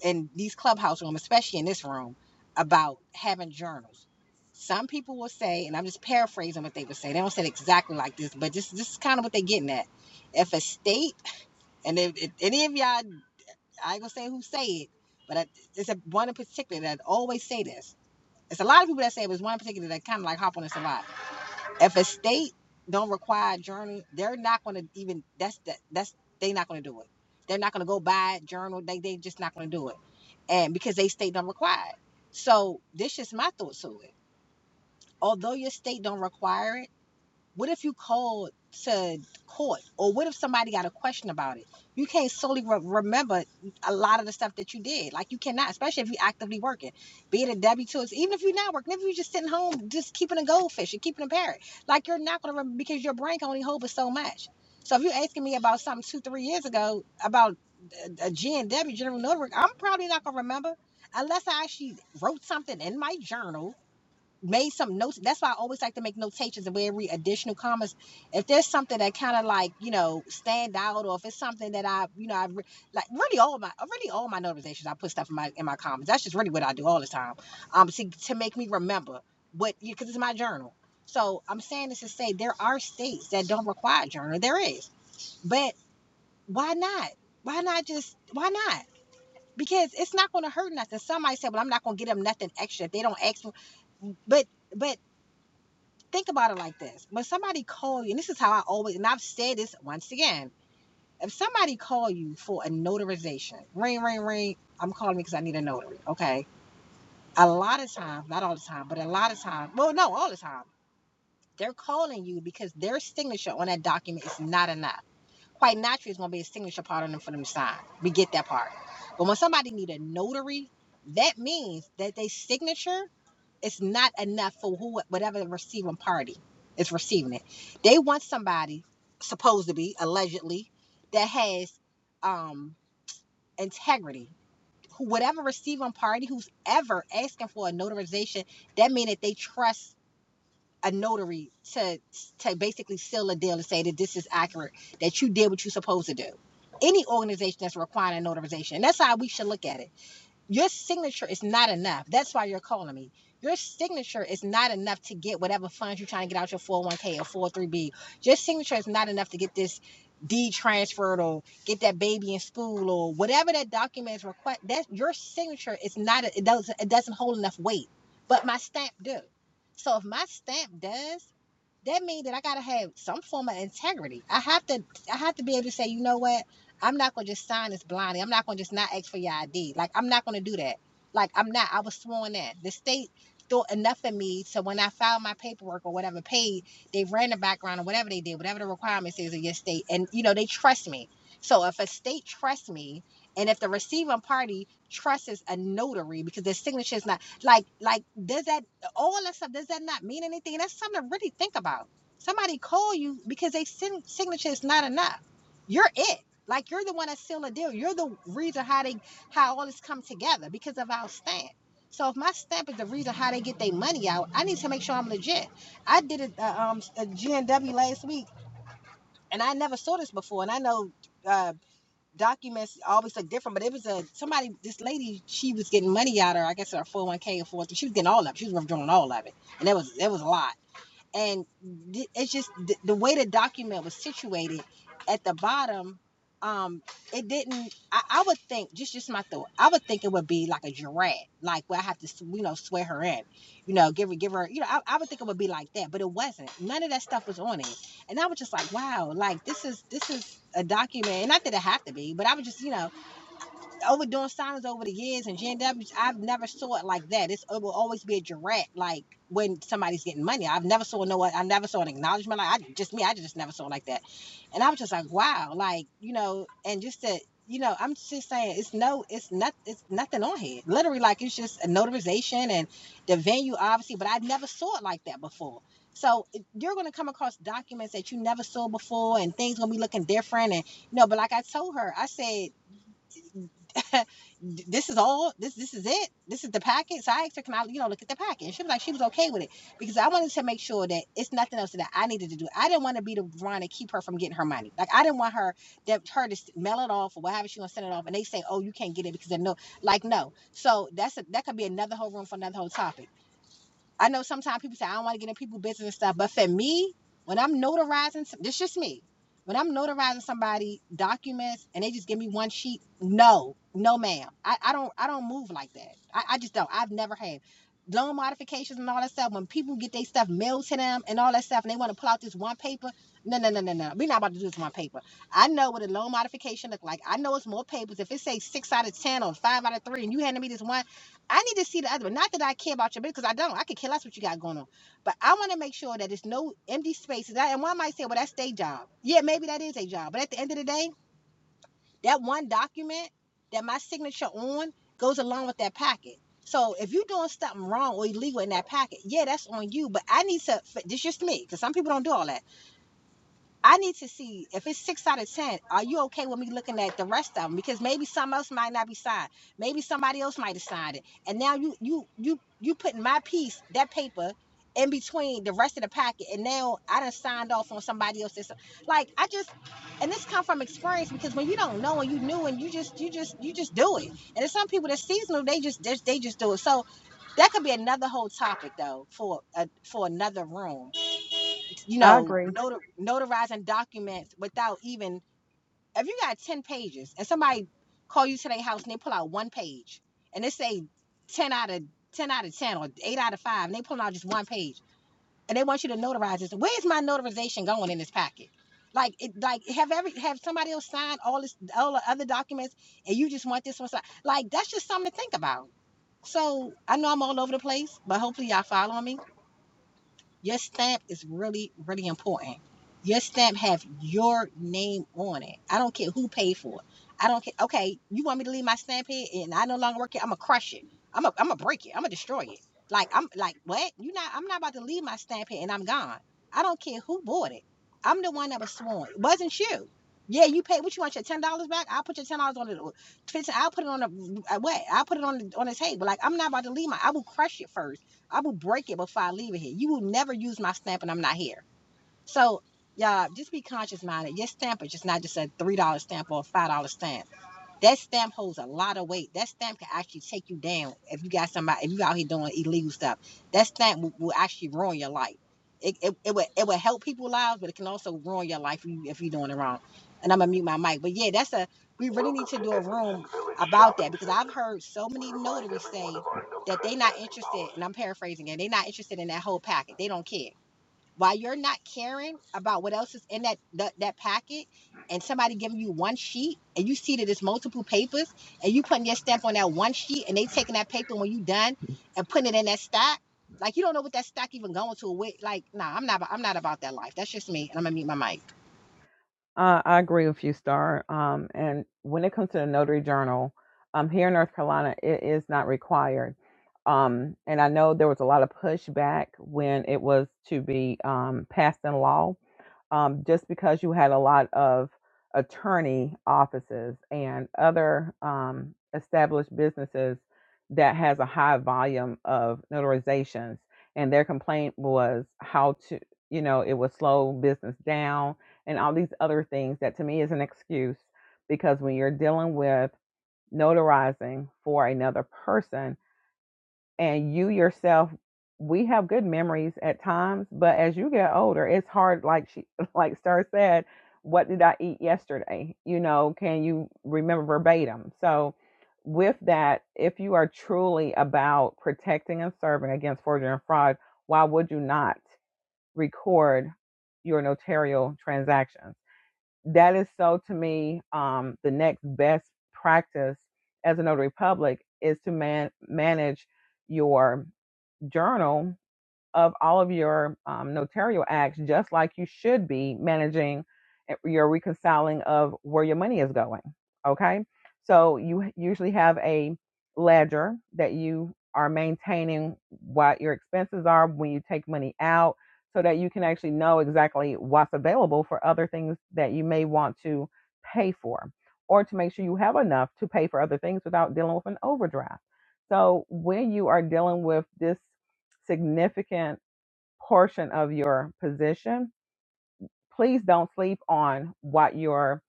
A: in these clubhouse rooms, especially in this room, about having journals. Some people will say, and I'm just paraphrasing what they would say. They don't say it exactly like this, but this this is kind of what they're getting at. If a state, and if, if any of y'all, I ain't gonna say who say it, but I, it's a one in particular that always say this. It's a lot of people that say it, but it's one in particular that kind of like hop on this a lot if a state don't require journal, they're not going to even that's that that's they're not going to do it. They're not going to go buy a journal. They they just not going to do it, and because they state don't require it. So this is my thought to it. Although your state don't require it what if you called to court, or what if somebody got a question about it? You can't solely re- remember a lot of the stuff that you did. Like you cannot, especially if you're actively working, be it a W two, it's- even if you're not working, if you're just sitting home, just keeping a goldfish and keeping a parrot, like you're not gonna remember because your brain can only hold but so much. So if you're asking me about something two, three years ago about a a G and W General Notary, I'm probably not gonna remember unless I actually wrote something in my journal made some notes. That's why I always like to make notations of every additional comments. If there's something that kind of like you know stand out, or if it's something that I you know I re- like really all my really all my notifications I put stuff in my in my comments. That's just really what I do all the time. Um, to to make me remember what because it's my journal. So I'm saying this to say there are states that don't require journal. There is, but why not? Why not just why not? Because it's not going to hurt nothing. Somebody said, "Well, I'm not going to get them nothing extra if they don't ask for." But but think about it like this when somebody call you and this is how i always and i've said this once again if somebody call you for a notarization ring ring ring i'm calling because i need a notary okay a lot of times not all the time but a lot of times, well no all the time they're calling you because their signature on that document is not enough quite naturally it's going to be a signature part on them for them to sign we get that part but when somebody need a notary that means that their signature it's not enough for who whatever the receiving party is receiving it. They want somebody supposed to be allegedly that has um integrity. Who whatever receiving party who's ever asking for a notarization, that means that they trust a notary to to basically seal a deal and say that this is accurate, that you did what you're supposed to do. Any organization that's requiring a notarization, and that's how we should look at it your signature is not enough. That's why you're calling me. Your signature is not enough to get whatever funds you're trying to get out your 401k or 403b. Your signature is not enough to get this deed transferred or get that baby in school or whatever that document is request. That your signature is not it doesn't it doesn't hold enough weight. But my stamp do. So if my stamp does, that means that I gotta have some form of integrity. I have to I have to be able to say, you know what? I'm not gonna just sign this blindly. I'm not gonna just not ask for your ID. Like I'm not gonna do that. Like I'm not. I was sworn that the state thought enough of me. So when I filed my paperwork or whatever paid, they ran the background or whatever they did, whatever the requirements is of your state, and you know they trust me. So if a state trusts me, and if the receiving party trusts a notary because their signature is not like like does that all that stuff does that not mean anything that's something to really think about somebody call you because they signature is not enough you're it like you're the one that sealed the deal you're the reason how they how all this come together because of our stamp so if my stamp is the reason how they get their money out i need to make sure i'm legit i did a, a, um, a G N W last week and i never saw this before and i know uh, documents always look different, but it was a somebody. This lady, she was getting money out of her. I guess her four hundred one k or four. oh three. She was getting all of it. She was withdrawing all of it, and that was that was a lot and it's just the, the way the document was situated at the bottom um it didn't I, I would think just just my thought i would think it would be like a giraffe like where i have to you know swear her in you know give her give her you know I, I would think it would be like that but it wasn't none of that stuff was on it and i was just like wow like this is this is a document and not that it have to be but i was just you know overdoing silence over the years and GNWs, I've never saw it like that. It's, it will always be a direct, like when somebody's getting money. I've never saw no, I never saw an acknowledgement. Like I just me, I just never saw it like that. And I was just like, wow, like you know, and just that, you know, I'm just saying, it's no, it's not, it's nothing on here. Literally, like it's just a notarization and the venue, obviously, but I never saw it like that before. So you're going to come across documents that you never saw before, and things going to be looking different. And you know, but like I told her, I said this is all this this is it this is the packet. so i asked her can i you know look at the packet? and she was like she was okay with it because i wanted to make sure that it's nothing else that i needed to do i didn't want to be the one to keep her from getting her money like i didn't want her that her to mail it off or whatever she gonna send it off and they say oh you can't get it because they know like no so that's a, that could be another whole room for another whole topic I know sometimes people say I don't want to get in people's business and stuff, but for me, when I'm notarizing, some- this is just me. When I'm notarizing somebody documents and they just give me one sheet, no, no, ma'am. I, I don't I don't move like that. I, I just don't. I've never had loan modifications and all that stuff. When people get their stuff mailed to them and all that stuff, and they want to pull out this one paper, no, no, no, no, no. We're not about to do this one paper. I know what a loan modification look like. I know it's more papers. If it say six out of ten or five out of three, and you handing me this one. I need to see the other one. Not that I care about your business, because I don't. I could care less what you got going on. But I want to make sure that there's no empty spaces. And one might say, well, that's their job. Yeah, maybe that is their job. But at the end of the day, that one document that my signature on goes along with that packet. So if you're doing something wrong or illegal in that packet, yeah, that's on you. But I need to, this is just me, because some people don't do all that. I need to see if it's six out of ten. Are you okay with me looking at the rest of them? Because maybe some else might not be signed. Maybe somebody else might have signed it. And now you you you you putting my piece that paper in between the rest of the packet, and now I done signed off on somebody else's. Like I just and this come from experience because when you don't know and you new and you just you just you just do it. And there's some people that's seasonal. They just they, they just do it. So that could be another whole topic though for a, for another room you
D: I
A: know,
D: agree.
A: notar- notarizing documents without even if you got ten pages and somebody call you to their house and they pull out one page and they say ten out of ten out of ten or eight out of five and they pull out just one page and they want you to notarize this. Where's my notarization going in this packet? Like it, like have every have somebody else signed all this all the other documents and you just want this one signed. Like that's just something to think about. So I know I'm all over the place, but hopefully y'all following me your stamp is really, really important. Your stamp have your name on it. I don't care who paid for it. I don't care. Okay, you want me to leave my stamp here and I no longer work here? I'm gonna crush it. I'm going I'm gonna break it. I'm gonna destroy it. Like I'm like what? You not? I'm not about to leave my stamp here and I'm gone. I don't care who bought it. I'm the one that was sworn. It wasn't you. Yeah, you paid. What you want your ten dollars back? I'll put your ten dollars on it. i I'll put it on the uh, what? I'll put it on the on the table. Like I'm not about to leave my. I will crush it first I will break it before I leave it here. You will never use my stamp and I'm not here. So, y'all, just be conscious minded. Your stamp is just not just a $3 stamp or a $5 stamp. That stamp holds a lot of weight. That stamp can actually take you down if you got somebody if you out here doing illegal stuff. That stamp will, will actually ruin your life. It, it, it would it would help people's lives, but it can also ruin your life if, you, if you're doing it wrong. And I'm gonna mute my mic. But yeah, that's a we really need to do a room about that because I've heard so many notaries say that they not interested, and I'm paraphrasing, and they not interested in that whole packet. They don't care. While you're not caring about what else is in that that, that packet, and somebody giving you one sheet, and you see that it's multiple papers, and you putting your stamp on that one sheet, and they taking that paper when you done and putting it in that stack. Like you don't know what that stack even going to. With like, nah, I'm not. I'm not about that life. That's just me. And I'm gonna mute my mic.
D: Uh, I agree with you, Star. Um, and when it comes to the notary journal, um, here in North Carolina, it is not required. Um, and I know there was a lot of pushback when it was to be um, passed in law. um, just because you had a lot of attorney offices and other um, established businesses that has a high volume of notarizations and their complaint was how to you know it would slow business down and all these other things that to me is an excuse because when you're dealing with notarizing for another person and you yourself we have good memories at times but as you get older it's hard like she like star said what did i eat yesterday you know can you remember verbatim so with that if you are truly about protecting and serving against forgery and fraud why would you not record your notarial transactions that is so to me um, the next best practice as a notary public is to man- manage your journal of all of your um, notarial acts, just like you should be managing eh, your reconciling of where your money is going. Okay, so you usually have a ledger that you are maintaining what your expenses are when you take money out, so that you can actually know exactly what's available for other things that you may want to pay for, or to make sure you have enough to pay for other things without dealing with an overdraft. So when you are dealing with this significant portion of your position, please don't sleep on what your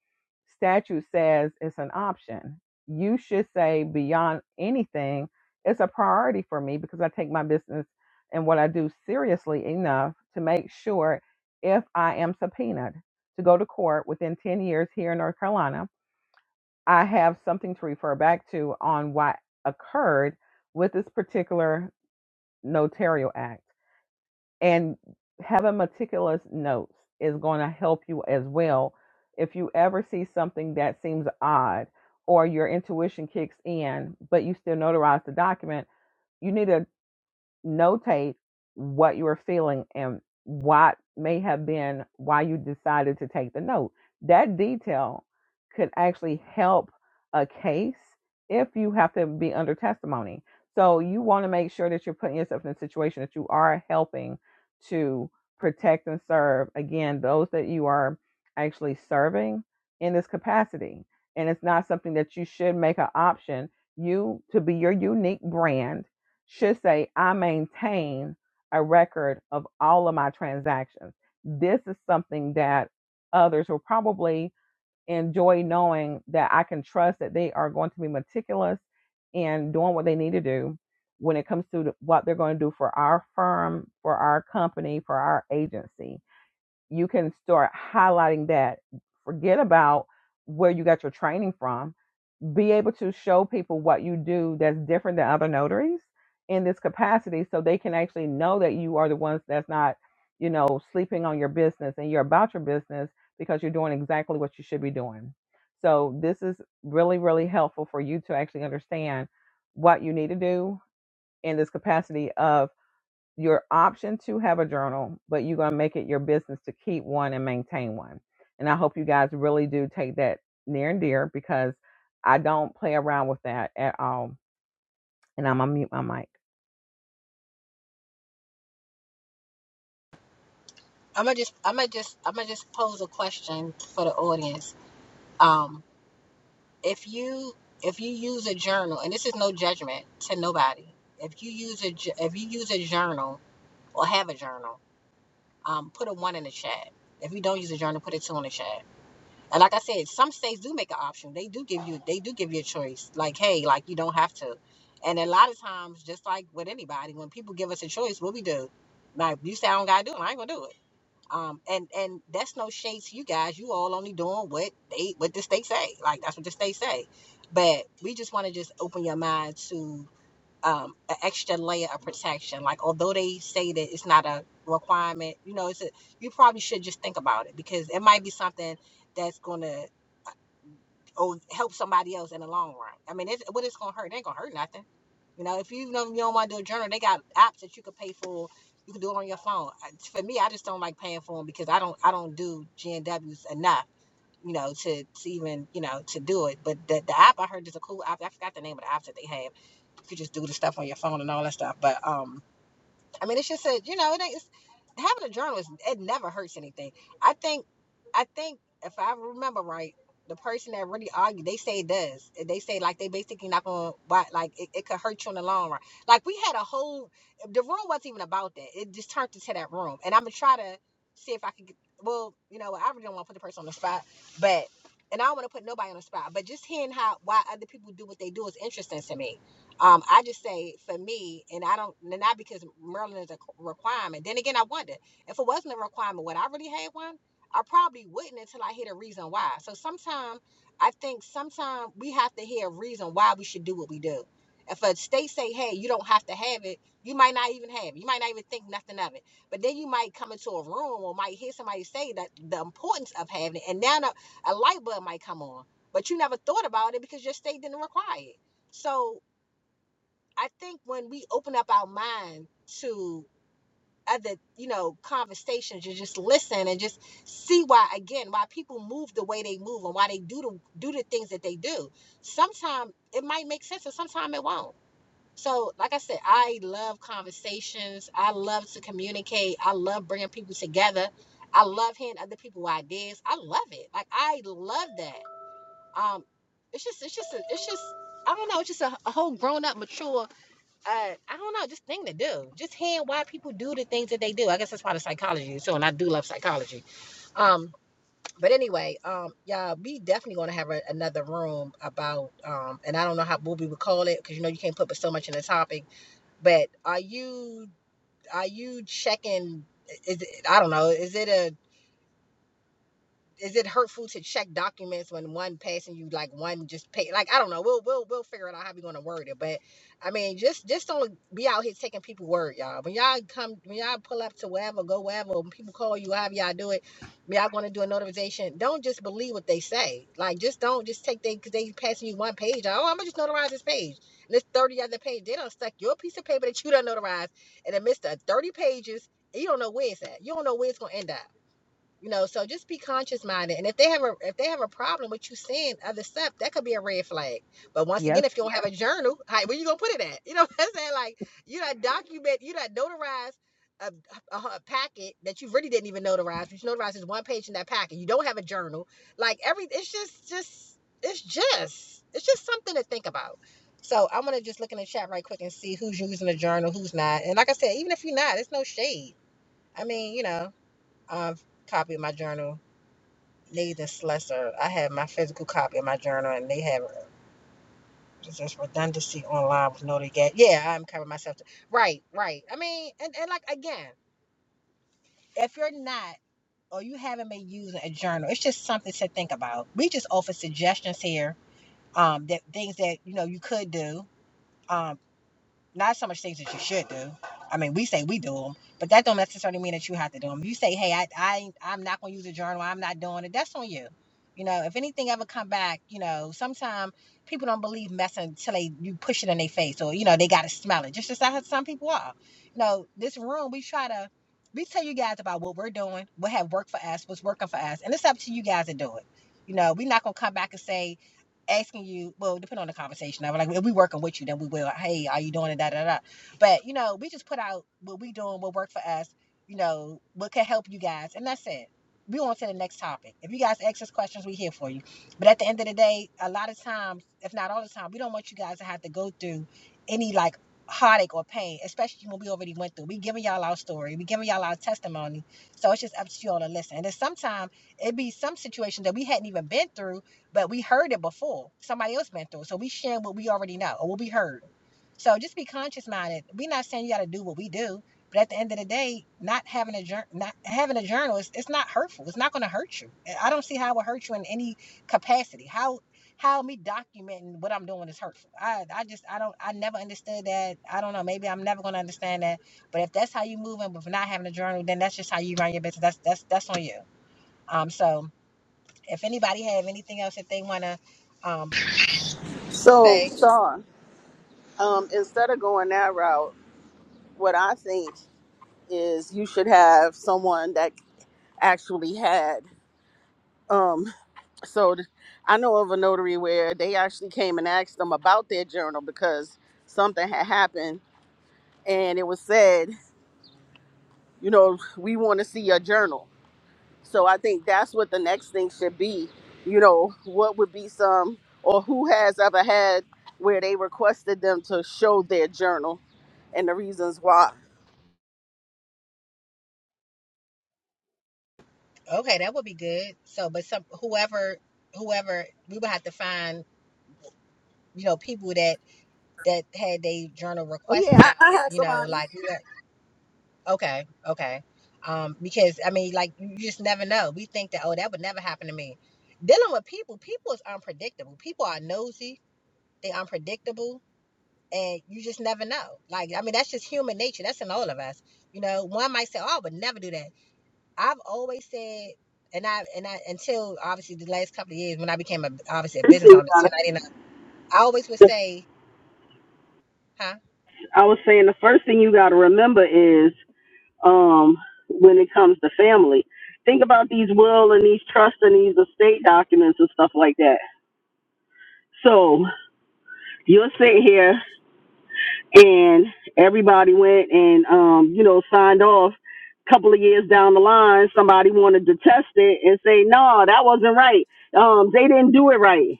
D: statute says is an option. You should say, beyond anything, it's a priority for me because I take my business and what I do seriously enough to make sure if I am subpoenaed to go to court within 10 years here in North Carolina, I have something to refer back to on what occurred with this particular notarial act. and having meticulous notes is going to help you as well if you ever see something that seems odd or your intuition kicks in but you still notarize the document you need to notate what you are feeling and what may have been why you decided to take the note. That detail could actually help a case if you have to be under testimony. So you want to make sure that you're putting yourself in a situation that you are helping to protect and serve again those that you are actually serving in this capacity. And it's not something that you should make an option you to be your unique brand should say, I maintain a record of all of my transactions. This is something that others will probably enjoy knowing that I can trust that they are going to be meticulous in doing what they need to do when it comes to what they're going to do for our firm, for our company, for our agency. You can start highlighting that. Forget about where you got your training from be able to show people what you do that's different than other notaries in this capacity so they can actually know that you are the ones that's not you know sleeping on your business and you're about your business because you're doing exactly what you should be doing so this is really really helpful for you to actually understand what you need to do in this capacity of your option to have a journal, but you're going to make it your business to keep one and maintain one. And I hope you guys really do take that near and dear because I don't play around with that at all. And I'm going to mute my mic.
A: I'm gonna just. I'm gonna just. I'm gonna just pose a question for the audience. Um, if you if you use a journal, and this is no judgment to nobody, if you use a ju- if you use a journal or have a journal um, put a one in the chat. If you don't use a journal, put a two in the chat. And like I said, some states do make an option. They do give you they do give you a choice. Like, hey, like you don't have to. And a lot of times, just like with anybody, when people give us a choice, what we do? Like you say I don't gotta do it, I ain't gonna do it. Um, and and that's no shade to you guys. You all only doing what they what the state say. Like that's what the state say. But we just want to just open your mind to um, an extra layer of protection. Like although they say that it's not a requirement, you know, it's a, you probably should just think about it because it might be something that's going to or help somebody else in the long run. I mean, it's, what it's going to hurt? It ain't going to hurt nothing. You know, if you know you don't want to do a journal, they got apps that you can pay for. You can do it on your phone. I- For me, I just don't like paying for them because I don't I don't do G and Ws enough. You know, to, to even you know to do it. But the, the app I heard is a cool app. I forgot the name of the app that they have you just do the stuff on your phone and all that stuff. But um, I mean, it's just a you know, it ain't it's, having a journal is it never hurts anything. I think, I think if I remember right, the person that really argued, they say it does. They say like they basically not gonna buy like it, it could hurt you in the long run. Like we had a whole the room wasn't even about that. It just turned into that room, and I'm gonna try to see if I could. Get, well, you know, I really don't want to put the person on the spot, but. And I don't want to put nobody on the spot, but just hearing how why other people do what they do is interesting to me um, I just say for me, and I don't and not because Maryland is a requirement. Then again, I wonder if it wasn't a requirement, would I really have one? I probably wouldn't until I hear the reason why. So sometimes I think sometimes we have to hear a reason why we should do what we do. If a state say, "Hey, you don't have to have it," you might not even have it. You might not even think nothing of it. But then you might come into a room or might hear somebody say that the importance of having it, and now a light bulb might come on. But you never thought about it because your state didn't require it. So I think when we open up our mind to other, you know, conversations and just listen and just see why again why people move the way they move and why they do the do the things that they do. Sometimes it might make sense and sometimes it won't. So, like I said, I love conversations. I love to communicate. I love bringing people together. I love hearing other people ideas. I love it. Like I love that. Um, it's just, it's just, a, it's just. I don't know. It's just a, a whole grown up, mature uh, I don't know, just thing to do. Just hearing why people do the things that they do. I guess that's part of psychology so and I do love psychology. Um, but anyway, um, all we definitely gonna have a, another room about um, and I don't know how what we would call it because you know you can't put so much in a topic. But are you are you checking? Is it, I don't know. Is it a is it hurtful to check documents when one passing you like one just pay like I don't know we'll we'll we'll figure it out how we gonna word it but I mean just just don't be out here taking people word y'all when y'all come when y'all pull up to wherever go wherever when people call you however y'all do it when y'all gonna do a notarization don't just believe what they say like just don't just take they because they passing you one page like, oh I'm gonna just notarize this page and this thirty other page they don't stuck your piece of paper that you done notarized in the midst of thirty pages and you don't know where it's at you don't know where it's gonna end up you know, so just be conscious minded. And if they have a if they have a problem with you seeing other stuff, that could be a red flag. But once
D: Yes.
A: again, if you don't have a journal, how, where you gonna put it at? You know what I'm saying? Like you not document, you not notarize a, a, a packet that you really didn't even notarize. But you notarized is one page in that packet. You don't have a journal. Like every, it's just just it's just it's just something to think about. So I'm gonna just look in the chat right quick and see who's using a journal, who's not. And like I said, even if you're not, it's no shade. I mean, you know. I've copied my journal. Neither Slessor. I have my physical copy of my journal, and they have just redundancy online with no get. Yeah, I'm covering myself. too. Right, right. I mean, and, and like again, if you're not or you haven't been using a journal, it's just something to think about. We just offer suggestions here. Um, that things that you know you could do. Um. Not so much things that you should do. I mean, we say we do them, but that don't necessarily mean that you have to do them. You say, "Hey, I, I, I'm not going to use a journal. I'm not doing it." That's on you. You know, if anything ever come back, you know, sometimes people don't believe messing until they you push it in their face, or you know, they got to smell it. Just as how some people are. You know, this room we try to. We tell you guys about what we're doing, what have worked for us, what's working for us, and it's up to you guys to do it. You know, we're not gonna come back and say, asking you, well, depending on the conversation. I was like, if we working with you, then we will. Hey, are you doing it? Da da da. But you know, we just put out what we doing, what worked for us. You know, what could help you guys, and that's it. We on to the next topic. If you guys ask us questions, we here for you. But at the end of the day, a lot of times, if not all the time, we don't want you guys to have to go through any like heartache or pain, especially when we already went through. We giving y'all our story, we giving y'all our testimony. So it's just up to you all to listen. And then sometimes it be some situation that we hadn't even been through but we heard it before. Somebody else been through it. So we sharing what we already know or what we heard. So just be conscious minded. We're not saying you got to do what we do, but at the end of the day, not having a journal, not having a journal, is it's not hurtful. It's not going to hurt you. I don't see how it would hurt you in any capacity. How how me documenting what I'm doing is hurtful. I I just I don't I never understood that. I don't know. Maybe I'm never going to understand that. But if that's how you moving with not having a journal, then that's just how you run your business. That's that's that's on you. Um. So if anybody have anything else that they want to um, say,
E: one that actually had. Um, so th- I know of a notary where they actually came and asked them about their journal because something had happened and it was said, you know, we want to see your journal. So I think that's what the next thing should be. You know, what would be some or who has ever had where they requested them to show their journal and the reasons why.
A: okay, that would be good. So, but some whoever whoever we would have to find, you know, people that that had their journal
E: Oh yeah,
A: requested,
E: I, I had
A: you know,
E: somebody.
A: like okay, okay, um, because I mean, like you just never know. We think that oh, that would never happen to me. Dealing with people, people is unpredictable. People are nosy. They unpredictable. And you just never know. Like, I mean, that's just human nature. That's in all of us. You know, one might say, Oh, I would never do that I've always said, and I and I until obviously the last couple of years when I became a, obviously a
E: First
A: business
E: thing-
A: owner, ten ninety nine, I always would say, huh?
E: I was saying the first thing you got to remember is um, when it comes to family. Think about these will and these trust and these estate documents and stuff like that. So you're sitting here and everybody went and um, you know, signed off. Couple of years down the line, somebody wanted to test it and say, No, that wasn't right. Um, they didn't do it right.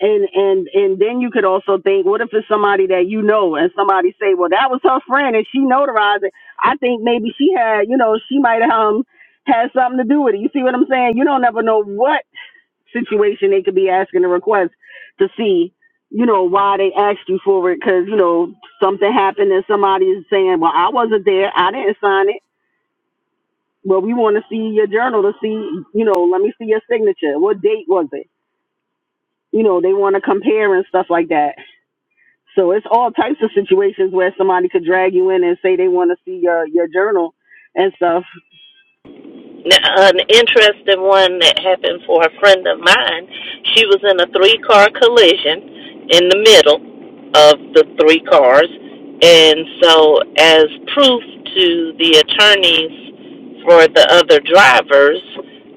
E: and and and then you could also think what if it's somebody that you know and somebody say well that was her friend and she notarized it i think maybe she had you know she might have um, had something to do with it you see what i'm saying you don't ever know what situation they could be asking a request to see you know why they asked you for it because you know something happened and somebody is saying well i wasn't there i didn't sign it well we want to see your journal to see you know let me see your signature what date was it you know they want to compare and stuff like that So it's all types of situations where somebody could drag you in and say they want to see your your journal and stuff.
F: an interesting one that happened for a friend of mine. She was in a three car collision in the middle of the three cars. And so, as proof to the attorneys for the other drivers,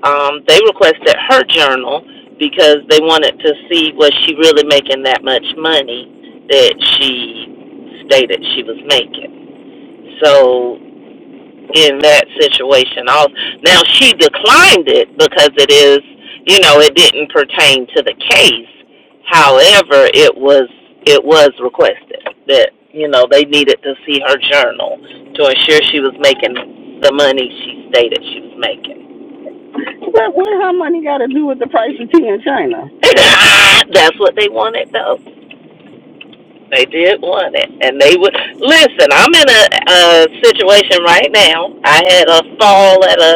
F: um, they requested her journal because they wanted to see was she really making that much money that she stated she was making. So in that situation. now she declined it because it is, you know, it didn't pertain to the case. However, it was it was requested that you know they needed to see her journal to ensure she was making the money she stated she was making.
E: But what how money got to do with the price of tea in China?
F: That's what they wanted, though. They did want it, and they would listen. I'm in a, a situation right now. I had a fall at a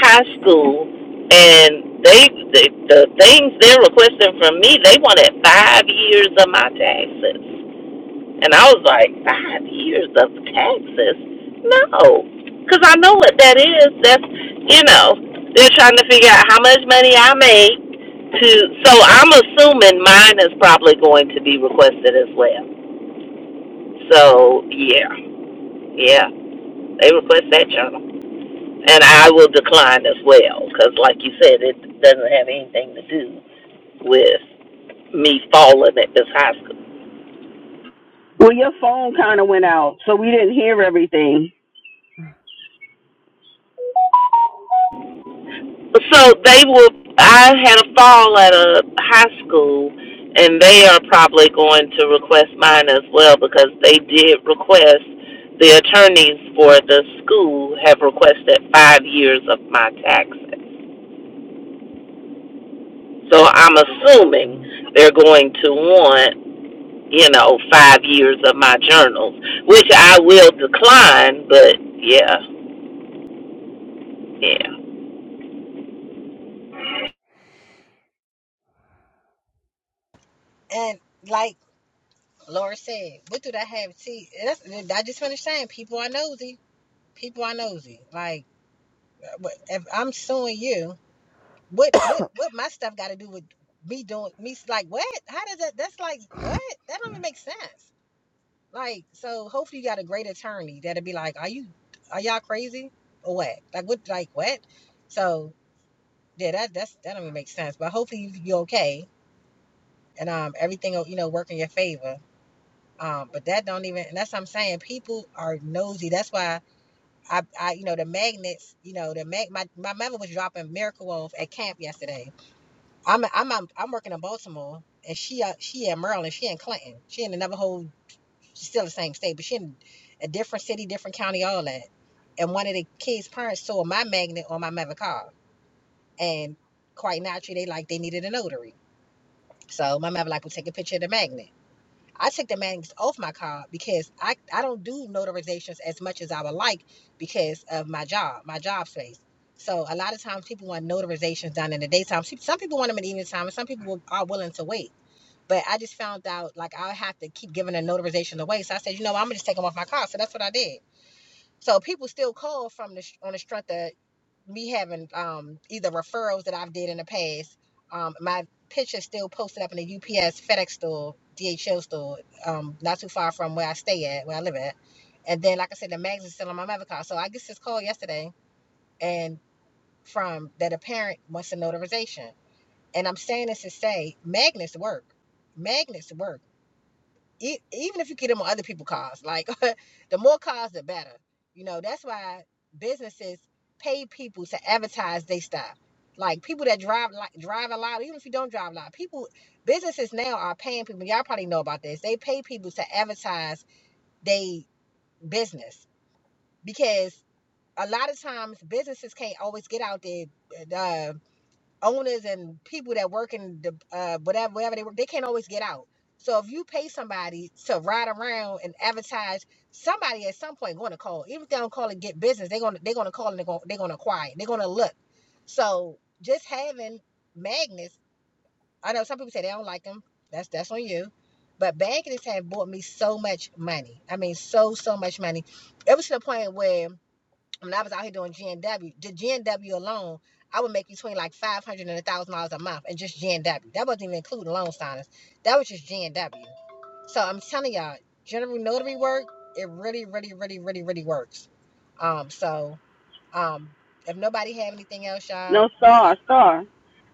F: high school, and they the, the things they're requesting from me. They wanted five years of my taxes, and I was like, five years of taxes? No, because I know what that is. That's you know, they're trying to figure out how much money I make. To so I'm assuming mine is probably going to be requested as well so yeah, yeah, they request that journal, and I will decline as well because, like you said, it doesn't have anything to do with me falling at this high school.
E: Well, your phone kind of went out, so we didn't hear everything.
F: So they will. I had a fall at a high school, and they are probably going to request mine as well because they did request. The attorneys for the school have requested five years of my taxes. So I'm
D: Mhm.
F: assuming they're going to want you know, five years of my journals, which I will decline, but yeah, yeah.
A: And like Laura said, what do that have? See, that's, I just finished saying, people are nosy. People are nosy. Like if I'm suing you, what what what my stuff got to do with me doing me? Like what? How does that? That's like what? That don't even make sense. Like, so hopefully you got a great attorney that'll be like, Are you are y'all crazy? Or what? Like what like what? So yeah, that that's that don't even make sense. But hopefully you you okay and um everything will, you know, work in your favor. Um, but that don't even and that's what I'm saying. People are nosy. That's why I, I you know, the magnets, you know, the mag my, my mother was dropping miracle wolf at camp yesterday. I'm I'm I'm, I'm working in Baltimore and she uh, she in Maryland, she in Clinton. She in another whole She's still in the same state, but she in a different city, different county, all that. And one of the kids' parents saw my magnet on my mother car. And quite naturally, they like they needed a notary. So my mother like, we take a picture of the magnet. I took the magnets off my car because I, I don't do notarizations as much as I would like because of my job, my job space. So a lot of times people want notarizations done in the daytime. Some people want them in the evening time, and some people are willing to wait. But I just found out like I'll have to keep giving the notarization away. So I said, you know, I'm gonna just take them off my car. So that's what I did. So people still call from the on the strength of me having um either referrals that I've did in the past. Um, my picture still posted up in the UPS FedEx store, DHL store, um, not too far from where I stay at, where I live at. And then, like I said, the mags is still on my mother car. So I get this call yesterday, and from that a parent wants a notarization. And I'm saying this to say, magnets work. Magnets work e- even if you get them on other people's cars, like the more cars, the better. You know, that's why businesses pay people to advertise their stuff. Like people that drive like drive a lot, even if you don't drive a lot, people businesses now are paying people. Y'all probably know about this. They pay people to advertise they business because a lot of times businesses can't always get out there. uh, owners and people that work in the uh, whatever whatever they work, they can't always get out. So if you pay somebody to ride around and advertise, somebody at some point going to call. Even if they don't call and get business, they're gonna they're gonna call and they're gonna they're gonna acquire. it. They're gonna look. So just having magnets, I know some people say they don't like them. That's that's on you. But magnets have bought me so much money. I mean, so so much money. It was to the point where when I was out here doing GNW, the GNW alone, I would make between like five hundred and a thousand dollars a month, and just GNW. That wasn't even including loan signers. That was just GNW. So I'm telling y'all, general notary work, it really, really, really, really, really works. Um, so um, if nobody have anything else, y'all
E: No
A: be uh,
E: star, star.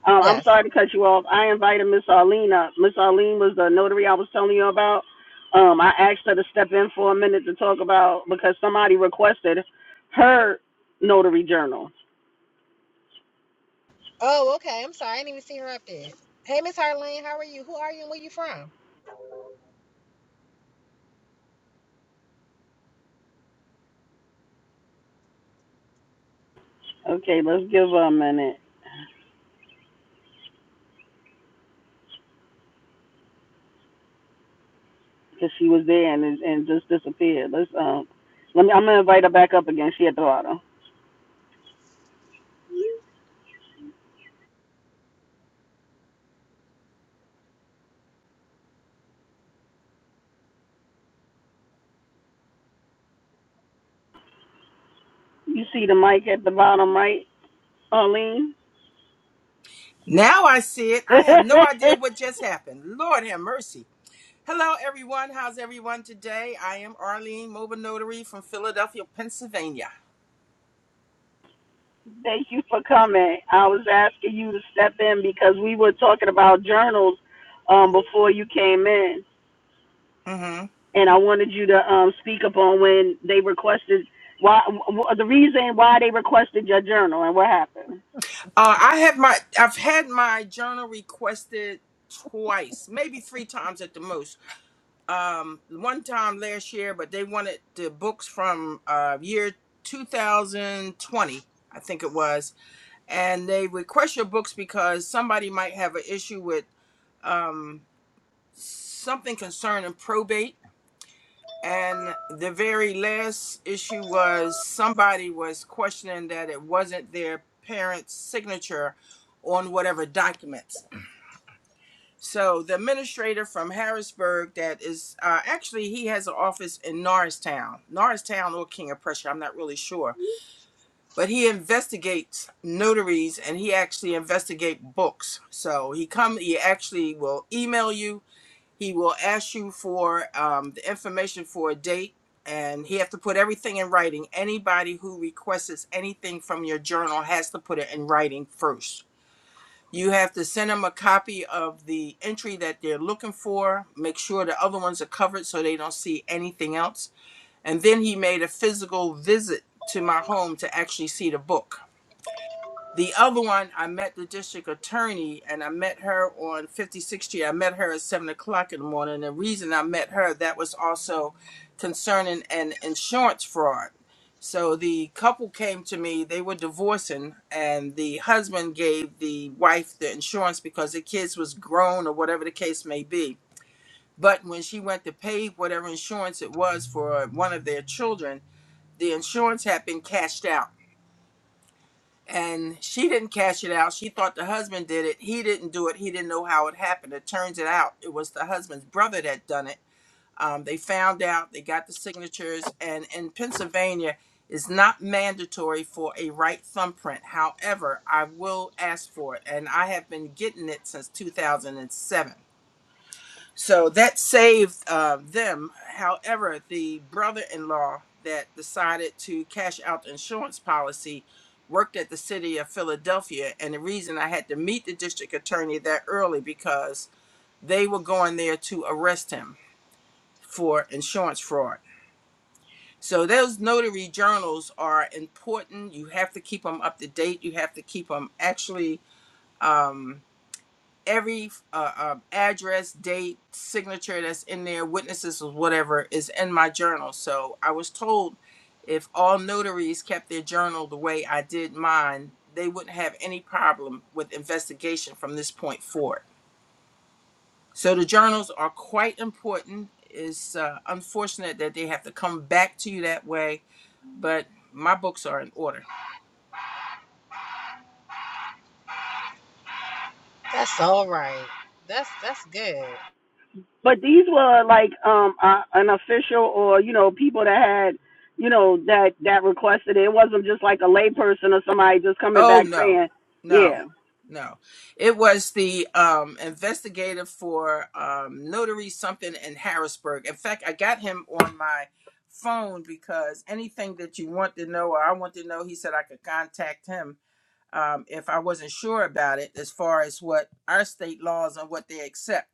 E: Um, I'm
A: yes.
E: sorry to cut you off. I invited Miss Arlene up. Miss Arlene was the notary I was telling you about. Um, I asked her to step in for a minute to talk about because somebody requested her notary journal.
A: Oh, okay. I'm sorry, I didn't even see her up there. Hey, Miss Harlene, how are you? Who are you and where you from?
E: Okay, let's give her a minute. because she was there and and just disappeared. Let's um, let me. I'm gonna invite her back up again. She at the bottom. You see the mic at the bottom, right, Arlene?
G: Now I see it.
E: Thank
G: I have no idea what just happened. Lord have mercy. Hello, everyone. How's everyone today? I am Arlene Mobile Notary from Philadelphia, Pennsylvania.
E: you for coming. I was asking you to step in because we were talking about journals um, before you came in,
G: hmm Uh,
E: and I wanted you to um, speak upon when they requested why the reason why they requested your journal and what happened.
G: I have my, I've had my journal requested twice, maybe three times at the most. Um, one time last year, but they wanted the books from uh, year 2020, I think it was, and they request your books because somebody might have an issue with. Um, something concerning probate. And the very last issue was somebody was questioning that it wasn't their parents' signature on whatever documents. So the administrator from Harrisburg that is uh, actually he has an office in Norristown, Norristown or King of Prussia, I'm not really sure, but he investigates notaries and he actually investigates books. So he come he actually will email you He will ask you for um, the information for a date, and he have to put everything in writing. Anybody who requests anything from your journal has to put it in writing first. You have to send them a copy of the entry that they're looking for. Make sure the other ones are covered so they don't see anything else. And then he made a physical visit to my home to actually see the book the other one, I met the district attorney and I met her on 56th Street. I met her at 7 o'clock in the morning. The reason I met her, that was also concerning an insurance fraud. So the couple came to me, they were divorcing, and the husband gave the wife the insurance because the kids was grown or whatever the case may be. But when she went to pay whatever insurance it was for one of their children, the insurance had been cashed out and she didn't cash it out. She thought the husband did it. He didn't do it. He didn't know how it happened. It turns it out it was the husband's brother that done it. Um, they found out. They got the signatures. And in Pennsylvania, it's not mandatory for a right thumbprint. However, I will ask for it, and I have been getting it since 2007. So that saved uh, them. However, the brother in law that decided to cash out the insurance policy worked at the city of Philadelphia. And the reason I had to meet the district attorney that early because they were going there to arrest him for insurance fraud. So those notary journals are important. You have to keep them up to date. You have to keep them actually. um, every uh, um, address, date, signature that's in there, witnesses or whatever is in my journal. So I was told if all notaries kept their journal the way I did mine, they wouldn't have any problem with investigation from this point forward. So the journals are quite important. It's uh, unfortunate that they have to come back to you that way, but my books are in order.
A: That's all right. That's that's good.
E: But these were like um uh, an official or you know people that had you know that that requested it. It wasn't just like a layperson or somebody just coming back
G: Oh no,
E: saying,
G: no,
E: yeah.
G: no. It was the um investigator for um notary something in Harrisburg. In fact, I got him on my phone because anything that you want to know or I want to know, he said I could contact him um if I wasn't sure about it as far as what our state laws and what they accept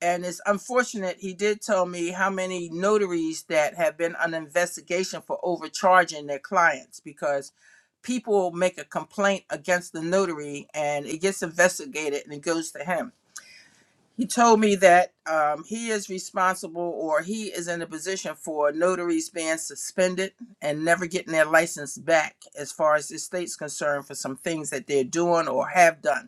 G: and it's unfortunate he did tell me how many notaries that have been on investigation for overcharging their clients because people make a complaint against the notary and it gets investigated and it goes to him he told me that um, he is responsible or he is in a position for notaries being suspended and never getting their license back as far as the state's concerned for some things that they're doing or have done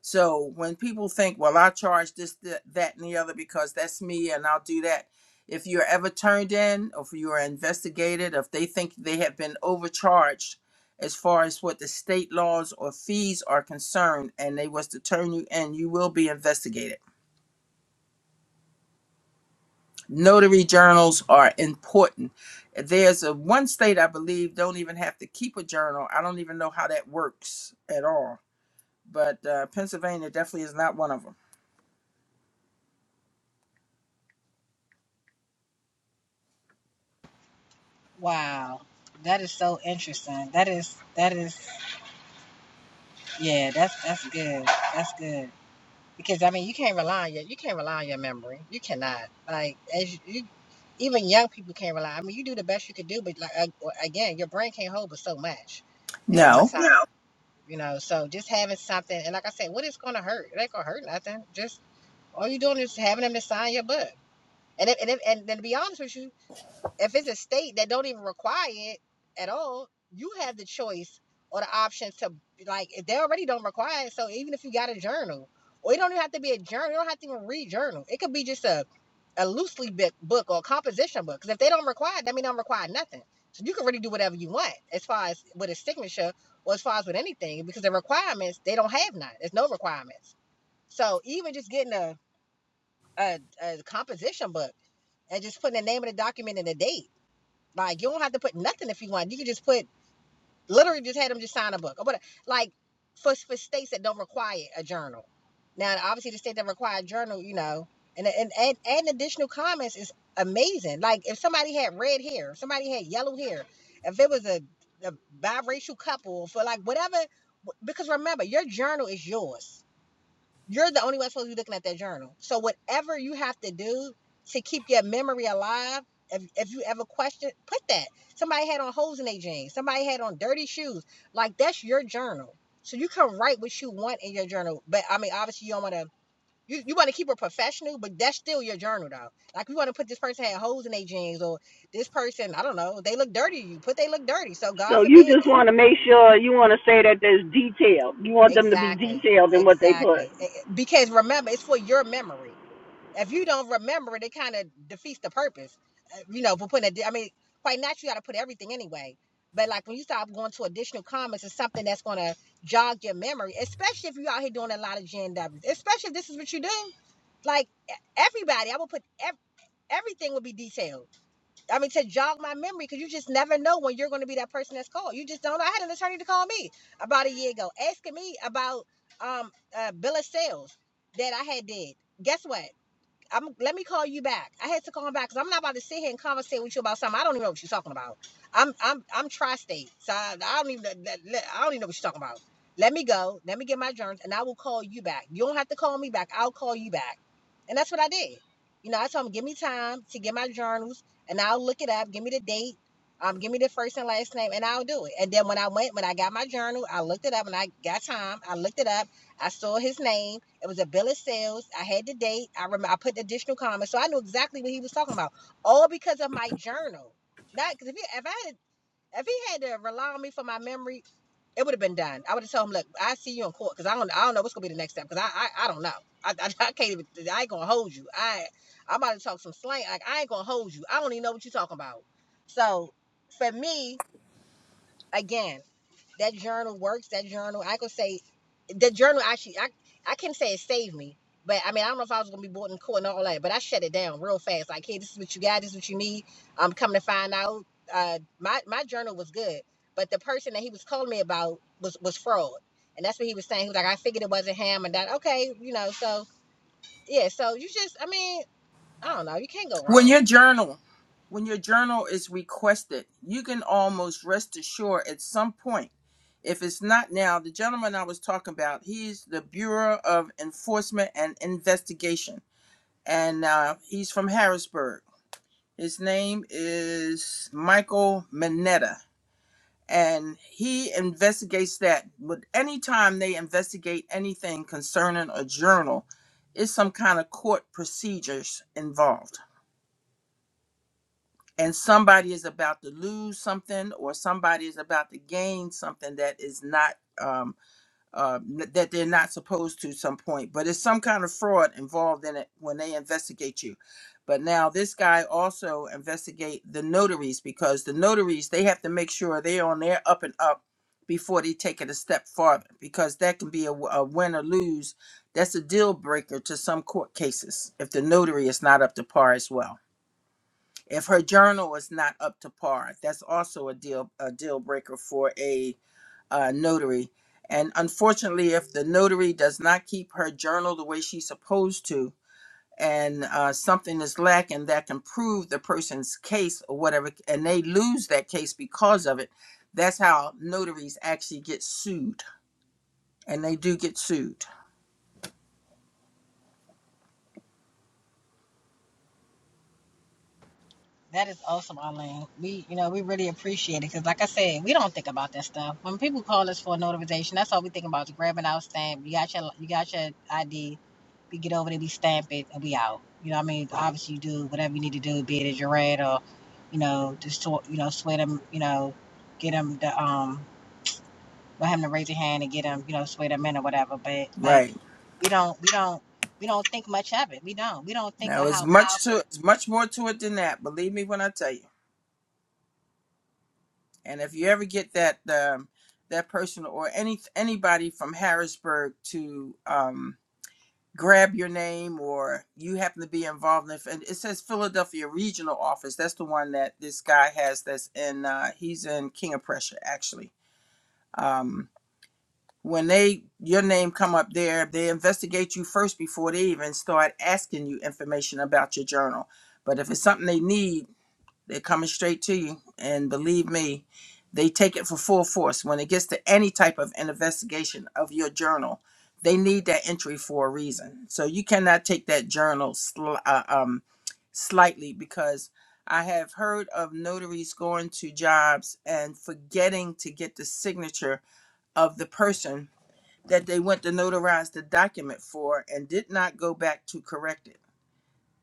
G: so when people think, well, I charge this, th- that, and the other because that's me and I'll do that. If you're ever turned in or if you are investigated, if they think they have been overcharged as far as what the state laws or fees are concerned and they was to turn you in, you will be investigated. Notary journals are important. There's a one state I believe don't even have to keep a journal. I don't even know how that works at all. But uh, Pennsylvania definitely is not one of them.
A: Wow, that is so interesting. That is that is yeah, that's that's good. That's good because I mean you can't rely on your you can't rely on your memory. You cannot like as you, you even young people can't rely. I mean you do the best you could do, but like ag- well, again, your brain can't hold but so much at
G: No.
A: one time. Yeah. You know, so just having something and like I said, what is going to hurt? It ain't going to hurt nothing. Just all you're doing is having them to sign your book. And if, and if, and then to be honest with you, if it's a state that don't even require it at all, you have the choice or the option to like if they already don't require it. So even if you got a journal, or it don't even have to be a journal, you don't have to even read journal. It could be just a a loosely book book or a composition book. Because if they don't require it, that means they don't require nothing. So you can really do whatever you want as far as with a signature or as far as with anything because the requirements they don't have none. There's no requirements. So even just getting a a, a composition book and just putting the name of the document and the date like you don't have to put nothing if you want. You can just put literally just had them just sign a book or whatever. Like for for states that don't require a journal. Now obviously the state that require a journal, you know, and and and, and additional comments is amazing. Like if somebody had red hair, if somebody had yellow hair, if it was a, a biracial couple for like whatever because remember your journal is yours you're the only one supposed to be looking at that journal. So whatever you have to do to keep your memory alive, if, if you ever question, put that. Somebody had on holes in their jeans. Somebody had on dirty shoes. Like that's your journal. So you can write what you want in your journal. But I mean, obviously you don't want to. You, you want to keep it professional, but that's still your journal though. Like you want to put this person had holes in their jeans or this person, I don't know, they look dirty. to You put they look dirty. So God
E: So you
A: forbid.
E: just want to make sure you want to say that there's detail. You want them to be
A: Exactly.
E: detailed in what they put.
A: Exactly. Eh, eh, Because remember, it's for your memory. if you don't remember it, it kind of defeats the purpose. uh, You know, for putting a, I mean, quite naturally, you got to put everything anyway. But like when you start going to additional comments, it's something that's gonna jog your memory, especially if you are out here doing a lot of GNWs, especially if this is what you do. Like e- everybody, I will put ev- everything would be detailed. I mean, to jog my memory, because you just never know when you're gonna be that person that's called. You just don't know. I had an attorney to call me about a year ago, asking me about um uh, bill of sales that I had did. Guess what? I'm let me call you back. I had to call him back because I'm not about to sit here and conversate with you about something I don't even know what you're talking about. I'm I'm I'm tri-state, so I, I don't even I don't even know what you're talking about. Let me go. Let me get my germs, and I will call you back. You don't have to call me back. I'll call you back, and that's what I did. You know, I told him give me time to get my journals, and I'll look it up. Give me the date. Um, give me the first and last name, and I'll do it. And then when I went, when I got my journal, I looked it up, and I got time. I looked it up I saw his name. It was a bill of sales. I had the date. I remember I put the additional comma, so I knew exactly what he was talking about. All because of my journal. Not because if if I had if he had to rely on me for my memory, it would have been done. I would have told him, look, I see you in court because I don't I don't know what's gonna be the next step because I, I I don't know. I, I I can't even I ain't gonna hold you. I I'm about to talk some slang. Like I ain't gonna hold you. I don't even know what you're talking about. So for me, again that journal works. That journal, I could say, the journal actually, I I can say it saved me. But I mean, I don't know if I was gonna be brought in court and all that, but I shut it down real fast. Like, hey, this is what you got. This is what you need. I'm coming to find out. Uh, my my journal was good, but the person that he was calling me about was was fraud, and that's what he was saying. He was like, I figured it wasn't him, and that okay, you know. So yeah, so you just, I mean, I don't know. You can't go
G: When
A: wrong.
G: your journal, when your journal is requested, you can almost rest assured at some point. If it's not now, the gentleman I was talking about, he's the Bureau of Enforcement and Investigation, and uh, he's from Harrisburg. His name is Michael Mineta, and he investigates that. But anytime they investigate anything concerning a journal, it's some kind of court procedures involved and somebody is about to lose something or somebody is about to gain something that is not um, uh, n- that they're not supposed to some point but it's some kind of fraud involved in it when they investigate you but now this guy also investigate the notaries because the notaries they have to make sure they're on their up and up before they take it a step farther because that can be a, w- a win or lose that's a deal breaker to some court cases if the notary is not up to par as well if her journal is not up to par that's also a deal a deal breaker for a uh, notary and unfortunately if the notary does not keep her journal the way she's supposed to and uh, something is lacking that can prove the person's case or whatever and they lose that case because of it that's how notaries actually get sued and they do get sued
A: That is awesome, Arlene. We, you know, we really appreciate it because, like I said, we don't think about that stuff. When people call us for a notarization, that's all we think about: is grabbing our stamp. You got your, you got your ID. We get over there, we stamp it, and we out. You know, what I mean, obviously, you do whatever you need to do, be it a jurat or, you know, just to, you know, sweat them, you know, get them the um, let him to raise your hand and get them, you know, sweat them in or whatever. But like,
G: right
A: we don't, we don't, we don't think much of it. We don't, we don't think of
G: now it's
A: how
G: much
A: powerful.
G: to it's much more to it than that believe me when i tell you And if you ever get that um, that person or any anybody from Harrisburg to um, grab your name, or you happen to be involved in, and it says Philadelphia Regional Office. That's the one that this guy has. That's in uh, he's in King of Prussia actually. Um, when they your name come up there, they investigate you first before they even start asking you information about your journal. But if it's something they need, they're coming straight to you. And believe me, they take it for full force. When it gets to any type of an investigation of your journal, they need that entry for a reason. So you cannot take that journal sli- uh, um, slightly because I have heard of notaries going to jobs and forgetting to get the signature of the person that they went to notarize the document for and did not go back to correct it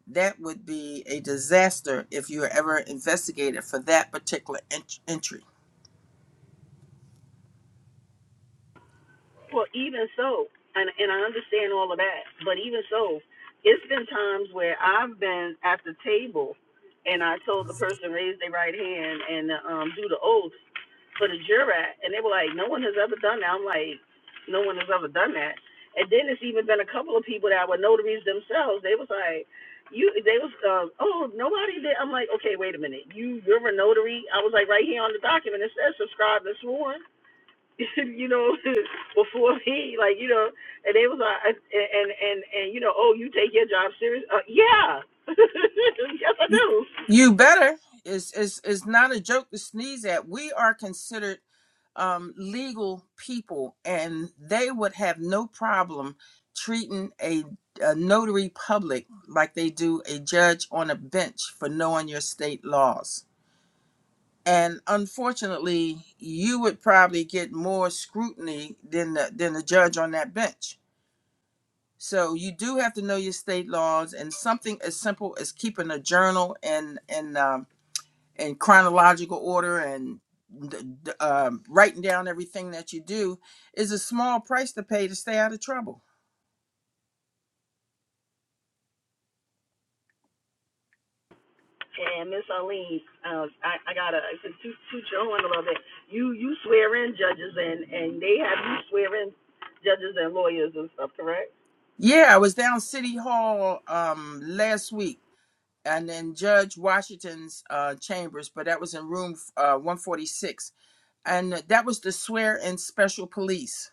G: that would be a disaster if you were ever investigated for that particular ent- entry.
E: Well, even so, and and I understand all of that, but even so, it's been times where I've been at the table, and I told the person raise their right hand and um, do the oath for the jurat, and they were like, no one has ever done that. I'm like, no one has ever done that. And then it's even been a couple of people that were notaries themselves. They was like, you, they was, um, oh, nobody did. I'm like, okay, wait a minute. You, you're a notary. I was like, right here on the document, it says subscribed and sworn. you know, before me, like you know, and they was like, and and and, and you know, oh, you take your job serious? Uh, yeah, yes I
G: You
E: do.
G: you better. It's, it's, it's not a joke to sneeze at. We are considered um, legal people, and they would have no problem treating a, a notary public like they do a judge on a bench for knowing your state laws. And unfortunately, you would probably get more scrutiny than the, than the judge on that bench So you do have to know your state laws, and something as simple as keeping a journal and and um, in chronological order and d- d- um, writing down everything that you do is a small price to pay to stay out of trouble.
E: And Miss Arlene, uh, I I gotta to to Joe a little bit. You you swear in judges and and they have you swear in judges and lawyers and stuff, correct?
G: Yeah, I was down City Hall um, last week, and then Judge Washington's uh, chambers, but that was in room uh, 146, and that was the swear-in special police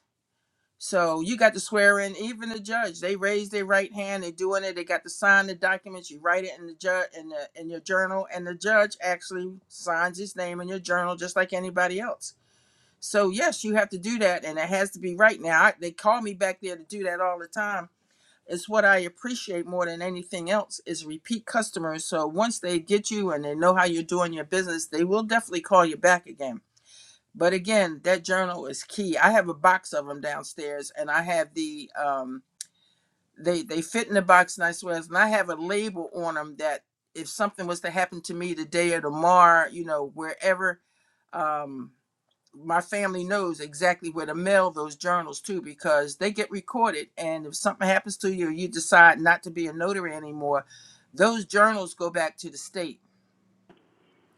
G: So you got to swear in, even the judge. They raise their right hand. They're doing it. They got to sign the documents. You write it in the judge in the in your journal, and the judge actually signs his name in your journal, just like anybody else. So yes, you have to do that, and it has to be right. Now I, they call me back there to do that all the time. It's what I appreciate more than anything else is repeat customers. So once they get you and they know how you're doing your business, they will definitely call you back again but again, that journal is key. I have a box of them downstairs, and I have the um they they fit in the box nice ways, and I have a label on them that if something was to happen to me today or tomorrow, you know, wherever, um, my family knows exactly where to mail those journals to because they get recorded. And if something happens to you, or you decide not to be a notary anymore, those journals go back to the state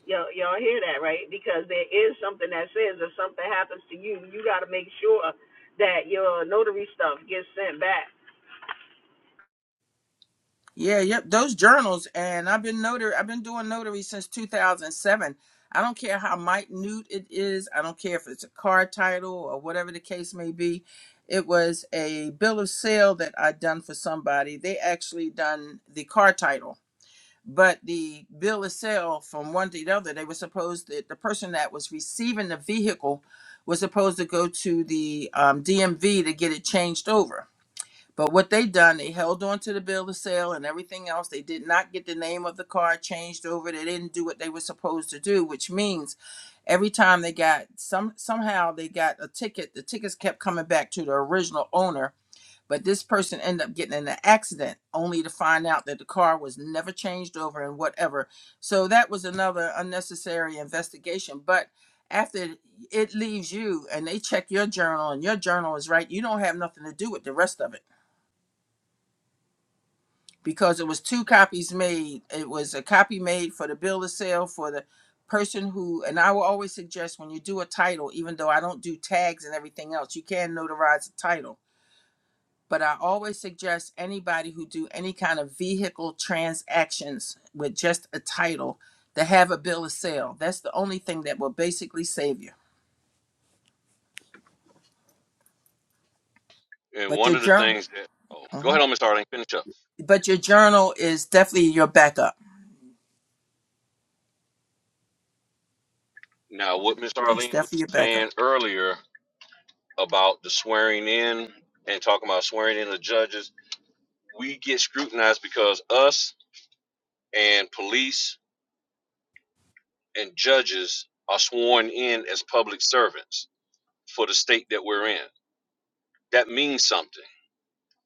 E: Y'all y'all hear that right? Because there is something that says if something happens to you, you gotta make sure that your notary stuff gets sent back.
G: Yeah, yep. Those journals, and I've been notary. I've been doing notary since 2007. I don't care how minute it is. I don't care if it's a car title or whatever the case may be. It was a bill of sale that I done for somebody. They actually done the car title, but the bill of sale from one to the other. They were supposed that the person that was receiving the vehicle was supposed to go to the um, DMV to get it changed over but what they done, they held on to the bill of sale and everything else. They did not get the name of the car changed over. They didn't do what they were supposed to do, which means every time they got some somehow they got a ticket, the tickets kept coming back to the original owner. But this person ended up getting in an accident only to find out that the car was never changed over and whatever. So that was another unnecessary investigation. But after it leaves you and they check your journal and your journal is right, you don't have nothing to do with the rest of it because it was two copies made. It was a copy made for the bill of sale for the person who, and I will always suggest when you do a title, even though I don't do tags and everything else, you can notarize the title. But I always suggest anybody who do any kind of vehicle transactions with just a title to have a bill of sale. That's the only thing that will basically save you.
C: And
G: But your
C: one of the
G: journal,
C: things that oh, go
G: Mhm.
C: ahead on Miss Arlene, finish up.
G: but your journal is definitely your backup.
C: Now what Miss
G: That's
C: Arlene was
G: definitely your backup.
C: saying earlier about the swearing in and talking about swearing in the judges, we get scrutinized because us and police and judges are sworn in as public servants for the state that we're in. That means something.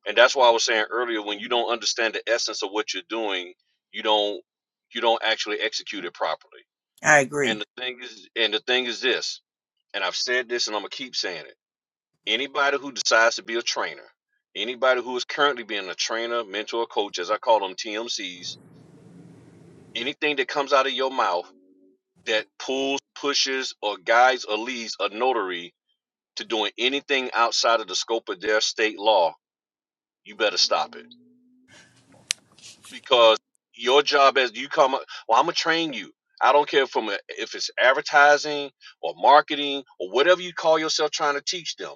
C: And that's why I was saying earlier when you don't understand the essence of what you're doing, you don't you don't actually execute it properly.
G: I agree.
C: And the thing is and the thing is this and I've said this and I'm going to keep saying it. Anybody who decides to be a trainer, anybody who is currently being a trainer, mentor, coach, as I call them TMCs, anything that comes out of your mouth that pulls, pushes, or guides or leads a notary to doing anything outside of the scope of their state law, you better stop it. Because your job as you come up, well, I'm going to train you. I don't care if, I'm a, if it's advertising or marketing or whatever you call yourself trying to teach them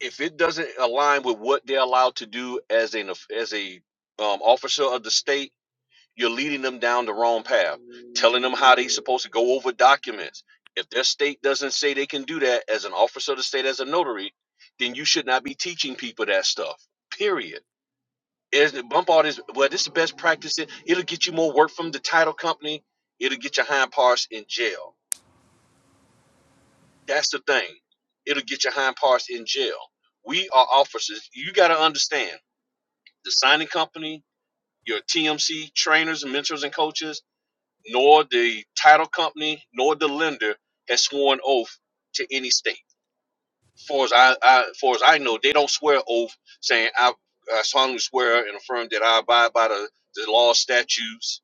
C: if it doesn't align with what they're allowed to do as an of- as a um, officer of the state, you're leading them down the wrong path, telling them how they're supposed to go over documents. If their state doesn't say they can do that as an officer of the state, as a notary, then you should not be teaching people that stuff. Period. Is bump all this? Well, this is the best practice. It- It'll get you more work from the title company. It'll get your hind parts in jail. That's the thing. It'll get your hind parts in jail. We are officers. You got to understand. the signing company, your TMC trainers, mentors, and coaches, nor the title company, nor the lender has sworn oath to any state. Far as I, I far as I know, they don't swear oath saying I, I solemnly swear and affirm that I abide by the, the law statutes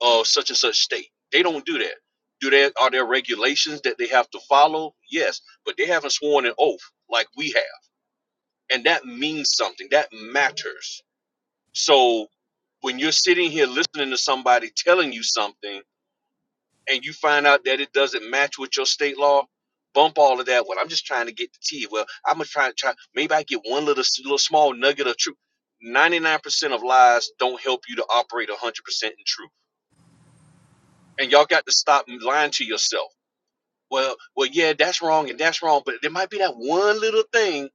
C: of such and such state. They don't do that. Do there Are there regulations that they have to follow? Yes, but they haven't sworn an oath like we have, and that means something. That matters So when you're sitting here listening to somebody telling you something and you find out that it doesn't match with your state law, bump all of that. Well, I'm just trying to get the tea. Well, I'm gonna try to try. Maybe I get one little little small nugget of truth. Ninety nine percent of lies don't help you to operate a hundred percent in truth. And y'all got to stop lying to yourself. Well, well, yeah, that's wrong and that's wrong, but there might be that one little thing.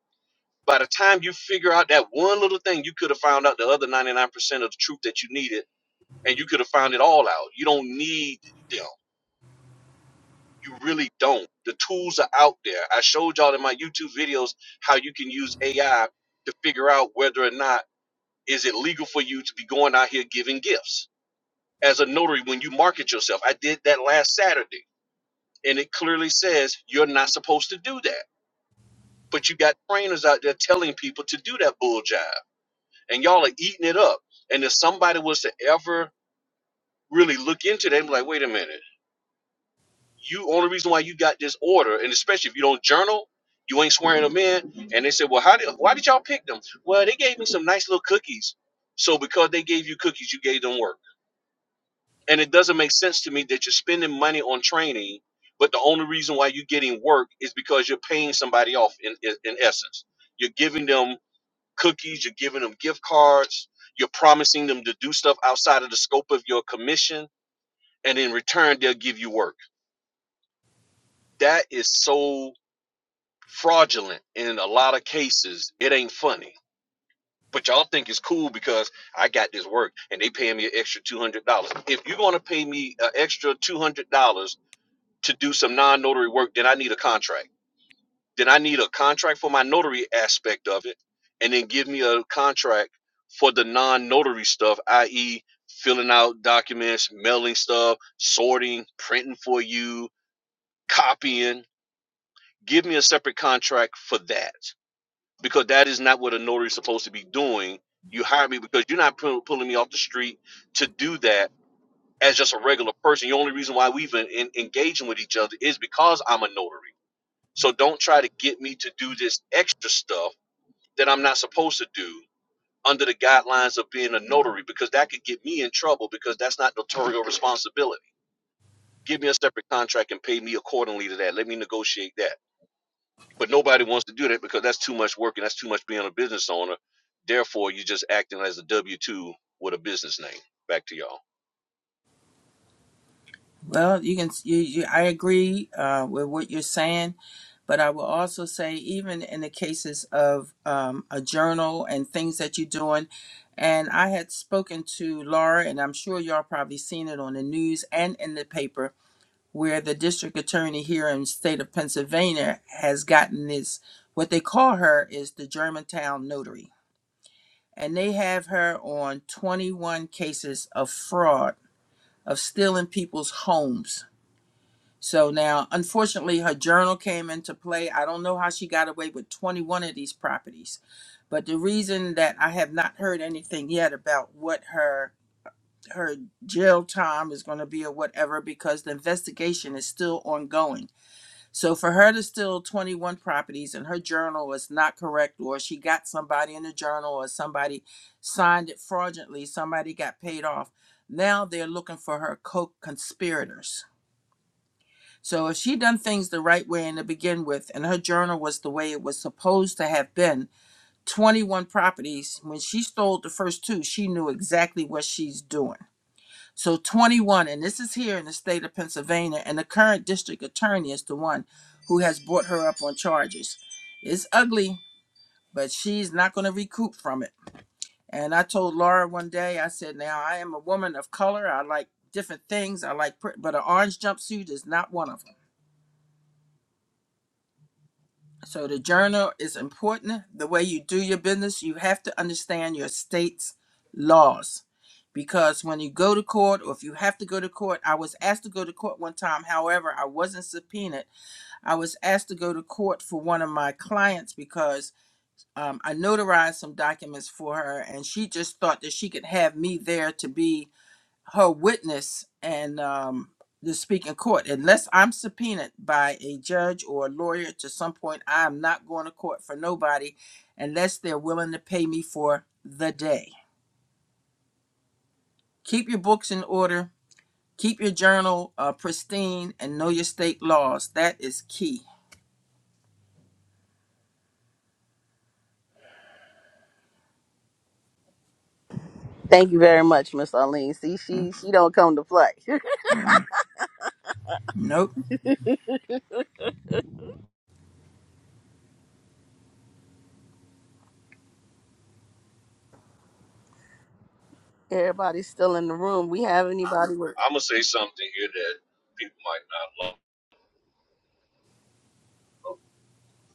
C: By the time you figure out that one little thing, you could have found out the other ninety nine percent of the truth that you needed and you could have found it all out. You don't need them. You really don't. The tools are out there. I showed y'all in my YouTube videos how you can use AI to figure out whether or not is it legal for you to be going out here giving gifts as a notary when you market yourself. I did that last Saturday, and it clearly says you're not supposed to do that. But you got trainers out there telling people to do that bull jive, and y'all are eating it up. And if somebody was to ever really look into that, they be like, wait a minute You only reason why you got this order, and especially if you don't journal, you ain't swearing them in. And they said, well, how did why did y'all pick them? Well, they gave me some nice little cookies. So because they gave you cookies, you gave them work. And it doesn't make sense to me that you're spending money on training, but the only reason why you're getting work is because you're paying somebody off. In in, in essence, you're giving them cookies, you're giving them gift cards, you're promising them to do stuff outside of the scope of your commission, and in return, they'll give you work. That is so fraudulent and in a lot of cases it ain't funny but y'all think it's cool because i got this work and they paying me an extra $200 if you're going to pay me an extra $200 to do some non-notary work then i need a contract then i need a contract for my notary aspect of it and then give me a contract for the non-notary stuff i.e filling out documents mailing stuff sorting printing for you copying give me a separate contract for that because that is not what a notary is supposed to be doing. You hire me because you're not pull, pulling me off the street to do that as just a regular person. The only reason why we've been in, engaging with each other is because I'm a notary. So don't try to get me to do this extra stuff that I'm not supposed to do under the guidelines of being a notary because that could get me in trouble because that's not notarial responsibility. Give me a separate contract and pay me accordingly to that. Let me negotiate that But nobody wants to do that because that's too much work and that's too much being a business owner. Therefore, you're just acting as a W two with a business name. Back to y'all.
G: Well, you can. You, you, I agree uh, with what you're saying, but I will also say, even in the cases of um, a journal and things that you're doing, and I had spoken to Laura, and I'm sure y'all probably seen it on the news and in the paper, where the district attorney here in the state of Pennsylvania has gotten this. What they call her is the Germantown notary, and they have her on 21 cases of fraud of stealing people's homes so now, unfortunately, her journal came into play. I don't know how she got away with 21 of these properties, but the reason that I have not heard anything yet about what her her jail time is going to be or whatever because the investigation is still ongoing. So for her to steal 21 properties and her journal is not correct or she got somebody in the journal or somebody signed it fraudulently, somebody got paid off. Now they're looking for her co-conspirators so if she had done things the right way and to begin with, and her journal was the way it was supposed to have been, 21 properties, when she stole the first two, she knew exactly what she's doing. So 21, and this is here in the state of Pennsylvania, and the current district attorney is the one who has brought her up on charges. It's ugly, but she's not going to recoup from it. And I told Laura one day, I said, Now I am a woman of color. I like different things. I like, pr- but an orange jumpsuit is not one of them." So the journal is important. The way you do your business, you have to understand your state's laws. Because when you go to court, or if you have to go to court, I was asked to go to court one time. However, I wasn't subpoenaed. I was asked to go to court for one of my clients because um, I notarized some documents for her, and she just thought that she could have me there to be her witness and um, to speak in court. Unless I'm subpoenaed by a judge or a lawyer to some point, I'm not going to court for nobody unless they're willing to pay me for the day. Keep your books in order, keep your journal uh, pristine, and know your state laws. That is key. Mm, mm. Nope.
C: I'm gonna say something here that people might not love.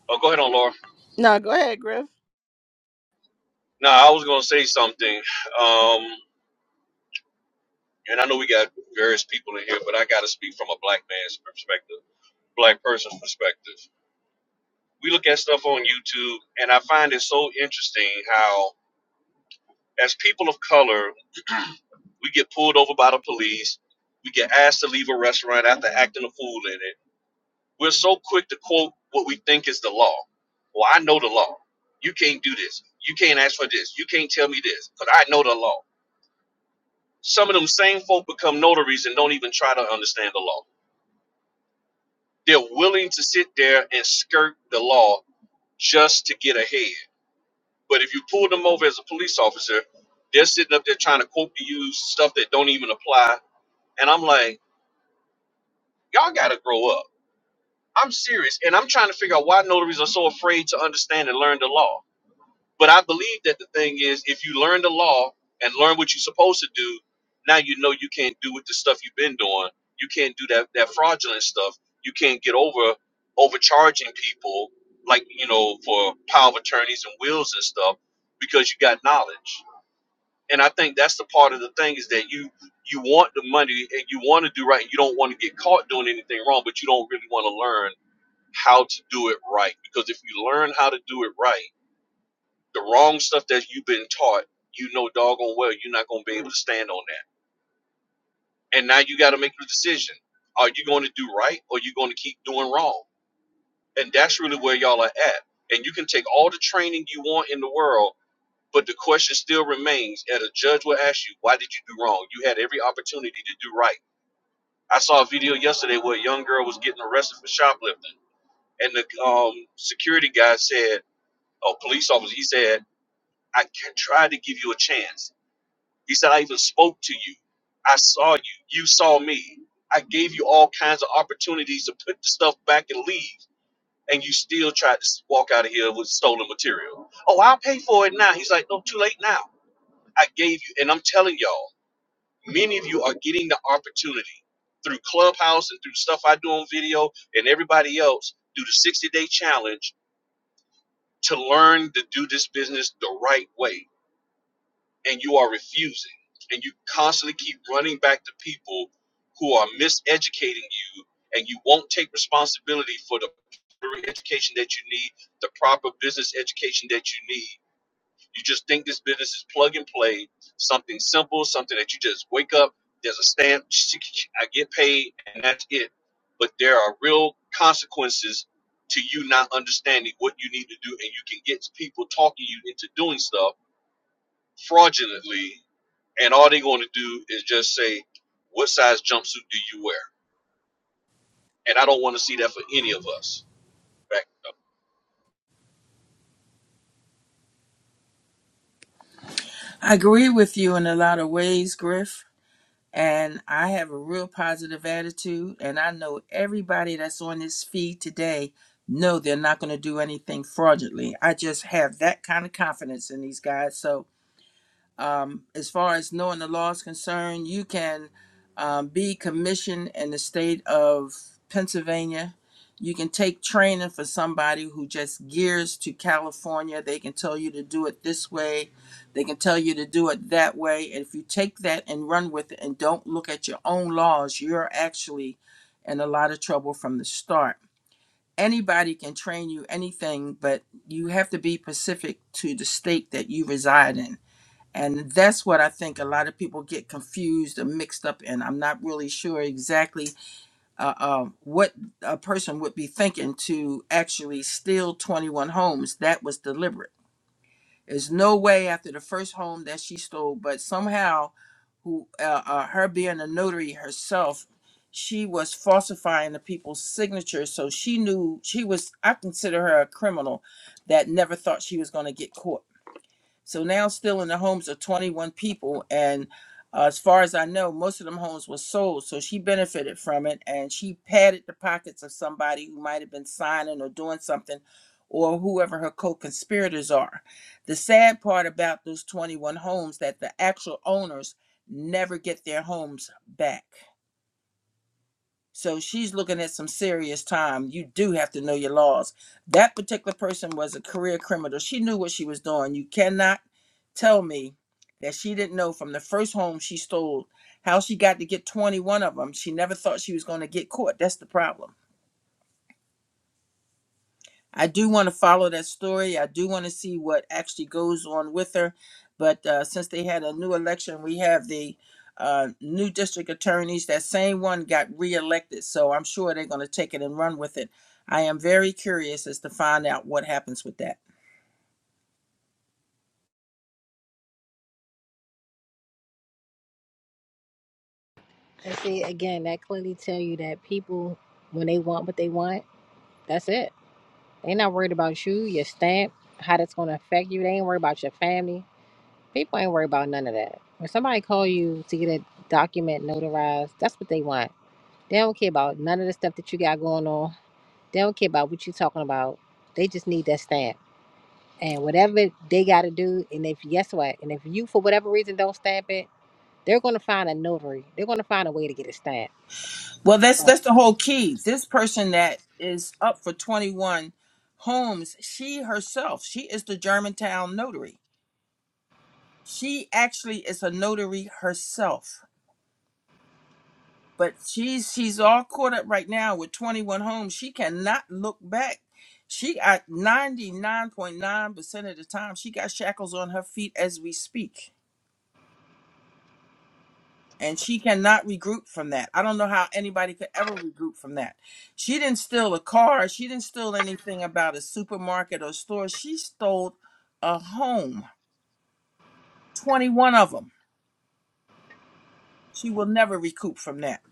C: Oh, go ahead on, Laura.
E: No, go ahead, Griff.
C: No, I was gonna say something. Um, and I know we got various people in here, but I gotta speak from a black man's perspective, black person's perspective. We look at stuff on YouTube, and I find it so interesting how, as people of color, We get pulled over by the police. We get asked to leave a restaurant after acting a fool in it. We're so quick to quote what we think is the law. Well, I know the law. You can't do this. You can't ask for this. You can't tell me this because I know the law. Some of them same folk become notaries and don't even try to understand the law. They're willing to sit there and skirt the law just to get ahead. But if you pull them over as a police officer, they're sitting up there trying to quote to you stuff that don't even apply. And I'm like, y'all got to grow up. I'm serious, and I'm trying to figure out why notaries are so afraid to understand and learn the law. But I believe that the thing is, if you learn the law and learn what you're supposed to do, now you know you can't do with the stuff you've been doing. You can't do that that fraudulent stuff. You can't get over overcharging people like you know for power of attorneys and wills and stuff because you got knowledge. And I think that's the part of the thing is that you you want the money and you want to do right and you don't want to get caught doing anything wrong, but you don't really want to learn how to do it right. Because if you learn how to do it right, the wrong stuff that you've been taught, you know doggone well you're not going to be able to stand on that. And now you got to make the decision: Are you going to do right, or are you going to keep doing wrong? And that's really where y'all are at. And you can take all the training you want in the world, but the question still remains: At a judge will ask you, "Why did you do wrong? You had every opportunity to do right." I saw a video yesterday where a young girl was getting arrested for shoplifting, and the um, security guy said a police officer. He said, I can try to give you a chance. He said, I even spoke to you. I saw you. You saw me. I gave you all kinds of opportunities to put the stuff back and leave, and you still tried to walk out of here with stolen material. Oh, I'll pay for it now. He's like, No, too late now. I gave you, and I'm telling y'all, many of you are getting the opportunity through Clubhouse and through stuff I do on video and everybody else, do the 60 day challenge to learn to do this business the right way and you are refusing and you constantly keep running back to people who are miseducating you and you won't take responsibility for the proper education that you need the proper business education that you need you just think this business is plug and play something simple something that you just wake up there's a stamp i get paid and that's it but there are real consequences to you not understanding what you need to do and you can get people talking you into doing stuff fraudulently and all they're going to do is just say, "What size jumpsuit do you wear?" And I don't want to see that for any of us. Back up.
G: I agree with you in a lot of ways, Griff. and I have a real positive attitude and I know everybody that's on this feed today know they're not going to do anything fraudulently. I just have that kind of confidence in these guys. So um, as far as knowing the law is concerned, you can um, be commissioned in the state of Pennsylvania. You can take training for somebody who just gears to California. They can tell you to do it this way. They can tell you to do it that way. And if you take that and run with it and don't look at your own laws, you're actually in a lot of trouble from the start. Anybody can train you anything, but you have to be specific to the state that you reside in and that's what I think a lot of people get confused and mixed up in. I'm not really sure exactly uh, uh, what a person would be thinking to actually steal 21 homes. That was deliberate. There's no way after the first home that she stole, but somehow, who uh, uh, her being a notary herself, she was falsifying the people's signatures. So she knew she was. I consider her a criminal that never thought she was going to get caught so now, still in the homes of 21 people, and uh, as far as I know, most of them homes were sold. So she benefited from it, and she padded the pockets of somebody who might have been signing or doing something, or whoever her co-conspirators are. The sad part about those 21 homes that the actual owners never get their homes back. So she's looking at some serious time. You do have to know your laws. That particular person was a career criminal. She knew what she was doing. You cannot tell me that she didn't know from the first home she stole how she got to get 21 of them. She never thought she was going to get caught. That's the problem. I do want to follow that story. I do want to see what actually goes on with her. But uh, since they had a new election, we have the uh, new district attorneys. That same one got reelected. So I'm sure they're going to take it and run with it. I am very curious as to find out what happens with that.
A: And see, again, that clearly tell you that people, when they want what they want, that's it. They not worried about you, your stamp, how that's going to affect you. They ain't worried about your family. People ain't worried about none of that. When somebody call you to get a document notarized, that's what they want. They don't care about none of the stuff that you got going on. They don't care about what you talking about. They just need that stamp. And whatever they got to do, and if, guess what? And if you, for whatever reason, don't stamp it, they're going to find a notary. They're going to find a way to get it stamped.
G: Well, that's that's the whole key. This person that is up for 21 homes, she herself, she is the Germantown notary. She actually is a notary herself but she's she's all caught up right now with 21 homes she cannot look back she at 99.9% of the time she got shackles on her feet as we speak and she cannot regroup from that i don't know how anybody could ever regroup from that she didn't steal a car she didn't steal anything about a supermarket or store she stole a home 21 of them she will never recoup from that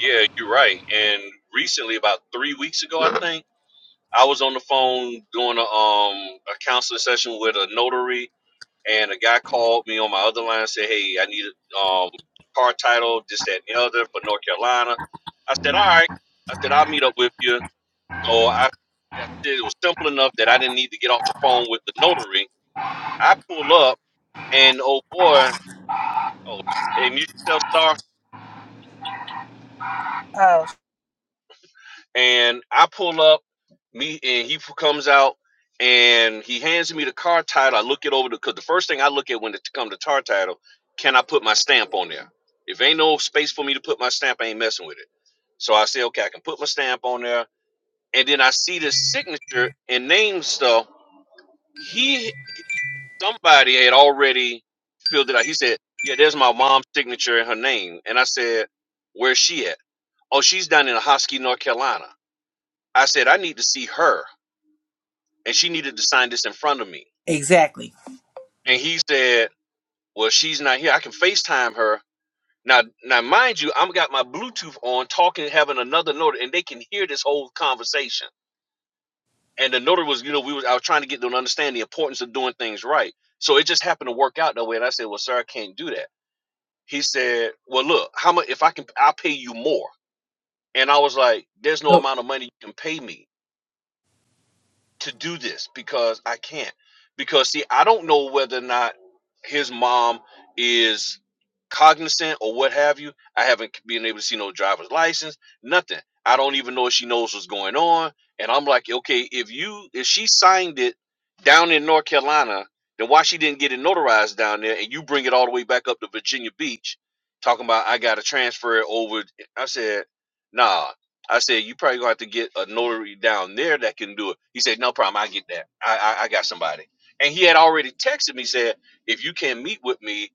C: Yeah, you're right. And recently, about three weeks ago, I think I was on the phone doing a um a counseling session with a notary, and a guy called me on my other line and said, "Hey, I need a um car title, this, that, and the other for North Carolina." I said, "All right." I said, "I'll meet up with you." So I, I said it was simple enough that I didn't need to get off the phone with the notary. I pull up And oh boy, oh, and you self star.
A: So,
C: And I pull up, me, and he comes out, and he hands me the car title. I look it over because the first thing I look at when it come to car title, can I put my stamp on there? If ain't no space for me to put my stamp, I ain't messing with it. So I say, okay, I can put my stamp on there. And then I see the signature and name stuff. He, somebody had already filled it out. He said, yeah, there's my mom's signature and her name. And I said, where's she at? Oh, she's down in Hosky, North Carolina. I said, I need to see her. And she needed to sign this in front of me.
G: exactly
C: And he said, Well, she's not here. I can FaceTime her. Now now mind you, I'm got my Bluetooth on talking, having another notary, and they can hear this whole conversation. And the notary was, you know, we was I was trying to get them to understand the importance of doing things right. So it just happened to work out that way. And I said, Well, sir, I can't do that. He said, Well, look, how much if I can I'll pay you more. And I was like, There's no
G: well
C: amount of money you can pay me to do this because I can't. Because see, I don't know whether or not his mom is cognizant or what have you. I haven't been able to see no driver's license, nothing. I don't even know if she knows what's going on. And I'm like, okay, if you if she signed it down in North Carolina, then why she didn't get it notarized down there and you bring it all the way back up to Virginia Beach talking about I gotta transfer it over I said, nah, I said, you probably gonna have to get a notary down there that can do it. He said, no problem, I get that. I I, I got somebody. And he had already texted me said, if you can't meet with me,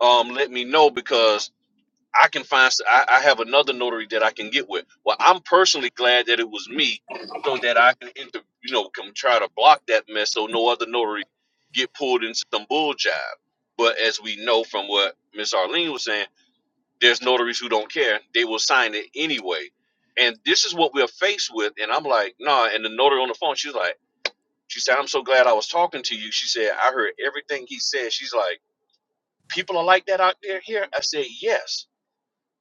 C: um, let me know because I can find. s- I, I have another notary that I can get with. Well, I'm personally glad that it was me, so that I can inter, you know come try to block that mess so no other notary get pulled into some bull jive. But as we know from what Miss Arlene was saying there's notaries who don't care. They will sign it anyway. And this is what we're faced with. And I'm like, nah. And the notary on the phone, she's like, she said, I'm so glad I was talking to you. She said, I heard everything he said. She's like, people are like that out there here. I said, yes,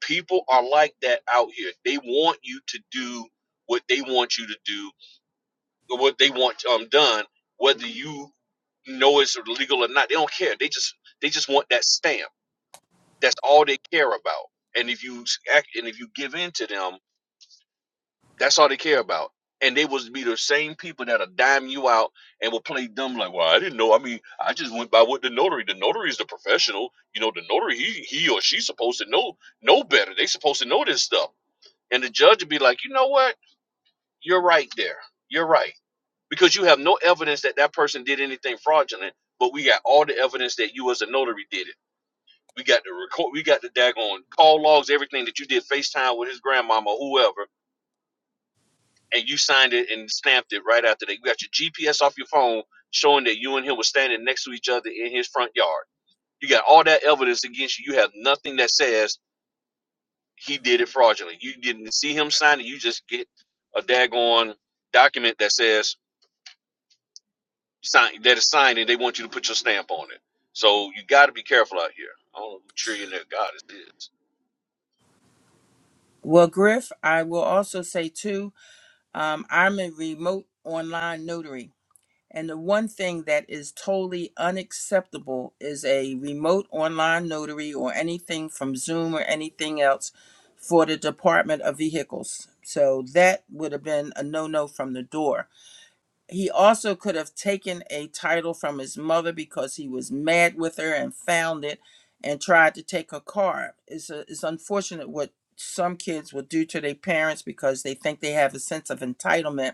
C: people are like that out here. They want you to do what they want you to do or what they want um done, whether you know it's legal or not. They don't care. They just they just want that stamp. That's all they care about. And if you act, and if you give in to them, That's all they care about. And they was be the same people that'll dime you out and will play dumb like, well, I didn't know. I mean, I just went by what the notary. The notary is the professional. You know, the notary, he he or she's supposed to know know better. They supposed to know this stuff. And the judge would be like, you know what? You're right there. You're right. Because you have no evidence that that person did anything fraudulent, but we got all the evidence that you as a notary did it. We got the record, we got the daggone call logs, everything that you did FaceTime with his grandmama, whoever and you signed it and stamped it right after that. You got your GPS off your phone showing that you and him were standing next to each other in his front yard. You got all that evidence against you. You have nothing that says he did it fraudulently. You didn't see him sign it. You just get a daggone document that says sign that is signed and they want you to put your stamp on it. So you got to be careful out here. I don't know who trillionaire God is.
G: well griff i will also say too Um, I'm a remote online notary. And the one thing that is totally unacceptable is a remote online notary or anything from Zoom or anything else for the Department of Vehicles. So that would have been a no no from the door. He also could have taken a title from his mother because he was mad with her and found it and tried to take her car. It's, a, it's unfortunate what some kids will do to their parents because they think they have a sense of entitlement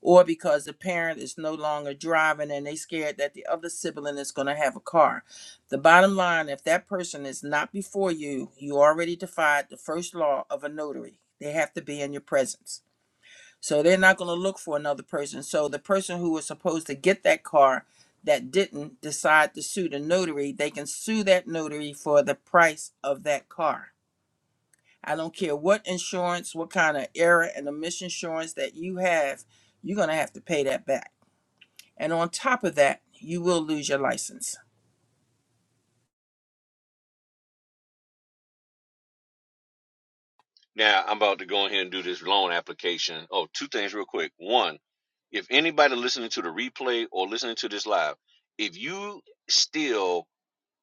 G: or because the parent is no longer driving and they scared that the other sibling is going to have a car. The bottom line, if that person is not before you, you already defied the first law of a notary. They have to be in your presence. So they're not going to look for another person. So the person who was supposed to get that car that didn't decide to sue the notary, they can sue that notary for the price of that car. I don't care what insurance, what kind of error and omission insurance that you have, you're going to have to pay that back. And on top of that, you will lose your license.
C: Now I'm about to go in here and do this loan application. Oh, two things real quick. One, if anybody listening to the replay or listening to this live, if you still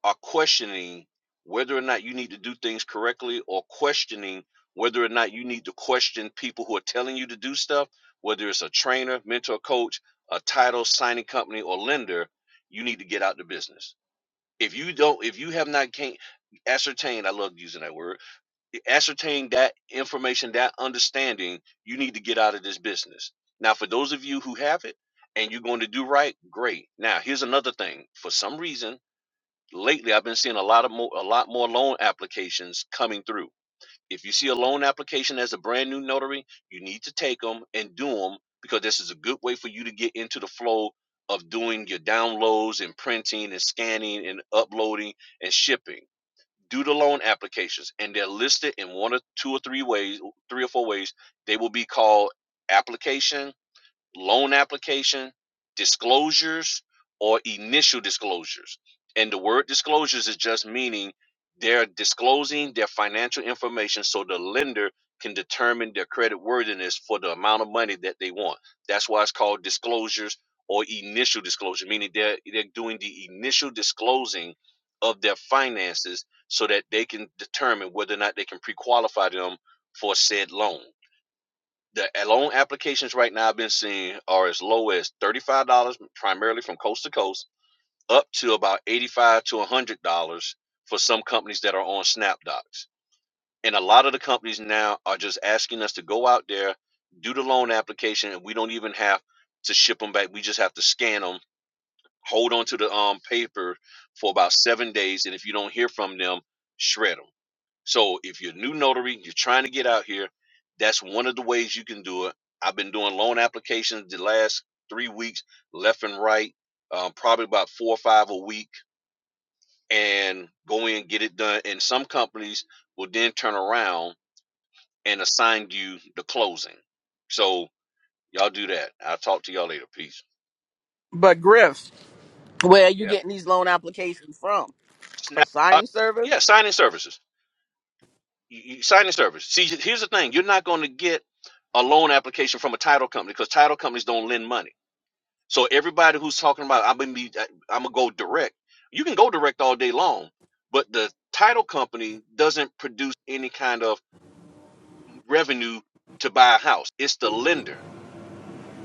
C: are questioning whether or not you need to do things correctly or questioning whether or not you need to question people who are telling you to do stuff, whether it's a trainer, mentor, coach, a title signing company or lender, you need to get out the business. If you don't if you have not can not ascertained, I love using that word ascertain that information, that understanding, you need to get out of this business. Now, for those of you who have it and you're going to do right, great. Now, here's another thing. For some reason, lately I've been seeing a lot of more, a lot more loan applications coming through. If you see a loan application as a brand new notary, you need to take them and do them because this is a good way for you to get into the flow of doing your downloads and printing and scanning and uploading and shipping do the loan applications and they're listed in one or two or three ways three or four ways they will be called application loan application, disclosures, or initial disclosures. And the word disclosures is just meaning they're disclosing their financial information so the lender can determine their credit worthiness for the amount of money that they want. That's why it's called disclosures or initial disclosure, meaning they're they're doing the initial disclosing of their finances so that they can determine whether or not they can pre-qualify them for said loan. The loan applications right now I've been seeing are as low as thirty-five dollars, primarily from coast to coast, up to about eighty-five to one hundred dollars for some companies that are on SnapDocs. And a lot of the companies now are just asking us to go out there, do the loan application, and we don't even have to ship them back. We just have to scan them, hold on to the um paper for about seven days, and if you don't hear from them, shred them. So if you're a new notary, you're trying to get out here, that's one of the ways you can do it. I've been doing loan applications the last three weeks, left and right, um, probably about four or five a week, and go in and get it done. And some companies will then turn around and assign you the closing. So y'all do that. I'll talk to y'all later. Peace.
E: But Griff, Where are you
C: Yeah.
E: getting these loan applications from? A
C: Snap. uh,
E: signing service?
C: Yeah. Signing services. You, you, signing service. See, here's the thing. You're not going to get a loan application from a title company because title companies don't lend money So everybody who's talking about I'm gonna be I'm gonna go direct, you can go direct all day long, but the title company doesn't produce any kind of revenue to buy a house. It's the lender.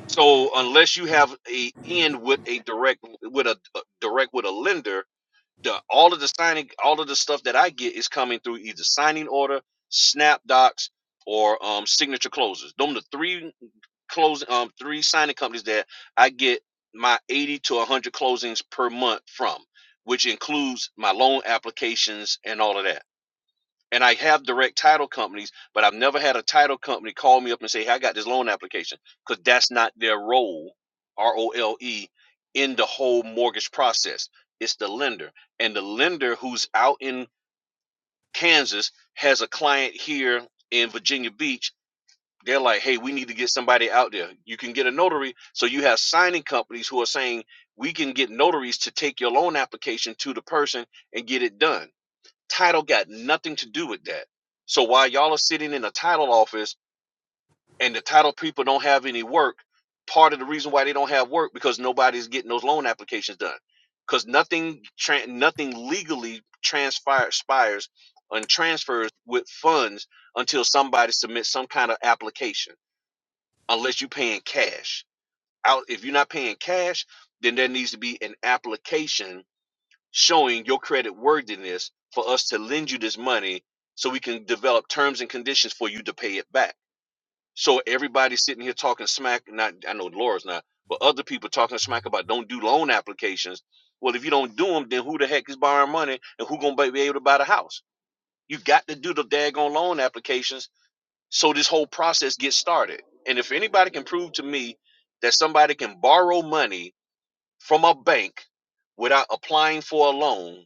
C: So unless you have a end with a direct with a, uh, direct with a lender, the all of the signing all of the stuff that I get is coming through either signing order, snap docs, or um, signature closes. Them the three closing um three signing companies that I get my 80 to 100 closings per month from, which includes my loan applications and all of that. And I have direct title companies, but I've never had a title company call me up and say, "Hey, I got this loan application," because that's not their role, R O L E, in the whole mortgage process. It's the lender, and the lender who's out in Kansas has a client here in Virginia Beach they're like, hey, we need to get somebody out there. You can get a notary. So you have signing companies who are saying, we can get notaries to take your loan application to the person and get it done. Title got nothing to do with that. So while y'all are sitting in a title office and the title people don't have any work, part of the reason why they don't have work because nobody's getting those loan applications done. Because nothing, tran nothing legally transpires and transfers with funds until somebody submits some kind of application unless you're paying cash. Out if you're not paying cash, then there needs to be an application showing your credit worthiness for us to lend you this money so we can develop terms and conditions for you to pay it back. So everybody sitting here talking smack, not I know Laura's not, but other people talking smack about don't do loan applications. Well, if you don't do them, then who the heck is borrowing money and who gonna be be able to buy the house? You got to do the daggone loan applications so this whole process gets started. And if anybody can prove to me that somebody can borrow money from a bank without applying for a loan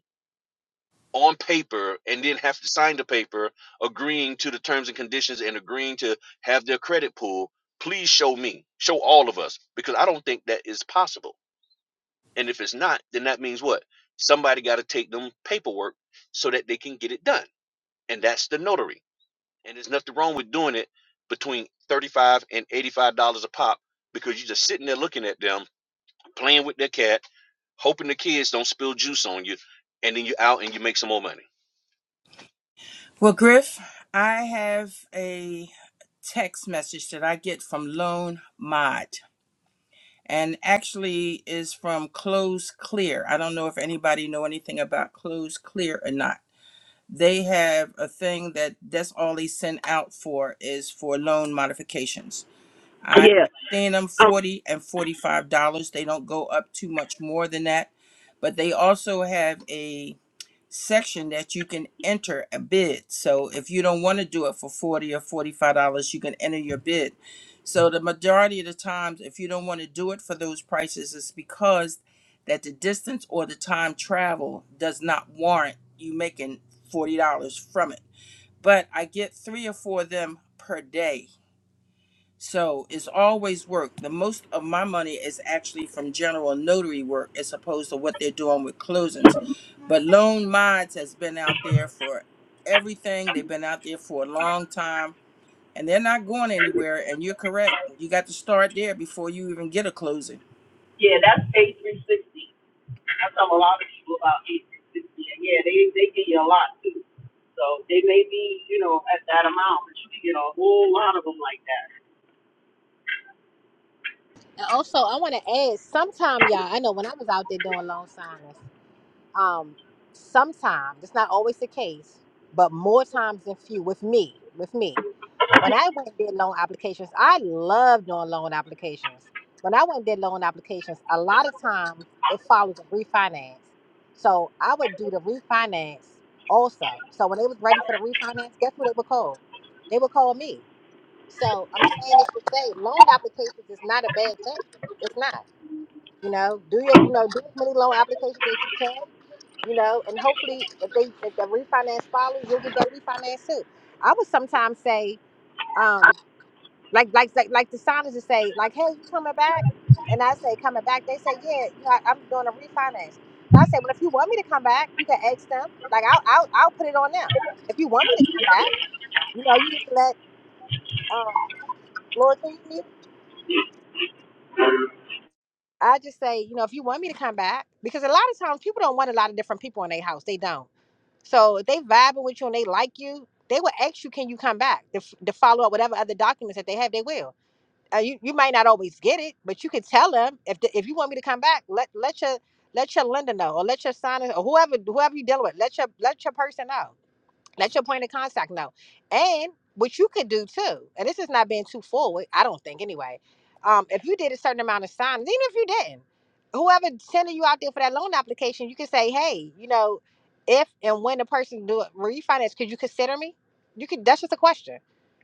C: on paper and then have to sign the paper agreeing to the terms and conditions and agreeing to have their credit pulled, please show me, show all of us, because I don't think that is possible. And if it's not, then that means what? Somebody got to take them paperwork so that they can get it done. And that's the notary and there's nothing wrong with doing it between 35 dollars and 85 dollars a pop because you're just sitting there looking at them playing with their cat hoping the kids don't spill juice on you and then you're out and you make some more money
G: Well, Griff, I have a text message that I get from Loan Mod and actually is from Close Clear. I don't know if anybody know anything about Close Clear or not. They have a thing that that's all they send out for is for loan modifications. I
E: Yeah.
G: have seen them
E: Um,
G: 40 and 45 dollars. They don't go up too much more than that. But they also have a section that you can enter a bid. So if you don't want to do it for 40 or 45 dollars, you can enter your bid. So the majority of the times if you don't want to do it for those prices it's because that the distance or the time travel does not warrant you making $40 from it. But I get 3 or 4 of them per day so it's always work. The most of my money is actually from general notary work as opposed to what they're doing with closings. But Loan Mods has been out there for everything. They've been out there for a long time and they're not going anywhere. And you're correct. You got to start there before you even get a closing.
E: yeah, that's A360. I tell a lot of people about A360. And yeah, they, they give you a lot too. So they may be, you know, at that amount, but you can get a whole lot of them like that.
A: Also, I want to add, sometime y'all, I know when I was out there doing loan signings, um, sometime it's not always the case, but more times than few with me, with me. When I went and did loan applications, I love doing loan applications. When I went and did loan applications, a lot of times it follows a refinance. So I would do the refinance also. So when they was ready for the refinance, guess who they would call? They would call me. So I'm saying this to say loan applications is not a bad thing. It's not. You know, do your you know do as many loan applications as you can. You know, and hopefully if they if the refinance follows, you'll get that refinance too. I would sometimes say, um, like like like, like the signers would say, like, hey, you coming back? And I say coming back. They say, yeah, you know, I- am doing a refinance. And I say, well, if you want me to come back, you can ask them. Like I'll I'll, I'll put it on them. If you want me to come back, you know, you just let um, Lord, can you mute? I just say, you know, if you want me to come back, because a lot of times people don't want a lot of different people in their house. They don't. So if they vibing with you and they like you, they will ask you, "Can you come back to, f- to follow up whatever other documents that they have? They will. Uh, you you might not always get it, but you can tell them if the, if you want me to come back, let let your let your lender know or let your signer or whoever whoever you dealing with, let your let your person know. Let your point of contact know. And what you could do too, and this is not being too forward, I don't think anyway. Um, if you did a certain amount of times, even if you didn't, whoever sending you out there for that loan application, you can say, hey, you know, if and when the person do it refinance, could you consider me? You could. That's just a question.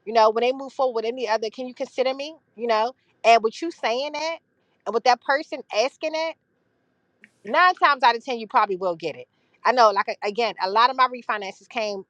A: You know, when they move forward with any other, can you consider me? You know, and with you saying that, and with that person asking it, nine times out of ten, you probably will get it. I know, like a- again, a lot of my refinances came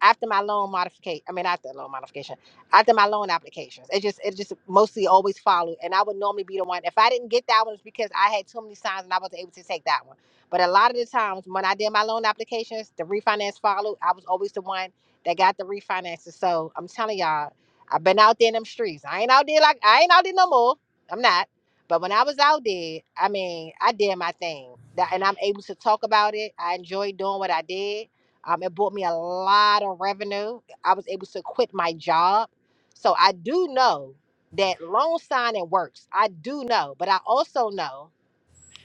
A: after my loan modification, I mean after loan modification, after my loan applications, it just it just mostly always followed. And I would normally be the one. If I didn't get that one, it's because I had too many signs and I wasn't able to take that one. But a lot of the times when I did my loan applications, the refinance followed. I was always the one that got the refinances. So I'm telling y'all, I've been out there in them streets. I ain't out there like I ain't out there no more. I'm not. But when I was out there, I mean, I did my thing. That, and I'm able to talk about it. I enjoyed doing what I did um, it brought me a lot of revenue. I was able to quit my job. So I do know that loan signing works. I do know, but I also know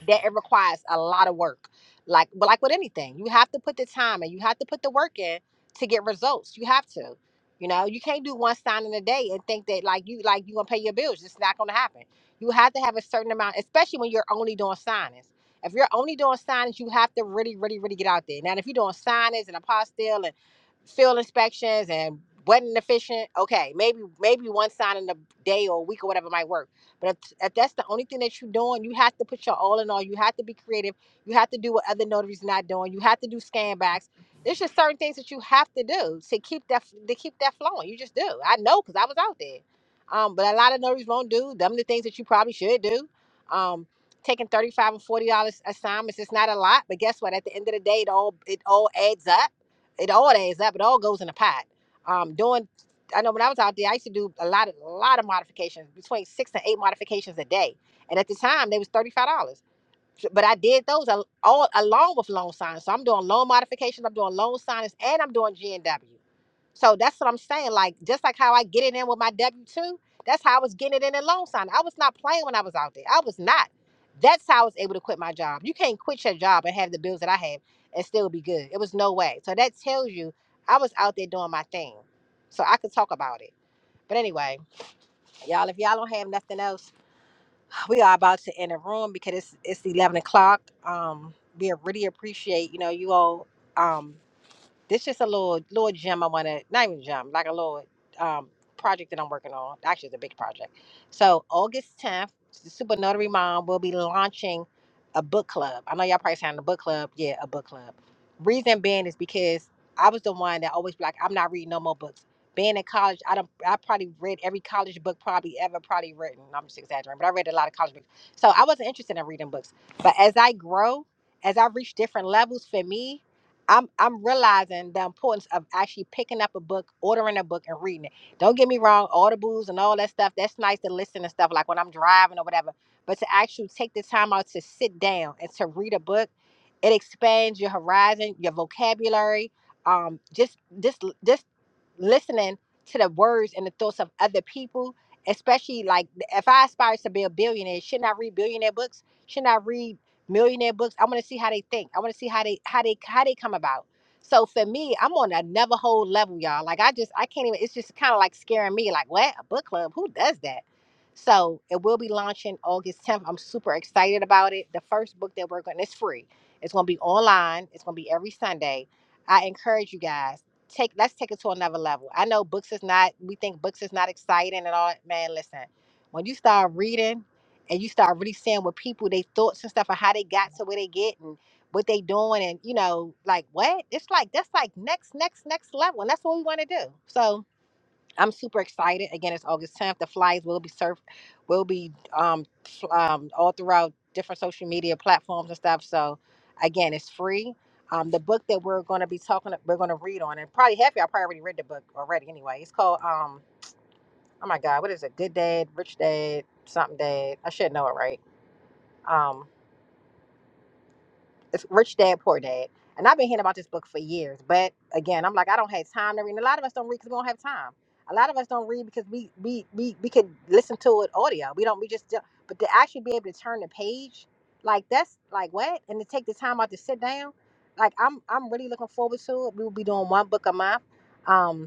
A: that it requires a lot of work. Like, but like with anything, you have to put the time and you have to put the work in to get results. You have to. You know, you can't do one signing a day and think that like you like you gonna pay your bills. It's not gonna happen. You have to have a certain amount, especially when you're only doing signings. If you're only doing signings, you have to really, really, really get out there. Now, if you're doing signings and apostille and field inspections and wedding efficient, okay, maybe maybe one signing a day or a week or whatever might work but if, if that's the only thing that you're doing, you have to put your all in all. You have to be creative. You have to do what other notaries not doing. You have to do scan backs. There's just certain things that you have to do to keep that to keep that flowing. You just do. I know because I was out there. Um, but a lot of notaries won't do them the things that you probably should do. Um, taking thirty five and forty dollars assignments It's not a lot, but guess what? At the end of the day, it all it all adds up. It all adds up. It all goes in a pot. Um, doing I know when I was out there, I used to do a lot of a lot of modifications, between six and eight modifications a day. And at the time, they was thirty five dollars. So, But I did those al- all along with loan signs. So I'm doing loan modifications, I'm doing loan signs, and I'm doing G and W. So that's what I'm saying. Like just like how I get it in with my W two, that's how I was getting it in a loan sign. I was not playing when I was out there. I was not. That's how I was able to quit my job. You can't quit your job and have the bills that I have and still be good. It was no way. So that tells you I was out there doing my thing. So I could talk about it. But anyway, y'all, if y'all don't have nothing else, we are about to end the room because it's it's eleven o'clock. Um, we really appreciate you know you all. Um, this just a little little gem I want to not even gem like a little um, project that I'm working on. Actually, it's a big project. So August 10th, the Super Notary Mom will be launching a book club. I know y'all probably saying the book club. Yeah, a book club. Reason being is because I was the one that always be like, I'm not reading no more books. Being in college, I don't. I probably read every college book probably ever probably written. I'm just exaggerating, but I read a lot of college books. So I wasn't interested in reading books. But as I grow, as I reach different levels for me, I'm I'm realizing the importance of actually picking up a book, ordering a book, and reading it. Don't get me wrong, audibles and all that stuff. That's nice to listen and stuff like when I'm driving or whatever. But to actually take the time out to sit down and to read a book, it expands your horizon, your vocabulary. Um, just this this listening to the words and the thoughts of other people, especially like if I aspire to be a billionaire, shouldn't I read billionaire books? Shouldn't I read millionaire books? I want to see how they think. I want to see how they how they how they come about. So for me, I'm on another whole level, y'all. Like I just I can't even. It's just kind of like scaring me. Like what a book club? Who does that? So it will be launching August 10th. I'm super excited about it. The first book that we're going, it's free. It's going to be online. It's going to be every Sunday. I encourage you guys take let's take it to another level. I know books is not, we think books is not exciting and all. that. Man, listen, when you start reading and you start reading people thoughts and stuff on how they got to where they, and what they doing and, you know, like what? It's like, that's like next, next level. no. So I'm saying this all surf will be um, pl- um, all throughout different social media platforms and stuff. So again, it's free. Um, the book that we're going to be talking, we're going to read on, and probably half y'all probably already read the book already anyway. It's called um, oh my god, what is it? Good Dad, Rich Dad, something Dad. I should know it right. Um, it's Rich Dad, Poor Dad. And I've been hearing about this book for years, but again, I'm like, I don't have time to read. And a lot of us don't read because we don't have time. A lot of us don't read because we we we we could listen to it audio. We don't. We just. don't- But to actually be able to turn the page, like that's like what, and to take the time out to sit down, like I'm I'm really looking forward to it. We will be doing one book a month. Um,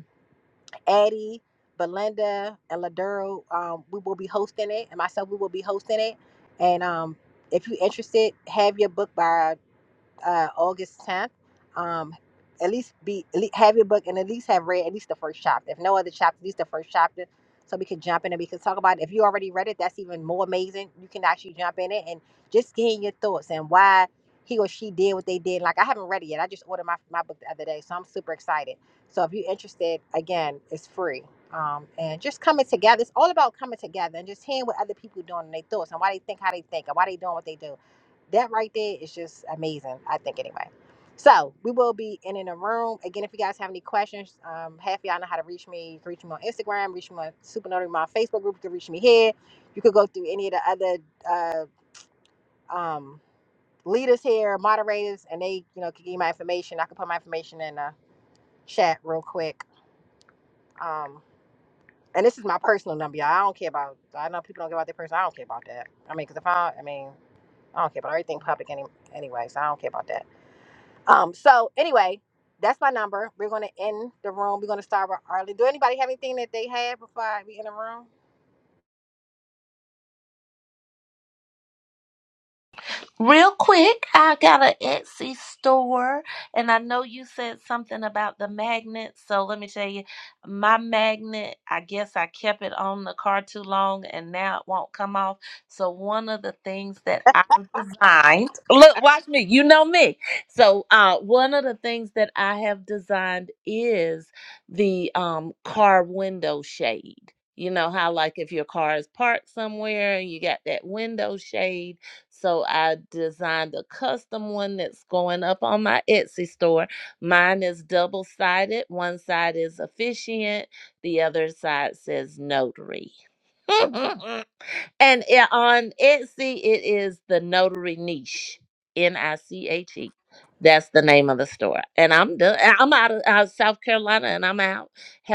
A: Addie, Belinda, and Laduro, um, we will be hosting it, and myself, we will be hosting it. And um, if you're interested, have your book by uh, August 10th. Um, at least be at least have your book and at least have read at least the first chapter. If no other chapter, at least the first chapter, so we can jump in and we can talk about it. If you already read it, that's even more amazing. You can actually jump in it and just gain your thoughts and why he or she did what they did. Like I haven't read it yet. I just ordered my, my book the other day, so I'm super excited. So if you're interested, again, it's free. Um, and just coming together. It's all about coming together and just hearing what other people doing and their thoughts and why they think how they think and why they doing what they do that right there is just amazing. I think anyway. So we will be in in a room again. If you guys have any questions, um, half of y'all know how to reach me. You can reach me on Instagram, reach me on Super Notary, my Facebook group. You can reach me here. You could go through any of the other uh, um, leaders here, moderators, and they you know can give you my information. I can put my information in the chat real quick. Um, and this is my personal number, y'all. I don't care about. I know people don't care about their person. I don't care about that. I mean, because if I, I mean, I don't care about everything public any, anyway. So I don't care about that. Um, so anyway, that's my number. We're gonna end the room. We're gonna start with early. Do anybody have anything that they had before I we in the room?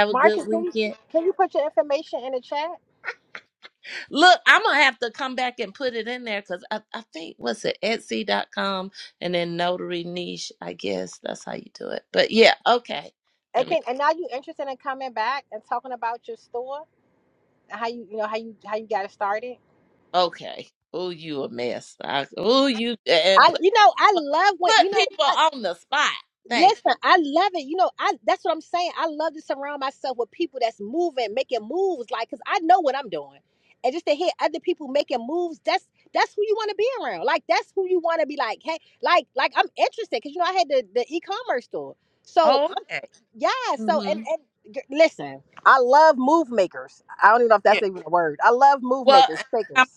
A: Marcia, can you can you put your information in the chat? And can and now you interested in coming back and talking about your store and how you you know how you how you got it started? I you know I love what you know. Listen, I love it. You know, I that's what I'm saying. I love to surround myself with people that's moving, making moves, like because I know what I'm doing. And just to hear other people making moves, that's that's who you want to be around. Like that's who you want to be like, hey, like like I'm interested because you know I had the, the e-commerce store. So I'm yeah, so and and g- listen, I love move makers. I don't even know if that's even a word. I love move makers, shakers.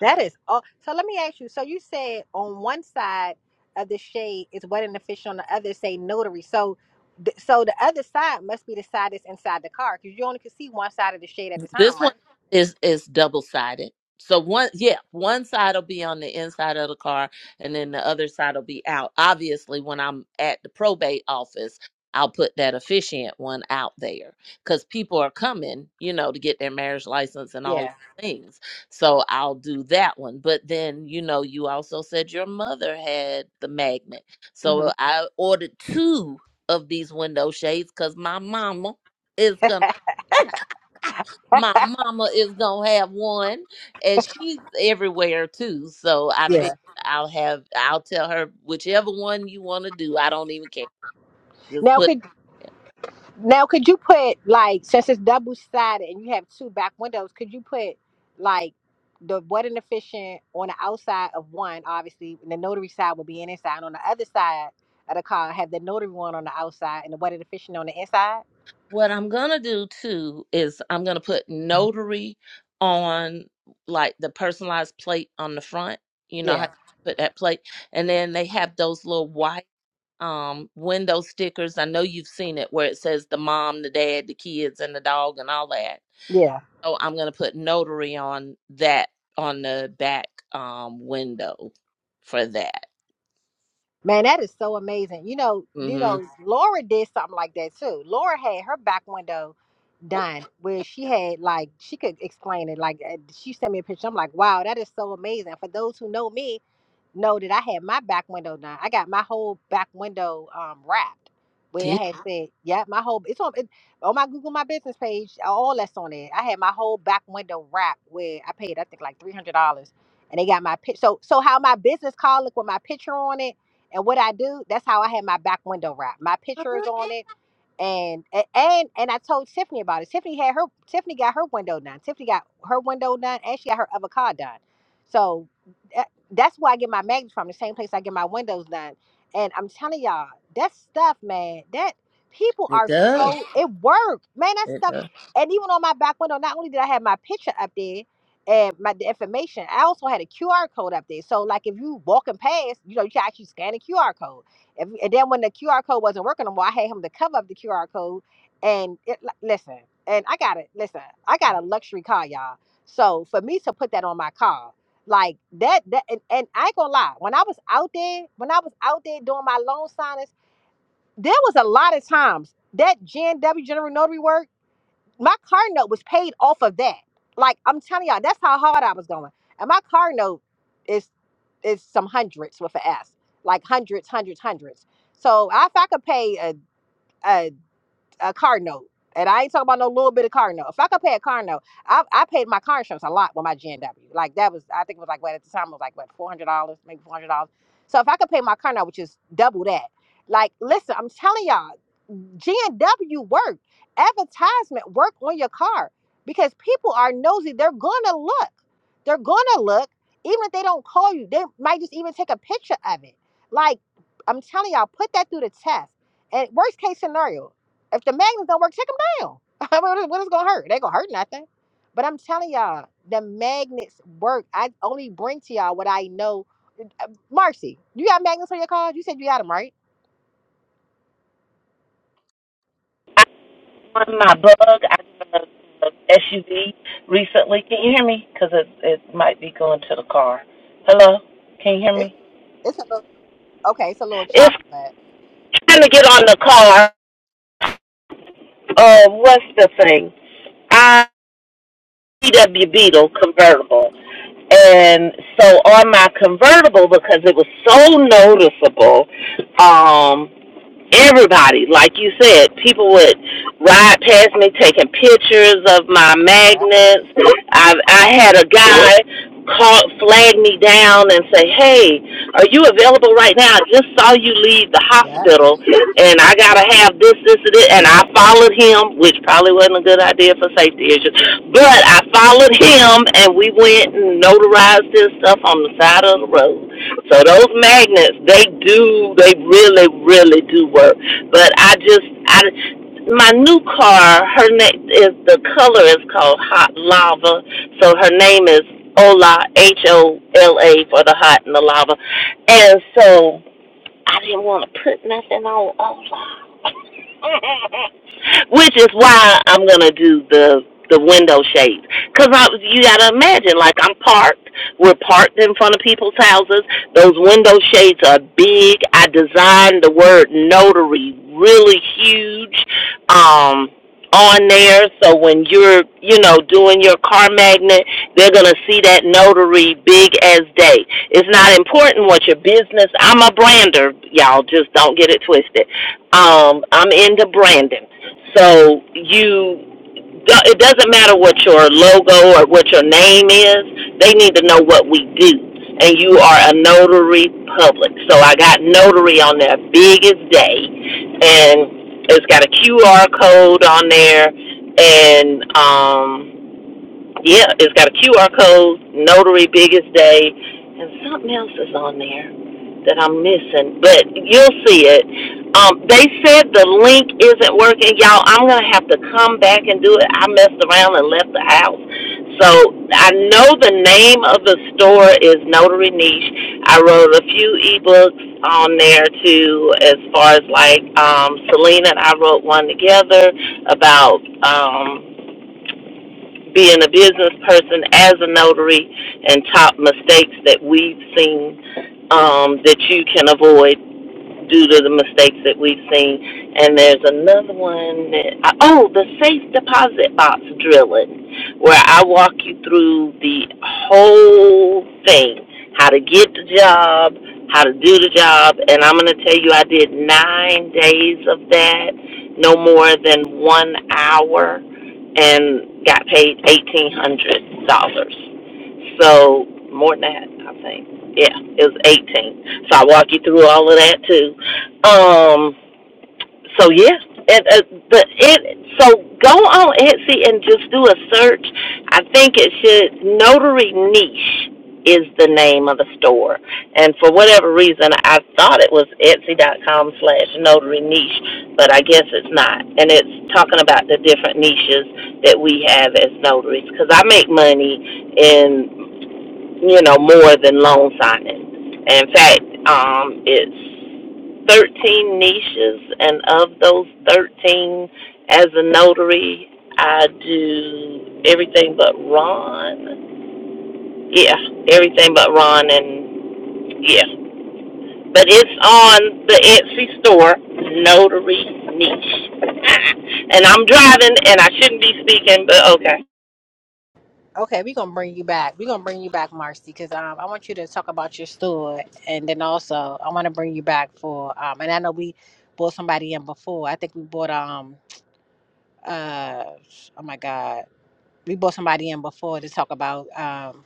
A: That is all. So let me ask you. So you said on one side of the shade is wedding official, on the other say notary. So, th- so the other side must be the side that's inside the car because you only can see one side of the shade at a time, right? Yeah. hmm Yeah. Now could now could you put like since it's double sided and you have two back windows, could you put like the wedding officiant on the outside of one, obviously, and the notary side would be an inside. And on the other side of the car, have the notary one on the outside and the wedding officiant on the inside. Yeah, yeah. Man, that is so amazing. You know, you know, Laura did something like that too. Laura had her back window done where she had like she could explain it. Like uh, she sent me a picture. I'm like, wow, that is so amazing. For those who know me, know that I had my back window done. I got my whole back window um wrapped where it had Wow. said, yeah, my whole it's on it, on my Google My Business page, all that's on it. I had my whole back window wrapped where I paid I think like three hundred dollars and they got my pic so so how my business card look with my picture on it and what I do, that's how I had my back window wrapped. My picture is on it and and and I told Tiffany about it. Tiffany had her Tiffany got her window done. Tiffany got her window done, and she got her other car done. So that, that's why I get my magnets from the same place I get my windows done. And I'm telling y'all, that stuff, man, that people are so it worked, man. That stuff, and even on my back window, not only did I have my picture up there and my the information, I also had a QR code up there. So like if you walking past, you know, you can actually scan a QR code. If, and then when the QR code wasn't working anymore, I had him to cover up the QR code. And it, li- listen, and I got it. Listen, I got a luxury car, y'all. So for me to put that on my car, like that, that, and, and I ain't gonna lie. When I was out there, when I was out there doing my loan signings, there was a lot of times that GNW General Notary work my car note was paid off of that. Like I'm telling y'all, that's how hard I was going. And my car note is is some hundreds with an S, like hundreds, hundreds, hundreds. So if I could pay a a, a car note, and I ain't talking about no little bit of car note. If I could pay a car note, I I paid my car insurance a lot with my GNW. Like that was I think it was like what at the time it was like what four hundred dollars, maybe four hundred dollars. So if I could pay my car note, which is double that. Like listen, I'm telling y'all. G and W work, advertisement work on your car because people are nosy. They're gonna look. They're gonna look. Even if they don't call you, they might just even take a picture of it. Like I'm telling y'all, put that through the test. And worst case scenario, if the magnets don't work, take them down. I mean, what what is gonna hurt? They gonna hurt nothing. But I'm telling y'all, the magnets work. I only bring to y'all what I know. Uh, Marcy, you got magnets on your car? You said you got them, right?
F: I won my bug. I got a, SUV recently. Can you hear me? Because it it might be going to the car. Hello, can you hear
A: It-
F: me?
A: It's a Okay, it's a little
F: It's
A: choppy, but
F: trying to get on the car. Uh, what's the thing? I VW Beetle convertible. And so on my convertible, because it was so noticeable, Um. everybody, like you said, people would ride past me taking pictures of my
A: Yeah,
F: magnets. I I
A: yeah,
F: had a guy call flag me down and say, "Hey, are you available right now? I just saw you leave the
A: yeah.
F: hospital, and I gotta have this, this, and this." And I followed him, which probably wasn't a good idea for safety issues, but I followed him, and we went and notarized his stuff on the side of the road. So those magnets, they do, they really, really do work. But I just, I, my new car, her name is the color is called Hot Lava. So her name is Ola H O L A for the hot and the lava. And so I didn't want to put nothing on Olaf. Which is why I'm gonna do the the window shades, cause I you gotta imagine like I'm parked. We're parked in front of people's houses. Those window shades are big. I designed the word notary really huge. Um, on there so when you're you know doing your car magnet they're going to see that notary big as day it's not important what your business i'm a brander y'all just don't get it twisted um i'm into branding so you it doesn't matter what your logo or what your name is. They need to know what we do. And you are a notary public. So I got notary on their biggest day. And it's got a QR code on there. And um, yeah, it's got a QR code, notary biggest day, and something else is on there that I'm missing, but you'll see it. Um, they said the link isn't working, y'all. I'm gonna have to come back and do it. I messed around and left the house, so I know the name of the store is Notary Niche. I wrote a few ebooks on there too, as far as like um, Selena and I wrote one together about um, being a business person as a notary and top mistakes that we've seen um, that you can avoid due to the mistakes that we've seen. And there's another one that, oh, the safe deposit box drilling, where I walk you through the whole thing how to get the job, how to do the job. And I'm going to tell you, I did nine days of that, no more than one hour, and got paid $1,800. So, more than that, I think. Yeah, it was 18. So I walk you through all of that too. Um, so yeah, and uh, the it so go on Etsy and just do a search. I think it should Notary Niche is the name of the store, and for whatever reason, I thought it was Etsy.com slash Notary Niche, but I guess it's not. And it's talking about the different niches that we have as notaries because I make money in you know, more than loan signing. In fact, um, it's 13 niches, and of those 13, as a notary, I do everything but Ron. Yeah, everything but Ron, and yeah. But it's on the Etsy store, Notary Niche. and I'm driving, and I shouldn't be speaking, but okay.
A: okay, we're gonna bring you back. We're gonna bring you back, Marcy, because um, I want you to talk about your store, and then also I want to bring you back for um, and I know we bought somebody in before. I think we bought um uh oh my god, we bought somebody in before to talk about um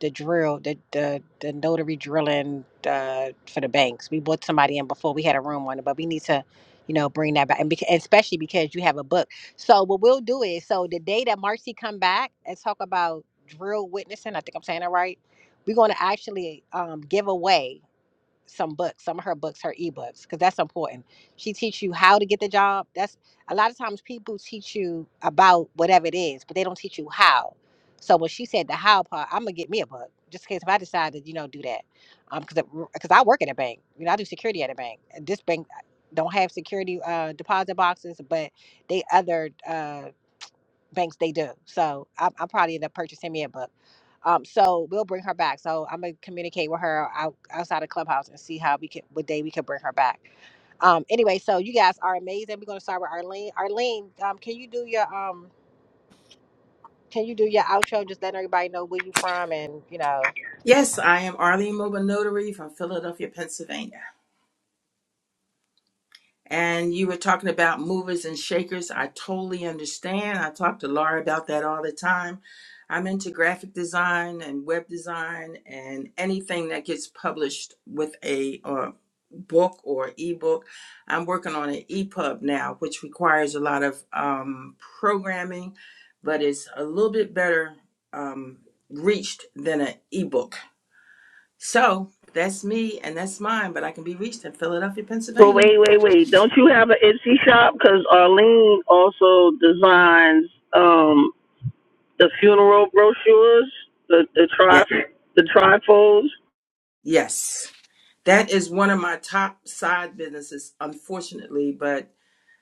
A: the drill, the the, the notary drilling uh, for the banks. We brought somebody in before we had a room on it, but we need to, you know, bring that back, and beca- especially because you have a book. So what we'll do is, so the day that Marcy come back and talk about drill witnessing, I think I'm saying it right. We're going to actually um, give away some books, some of her books, her ebooks, because that's important. She teach you how to get the job. That's a lot of times people teach you about whatever it is, but they don't teach you how. So when she said the how part, I'm gonna get me a book just in case if I decide to, you know, do that, um, because because I work at a bank, you know, I do security at a bank. And This bank don't have security uh, deposit boxes, but they other uh, banks they do. So I'm, I'm probably end up purchasing me a book um, so we'll bring her back. So I'm gonna communicate with her out, outside of clubhouse and see how we can what day we can bring her back. Um, anyway, so you guys are amazing. We're gonna start with Arlene. Arlene, um, can you do your um can you do your outro? Just letting everybody know where you from and you know.
G: Yes, I am Arlene Mobile Notary from Philadelphia, Pennsylvania. and you were talking about movers and shakers. I totally understand. I talk to Laura about that all the time. I'm into graphic design and web design and anything that gets published with a uh, book or ebook. I'm working on an EPUB now, which requires a lot of um, programming, but it's a little bit better um, reached than an ebook. So that's me and that's mine, but I can be reached in Philadelphia,
E: But
G: Pennsylvania.
E: wait, wait, wait. Don't you have an Etsy shop? Because Arlene also designs um, the funeral brochures, the, the,
G: Yeah.
E: tri- the trifolds.
G: Yes. That is one of my top side businesses, unfortunately. But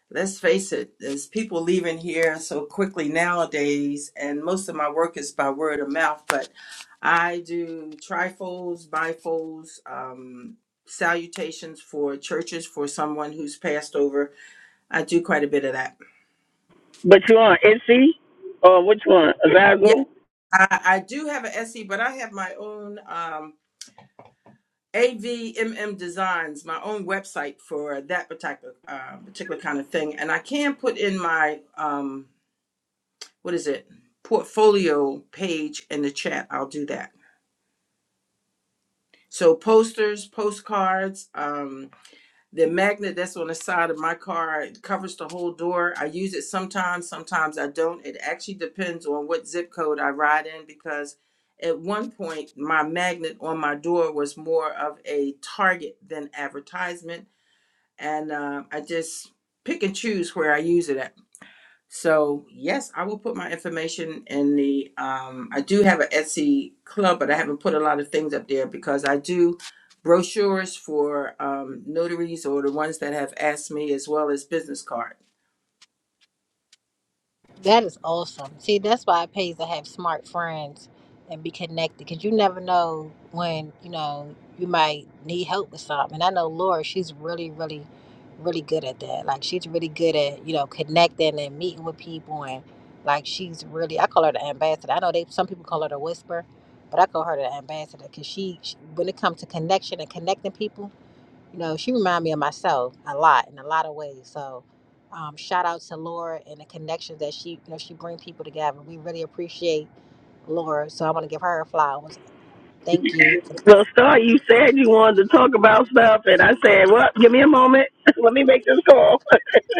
G: let's face it, there's people leaving here so quickly nowadays, and most of my work is by word of mouth. But I do trifolds, bifolds, um, salutations for churches for someone who's passed over. I do quite a bit of that.
E: But you on Etsy? Or which one?
G: Yeah,
E: Azago?
G: I, I do have an SE, but I have my own. Um, AVMM Designs, my own website for that particular uh, particular kind of thing, and I can put in my um, what is it portfolio page in the chat. I'll do that. So posters, postcards, um, the magnet that's on the side of my car it covers the whole door. I use it sometimes, sometimes I don't. It actually depends on what zip code I ride in because at one point my magnet on my door was more of a target than advertisement and um, I just pick and choose where I use it at. So yes, I will put my information in the. Um, I do have an Etsy club, but I haven't put a lot of things up there because I do brochures for um, notaries or the ones that have asked me, as well as business cards.
A: That is awesome. See, that's why it pays to have smart friends and be connected because you never know when you know you might need help with something. And I know Laura, she's really, really really good at that. Like she's really good at you know connecting and meeting with people, and like she's really I call her the ambassador. I know they some people call her the whisper, but I call her the ambassador because she, she when it comes to connection and connecting people, you know she remind me of myself a lot in a lot of ways. So. Um, shout out to Laura and the connections that she, you know, she bring people together. We really appreciate Laura, so I want to give her flowers. Thank you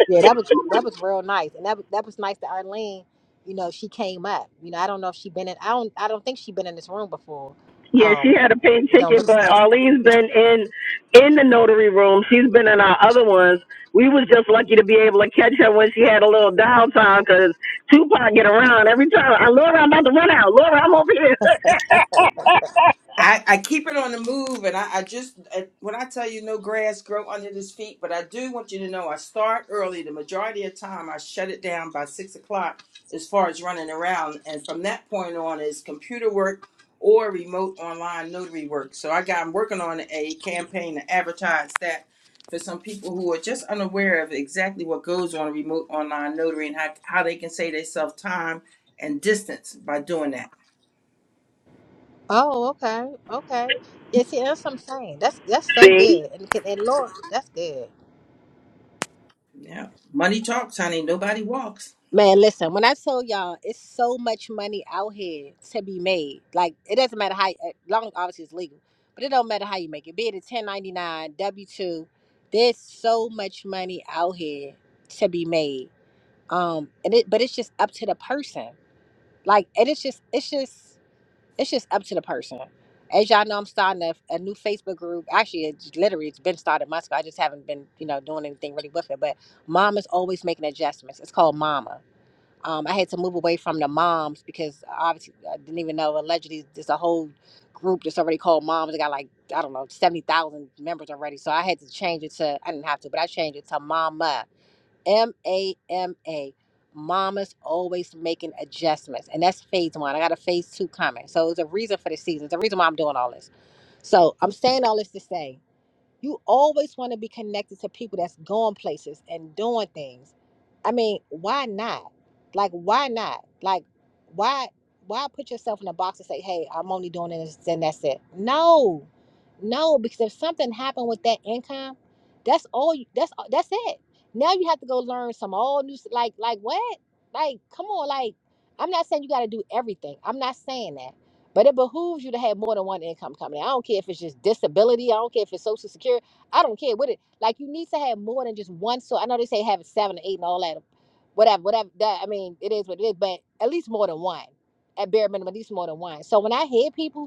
A: Yeah, that was that was real nice, and that was- that was nice that Arlene, you know, she came up. You know, I don't know if she been in. I don't. I don't think she been in this room before.
E: Yeah, she
A: Um,
E: had a paid
A: it don't
E: ticket,
A: look.
E: but Arlene's been in in the notary room. She's been in our other ones. We was just lucky to be able to catch her when she had a little downtime because Tupac get around every time. I Laura, I'm about to run out. Laura, I'm over here.
G: I, I keep it on the move, and I, I just uh, when I tell you no grass grow under his feet, but I do want you to know I start early. The majority of time, I shut it down by six o'clock as far as running around, and from that point on is computer work or remote online notary work. So I got I'm working on a campaign to advertise that for some people who are just unaware of exactly what goes on remote online notary and how how they can save themselves time and distance by doing that.
A: Oh, okay, okay. Yeah, see, that's what I'm saying. That's that's so good, and can- and Lord, that's good.
G: Yeah. Money talks, honey. Nobody walks.
A: Man, listen, when I tell y'all, it's so much money out here to be made. Like it doesn't matter how, as long as obviously it's legal, but it don't matter how you make it. Be it a 1099, W two. There's so much money out here to be made um and it but it's just up to the person like and it's just it's just it's just up to the person as y'all know i'm starting a, a new facebook group actually it's literally it's been started months ago i just haven't been you know doing anything really with it but Mama's always making adjustments it's called mama um, i had to move away from the moms because obviously i didn't even know allegedly there's a whole group that's already called moms they got like i don't know 70000 members already so i had to change it to i didn't have to but i changed it to mama M A M A. Mama's always making adjustments. And that's phase one. I got a phase two coming. So it's a reason for the season. It's a reason why I'm doing all this. So I'm saying all this to say you always want to be connected to people that's going places and doing things. I mean, why not? Like, why not? Like, why why put yourself in a box and say, hey, I'm only doing this and that's it? No. No, because if something happened with that income, that's all you that's that's it. Now you have to go learn some all new s- like like what? Like, come on, like I'm not saying you got to do everything. I'm not saying that. But it behooves you to have more than one income coming in. I don't care if it's just disability. I don't care if it's social security. I don't care what it like you need to have more than just one so I know they say having seven or eight and all that. Whatever, whatever that I mean, it is what it is, but at least more than one. At bare minimum, at least more than one. So when I hear people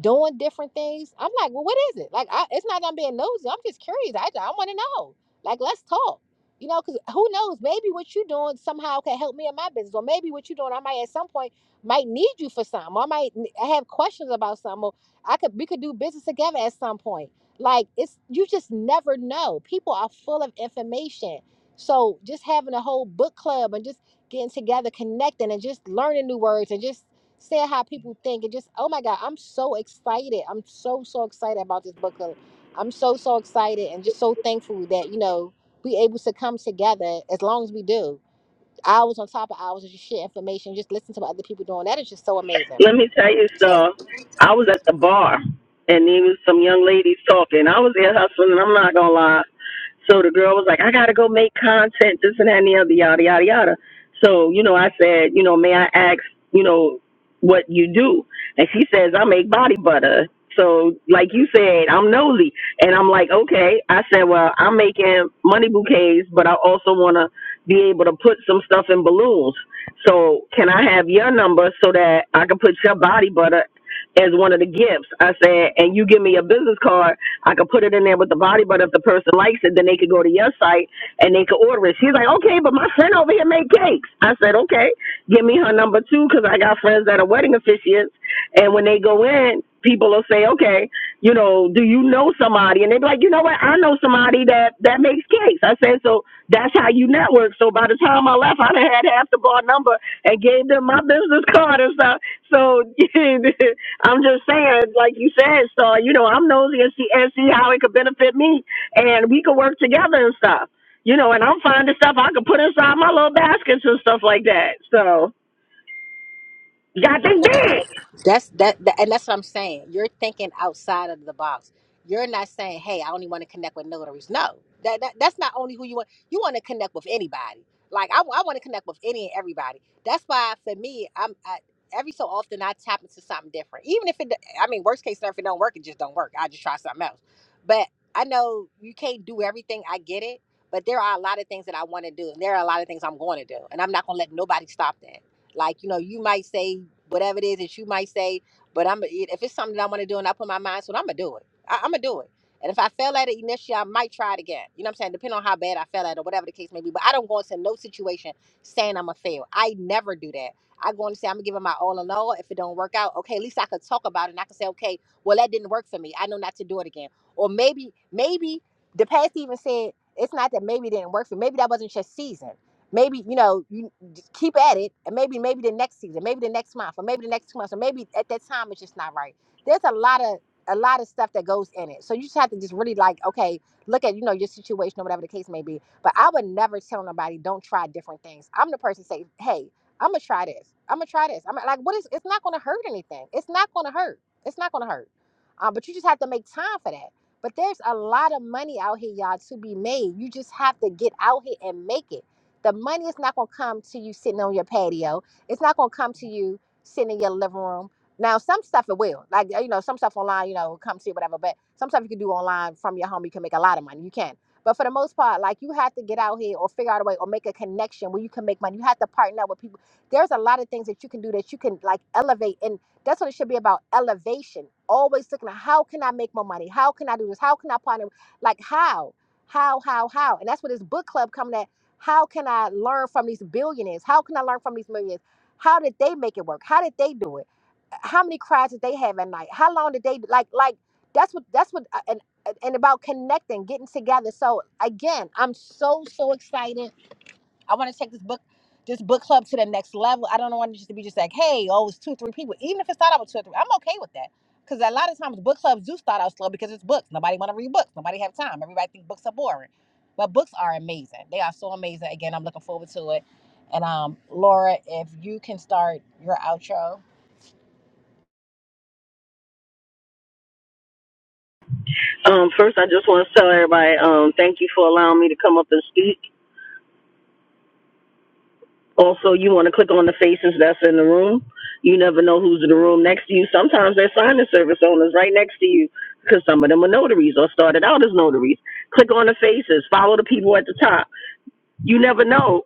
A: doing different things. I'm like, well, what is it? Like, I, it's not that I'm being nosy. I'm just curious. I, I want to know. Like, let's talk. You know, because who knows? Maybe what you're doing somehow can help me in my business, or maybe what you're doing, I might at some point might need you for something, or I might n- have questions about something, or I could we could do business together at some point. Like, it's you just never know. People are full of information, so just having a whole book club and just getting together, connecting, and just learning new words, and just saying how people think and just oh my god i'm so excited i'm so so excited about this book club i'm so so excited and just so thankful that you know we able to come together as long as we do hours on top of hours of just share information just listen to what other people doing that is just so amazing
E: Let me tell you,
A: so
E: so I was at the bar and there was some young ladies talking. I was there hustling. I'm not gonna lie. So the girl was like, I gotta go make content, this and that and the other, yada yada yada. So you know, I said, you know, may I ask, you know, what you do. And she says, I make body butter. So, like you said, I'm nosy. And I'm like, okay. I said, well, I'm making money bouquets, but I also want to be able to put some stuff in balloons. So, can I have your number so that I can put your body butter as one of the gifts. I said, and you give me a business card, I could put it in there with the body, but if the person likes it, then they could go to your site and they could order it. She's like, okay, but my friend over here made cakes. I said, okay, give me her number too, because I got friends that are wedding officiants, and when they go in, people will say, okay, you know, do you know somebody? And they be like, you know what? I know somebody that that makes cakes. I said, so that's how you network. So by the time I left, I done had half the bar number and gave them my business card and stuff. So I'm just saying, like you said, Star, you know, I'm nosy and see, and see how it could benefit me, and we could work together and stuff. You know, and I'm finding stuff I could put inside my little baskets and stuff like that. So, got this big.
A: That's that, that, and that's what I'm saying. You're thinking outside of the box. You're not saying, "Hey, I only want to connect with notaries." No, that, that that's not only who you want. You want to connect with anybody. Like I, I want to connect with any and everybody. That's why for me, I'm I, every so often I tap into something different. Even if it, I mean, worst case scenario, if it don't work, it just don't work. I just try something else. But I know you can't do everything. I get it. But there are a lot of things that I want to do, and there are a lot of things I'm going to do, and I'm not going to let nobody stop that. Like, you know, you might say whatever it is that you might say, but I'm if it's something that I want to do and I put my mind to it, I'm gonna do it. I, I'm gonna do it. And if I fail at it initially, I might try it again. You know what I'm saying? Depending on how bad I fell at it or whatever the case may be. But I don't go into no situation saying I'm gonna fail. I never do that. I go and say I'm gonna give it my all and all. If it don't work out, okay, at least I could talk about it and I can say, okay, well that didn't work for me. I know not to do it again. Or maybe, maybe the past even said it's not that maybe it didn't work for me. Maybe that wasn't your season. Maybe, you know, you just keep at it and maybe maybe the next season maybe the next month or maybe the next two months or maybe at that time it's just not right there's a lot of a lot of stuff that goes in it so you just have to just really like okay look at you know your situation or whatever the case may be but i would never tell nobody don't try different things i'm the person say hey i'm gonna try this i'm gonna try this i'm like what is it's not gonna hurt anything it's not gonna hurt it's not gonna hurt um, but you just have to make time for that but there's a lot of money out here y'all to be made you just have to get out here and make it the money is not going to come to you sitting on your patio. It's not going to come to you sitting in your living room. Now, some stuff it will. Like, you know, some stuff online, you know, come to you, whatever. But some stuff you can do online from your home. You can make a lot of money. You can. But for the most part, like, you have to get out here or figure out a way or make a connection where you can make money. You have to partner up with people. There's a lot of things that you can do that you can, like, elevate. And that's what it should be about elevation. Always looking at how can I make more money? How can I do this? How can I partner? Like, how? How, how, how? And that's what this book club coming at. How can I learn from these billionaires? How can I learn from these millionaires? How did they make it work? How did they do it? How many cries did they have at night? How long did they like like that's what that's what uh, and and about connecting, getting together. So again, I'm so so excited I want to take this book, this book club to the next level. I don't want it just to be just like, hey, oh, it's two, three people. Even if it start out with two or three, I'm okay with that. Because a lot of times book clubs do start out slow because it's books. Nobody want to read books. Nobody have time. Everybody think books are boring. But books are amazing. They are so amazing. Again, I'm looking forward to it. And um, Laura, if you can start your outro.
E: Um, first, I just want to tell everybody um, thank you for allowing me to come up and speak. Also, you want to click on the faces that's in the room. You never know who's in the room next to you. Sometimes they're signing service owners right next to you because some of them are notaries or started out as notaries. Click on the faces. Follow the people at the top. You never know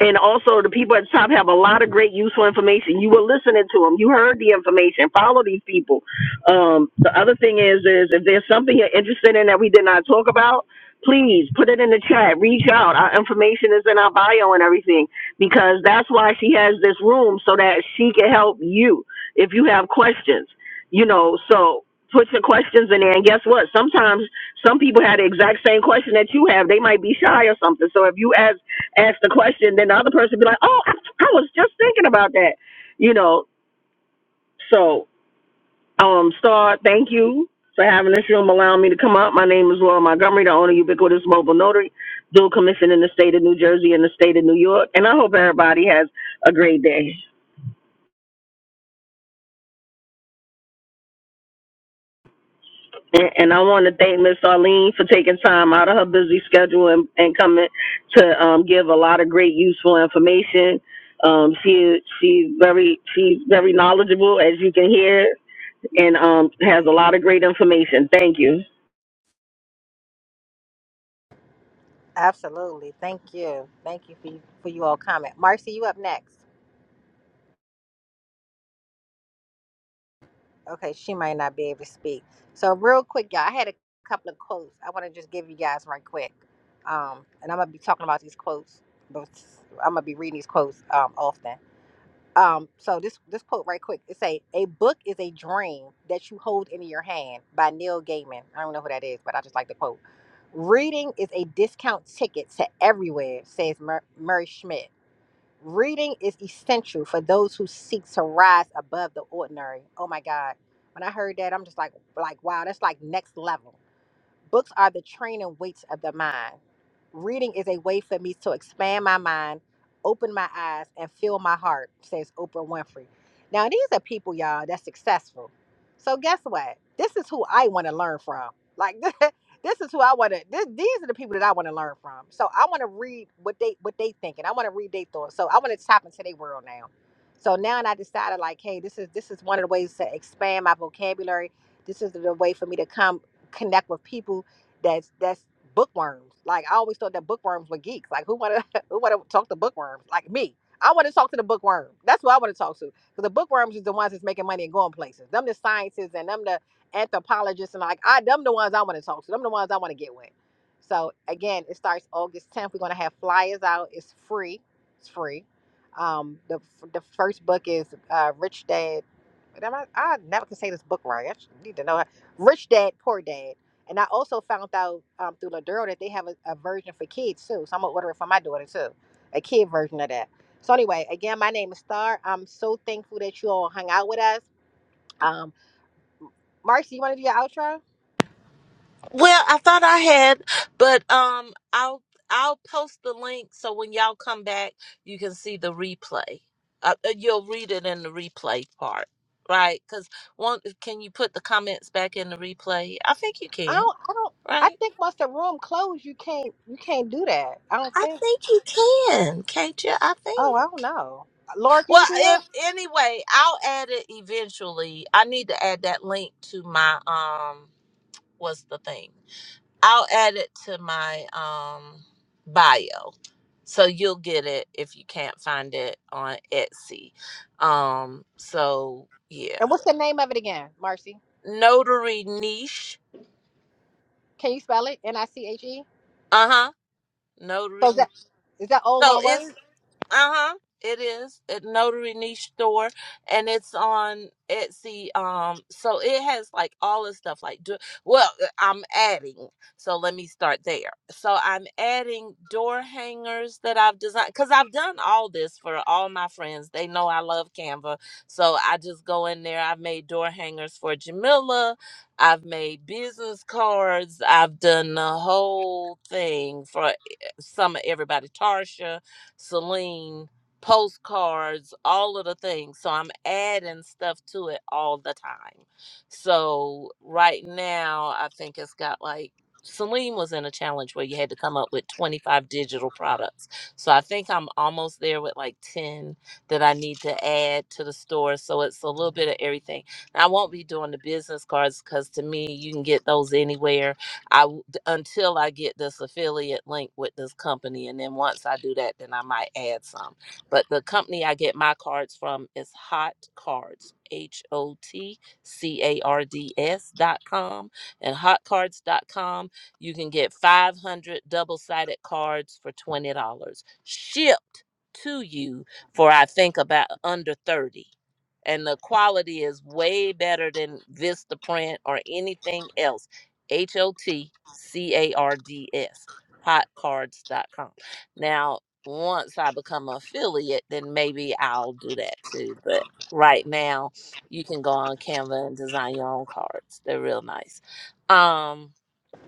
E: And also, the people at the top have a lot of great useful information. You were listening to them. You heard the information. Follow these people. Um, the other thing is, is if there's something you're interested in that we did not talk about, please put it in the chat. Reach out. Our information is in our bio and everything because that's why she has this room so that she can help you if you have questions. You know, so put your questions in there. And guess what? Sometimes some people had the exact same question that you have. They might be shy or something. So if you ask ask the question, then the other person be like, "Oh, I, I was just thinking about that," you know. So, um, Star, thank you for having this room, allowing me to come up. My name is Laura Montgomery, the owner of Ubiquitous Mobile Notary, dual commission in the state of New Jersey and the state of New York, and I hope everybody has a great day. And, and I want to thank Miss Arlene for taking time out of her busy schedule and, and coming to um, give a lot of great useful information. Um, she she's very she's very knowledgeable, as you can hear and um, has a lot of great information. Thank you.
A: Absolutely. Thank you. Thank you for, for you all comment. Marcy, you up next. Okay, she might not be able to speak. So real quick, y'all, I had a couple of quotes. I want to just give you guys right quick. Um, and I'm gonna be talking about these quotes, but I'm gonna be reading these quotes um often. Um, so this this quote right quick. It say, "A book is a dream that you hold in your hand" by Neil Gaiman. I don't know who that is, but I just like the quote. Reading is a discount ticket to everywhere, says Mur- Murray Schmidt. Reading is essential for those who seek to rise above the ordinary. Oh my God. When I heard that, I'm just like, like, wow, that's like next level. Books are the training weights of the mind. Reading is a way for me to expand my mind, open my eyes, and fill my heart, says Oprah Winfrey. Now, these are people, y'all, that's successful. So, guess what? This is who I want to learn from. Like, this is who I want to, this, these are the people that I want to learn from. So, I want to read what they what they thinking. I want to read their thoughts. So, I want to tap into their world now. So, now and I decided, like, hey, this is this is one of the ways to expand my vocabulary. This is the way for me to come connect with people that's that's bookworms. Like I always thought that bookworms were geeks. Like who wanna who wanna talk to bookworms? Like me. I want to talk to the bookworm. That's who I want to talk to. Because the bookworms is the ones that's making money and going places. Them the scientists and them the anthropologists and like I them the ones I want to talk to. Them the ones I want to get with. So again, it starts August 10th. We're gonna have flyers out. It's free. It's free. Um, the the first book is uh, Rich Dad Am I, I never can say this book right. I should- need to know. How. Rich Dad, Poor Dad. And I also found out um, through Laduro that they have a, a version for kids too. So I'm gonna order it for my daughter too, a kid version of that. So anyway, again, my name is Star. I'm so thankful that you all hung out with us. Um, Marcy, you want to do your outro? I don't. I don't. I think once the room closed, you can't. You can't do that. I don't think. Oh, I don't know. Laura, can you do that? And what's the name of it again, Marcy? Can you spell it? N I C H E. So is that is that all one word?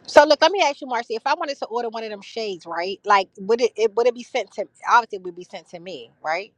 A: So look, let me ask you, Marcy. If I wanted to order one of them shades, right? Like, would it, it would it be sent to? Obviously, it would be sent to me, right?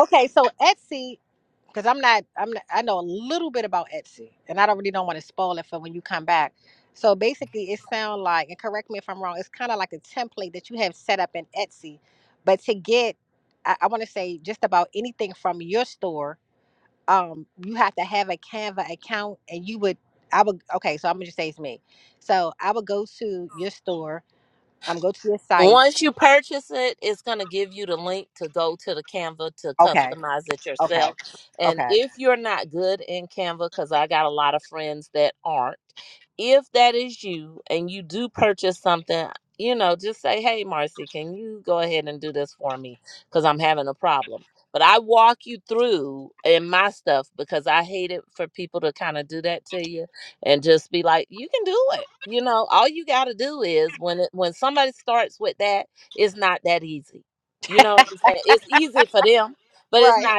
A: Okay, so Etsy, because I'm not, I'm not, I know a little bit about Etsy, and I don't really don't want to spoil it for when you come back. So basically, it sounds like, and correct me if I'm wrong, it's kind of like a template that you have set up in Etsy, but to get, I, I want to say just about anything from your store um you have to have a canva account and you would i would okay so i'm gonna just say it's me so i would go to your store i'm go to your site okay okay okay right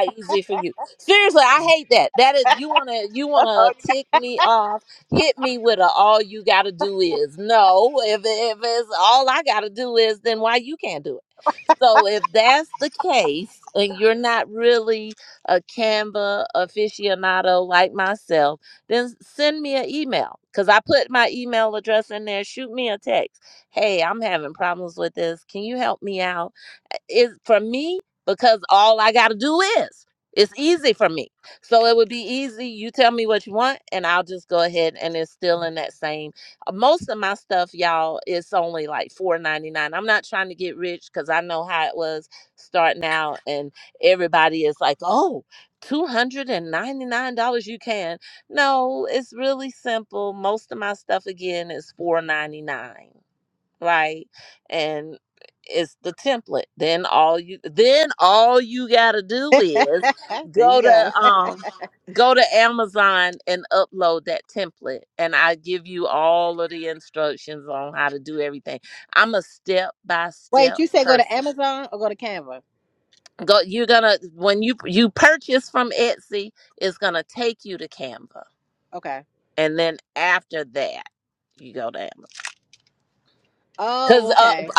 A: there you go wait you said go to amazon or go to canva okay oh okay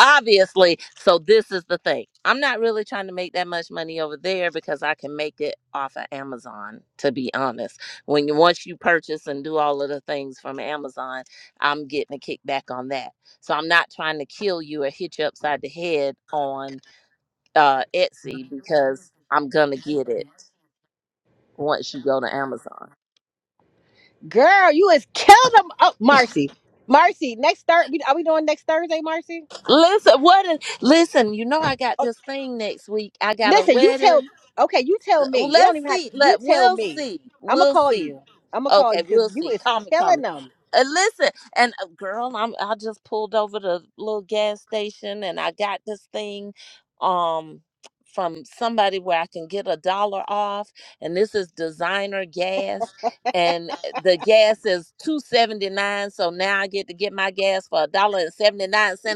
A: girl you is killing them oh marcy marcy next Thursday. are we doing next thursday marcy Listen, you tell. Okay, you tell me. You don't even have. You tell me. I'm gonna call you. I'm gonna call you because you is killing them.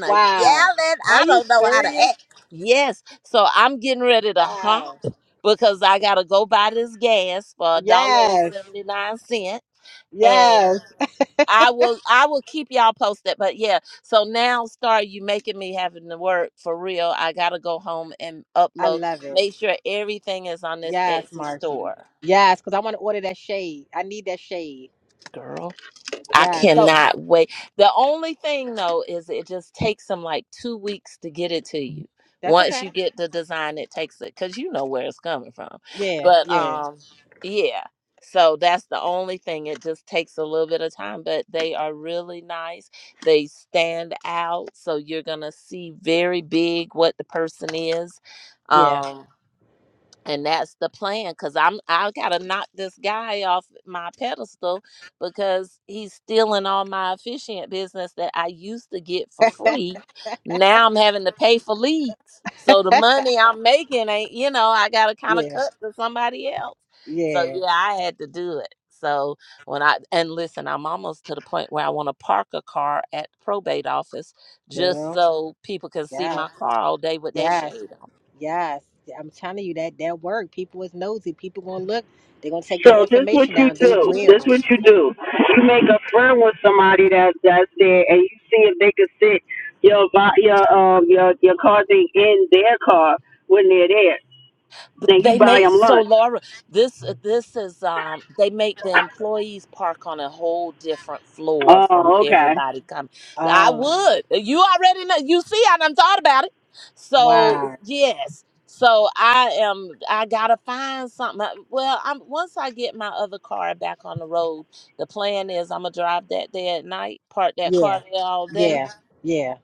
A: Wow. Are you serious? Wow. Yes. Yes. I love it. Yes, Marcy. Yes, because I want to order that shade. I need that shade. Yeah. So that's okay. Yeah. Yeah. Yeah. Yeah. Yeah. Girl. Yes. Yes. Yes, I'm telling you that that work. People is nosy. People gonna look. They gonna take your
E: So this what
A: information
E: you
A: down. They
E: do.
A: will.
E: This what you do. You make a friend with somebody that that's there, and you see if they can sit your vi- your um your your car thing in their car when they're there. and you buy them lunch. Oh, okay.
A: Oh, wow. Yeah, yeah, yeah.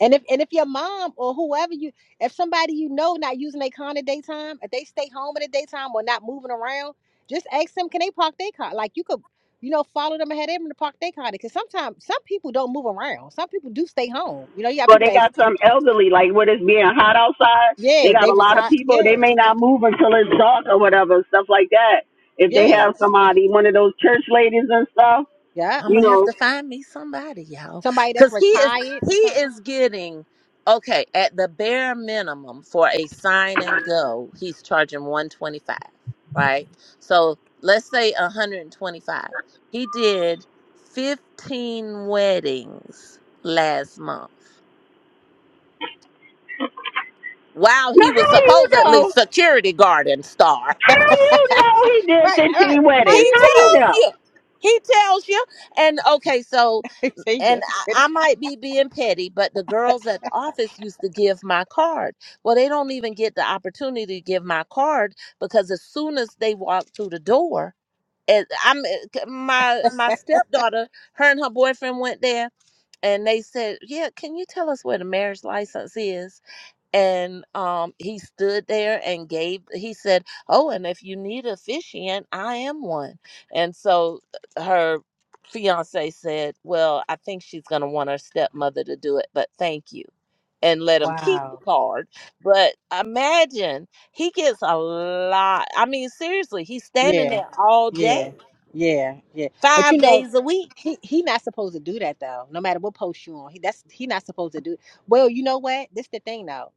A: And if and if your mom or whoever you, if somebody you know not using their car in the daytime, if they stay home in the daytime or not moving around, just ask them. Can they park their car? Like you could, you know, follow them ahead of them to park their car. Because sometimes some people don't move around. Some people do stay home. You know, you got
E: But
A: people
E: they
A: that
E: got some elderly, like when it's being hot outside. They
A: yeah,
E: got
A: they
E: a lot of
A: retire.
E: people. They
A: Yeah,
E: may not move until it's dark or whatever, stuff like that. If they
A: yeah.
E: have somebody, one of those church ladies and stuff,
A: yeah.
E: you know.
A: Somebody that's retired or something.
E: Now how you know? How you know he
A: Right,
E: did
A: right.
E: 15
A: How
E: weddings?
A: you
E: How you
A: know?
E: know?
A: See, the security. Wow. Yeah, yeah, yeah, yeah. But you know, he he not supposed to do that though. No matter what post you on, he that's he not supposed to do. Well, you know what? This the thing though.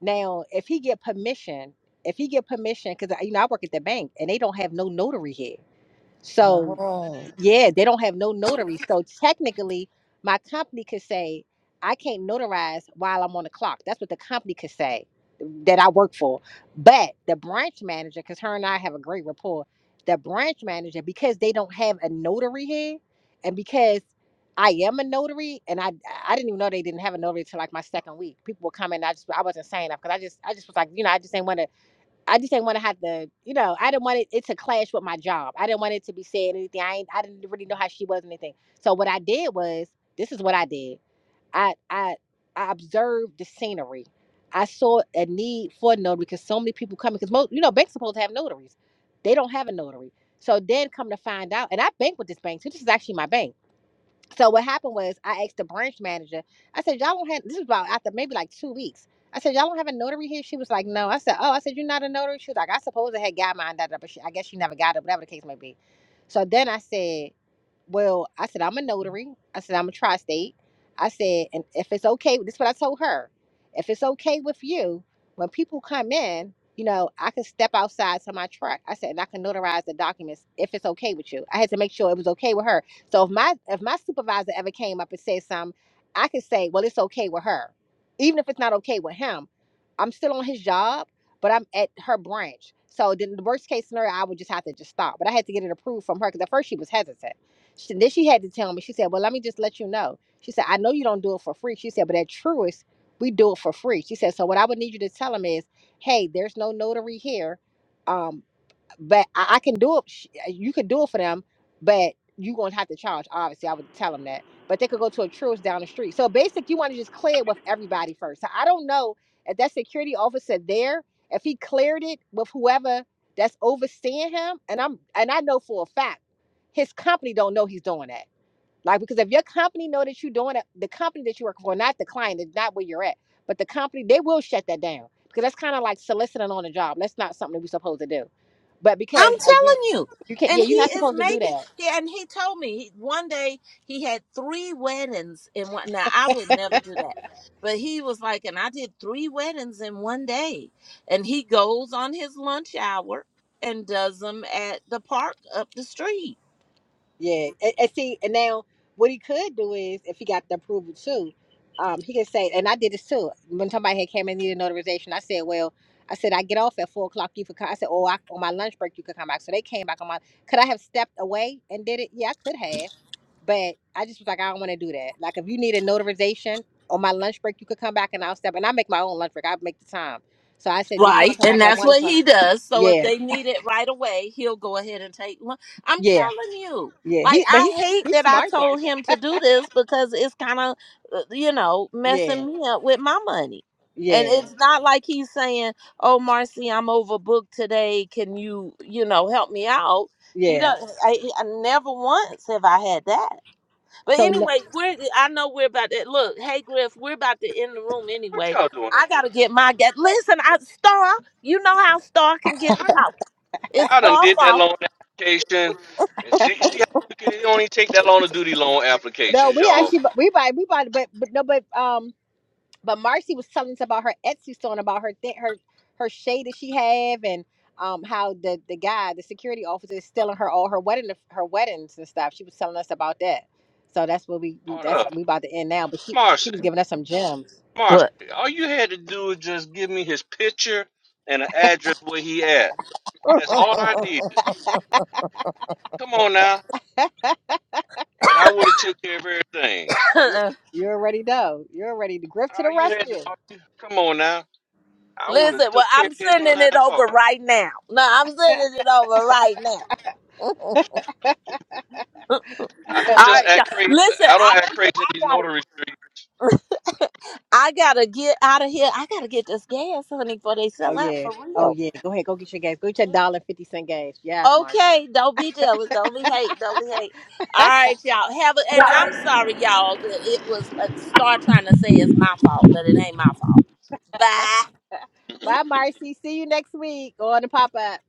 A: Now, if he get permission, if he get permission, because you know I work at the bank and they don't have no notary here, so Yeah, they don't have no notary. So technically, my company could say, I can't notarize while I'm on the clock. That's what the company could say that I work for. But the branch manager, because her and I have a great rapport, the branch manager, because they don't have a notary here, and because I am a notary, and I I didn't even know they didn't have a notary till like my second week. People were coming, I just I wasn't saying enough because I just I just was like, you know, I just didn't want to I just didn't want to have to, you know, I didn't want it, it to clash with I didn't want it to be said really know how she was and anything. So what I did was, this is what I did. I I I observed the scenery. I saw a need for a notary because so many people coming. Because most, you know, banks supposed to have notaries. They don't have a notary. So then come to find out, and I bank with this bank too. This is actually my bank. So what happened was I asked the branch manager. I said, y'all don't have. This is about after maybe like two weeks. I said, y'all don't have a notary here. She was like, no. I said, oh. I said, you're not a notary. She was like, I suppose I had got mine, da, da, da, but she, I guess she never got it. Whatever the case may be. So then I said well, I said, I'm a notary. I said, I'm a tri state. I said, and if it's okay, this is what I told her. If it's okay with you, when people come in, you know, I can step outside to my truck. I said, and I can notarize the documents if it's okay with you. I had to make sure it was okay with her. So if my if my supervisor ever came up and said something, I could say, well, it's okay with her, even if it's not okay with him. I'm still on his job, but I'm at her branch. So then the worst case scenario, I would just have to just stop. But I had to get it approved from her because at first she was hesitant. She, then she had to tell me. She said, "Well, let me just let you know." She said, "I know you don't do it for free." She said, "But at Truist, we do it for free." She said, "So what I would need you to tell him is, hey, there's no notary here. Um, but I, I can do it. sh- You could do it for them, but you gonna have to charge. Obviously, I would tell them that. But they could go to a church down the street. So basic, you want to just clear it with everybody first. So I don't know if that security officer there, if he cleared it with whoever that's overseeing him. And I'm and I know for a fact his company don't know he's doing that. Like because if your company know that you're doing it, the company that you work for, not the client, is not where you're at, but the company, they will shut that down because that's kind of like soliciting on a job. That's not something that we're supposed to do. But because again. You can't. Yeah, you're not supposed to do that. Yeah, and, and see, and now what he could do is, if he got the approval too, um, he could say, and I did this too. When somebody had came and needed notarization, I said, well, I said I get off at four o'clock. You could come. I said, oh, I, on my lunch break you could come back. So they came back on my. Could I have stepped away and did it? Yeah, I could have, but I just was like, I don't want to do that. Like, if you need a notarization on my lunch break, you could come back and I'll step. And I make my own lunch break. I make the time. So I said, you want to come back at one o'clock? Yeah, yeah, yeah. He, but he, he's smart Yeah, yeah, yeah. So no,
C: what y'all doing up here How- i done did that loan application and see see how quick it only take that long to do these loan
A: no,
C: applications
A: we
C: y'all
A: actually bu- we buy we bought but but no but um but Marcy was telling us about her Etsy store and about her thing her her shade that she have and um how the the guy the security officer is stealing her all her wedding her weddings and stuff. She was telling us about that. So that's what we, we
C: hold
A: that's
C: up
A: we about to end now. But she she
C: marcy
A: was giving us some gems.
C: marcy all you had to do is just give me his picture and an address where he at that's all i needed come on now and I would have took care of everything.
A: You you already know. You're ready to grift to the
C: All you had to
A: rescue.
C: all you, come on now. I would have took care of his behind part. I don't just act crazy. I don't act crazy in these notary streets.
A: Oh yeah. Oh yeah. Go ahead. Go get your gas. Go get your dollar fifty cent gas. Yes, Marcy. Bye, Marcy. See you next week on the pop up.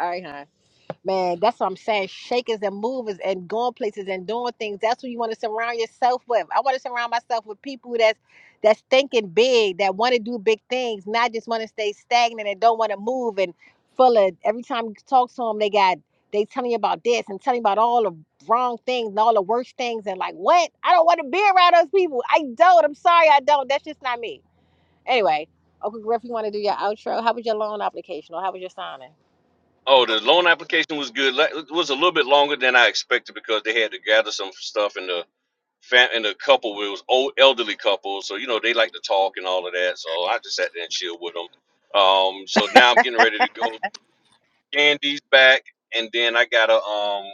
A: All right, huh? Man, that's what I'm saying. Shakers and movers and going places and doing things. That's what you want to surround yourself with. I want to surround myself with people that's that's thinking big, that want to do big things, not just want to stay stagnant and don't want to move and full of. Every time you talk to them, they got they telling you about this and telling you about all the wrong things and all the worst things and like what? I don't want to be around those people. I don't. I'm sorry, I don't. That's just not me. Anyway, Uncle Griff, you want to do your outro? How was your loan application or how was your signing?
C: Oh, the loan application was good. Like, It was a little bit longer than I expected because they had to gather some stuff in the fam in the couple. It was old elderly couple, so you know they like to talk and all of that. So I just sat there and chill with them. Um, so now I'm getting ready to go. Gandy's back, and then I gotta um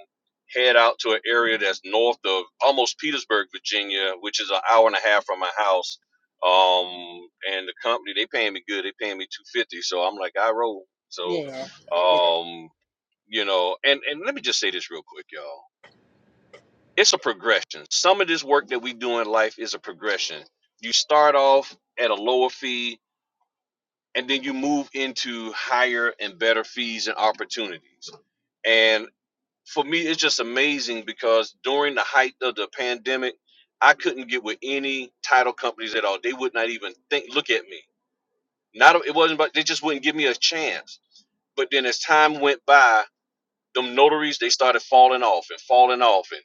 C: head out to an area that's north of almost Petersburg, Virginia, which is an hour and a half from my house. Um, and the company they paying me good. They paying me two fifty, so I'm like I roll. So,
A: Yeah. yeah.
C: um, you know, and and let me just say this real quick, y'all. It's a progression. Some of this work that we do in life is a progression. You start off at a lower fee, and then you move into higher and better fees and opportunities and for me, it's just amazing because during the height of the pandemic, I couldn't get with any title companies at all. They would not even think, look at me. Not it wasn't, but they just wouldn't give me a chance. But then as time went by, them notaries they started falling off and falling off, and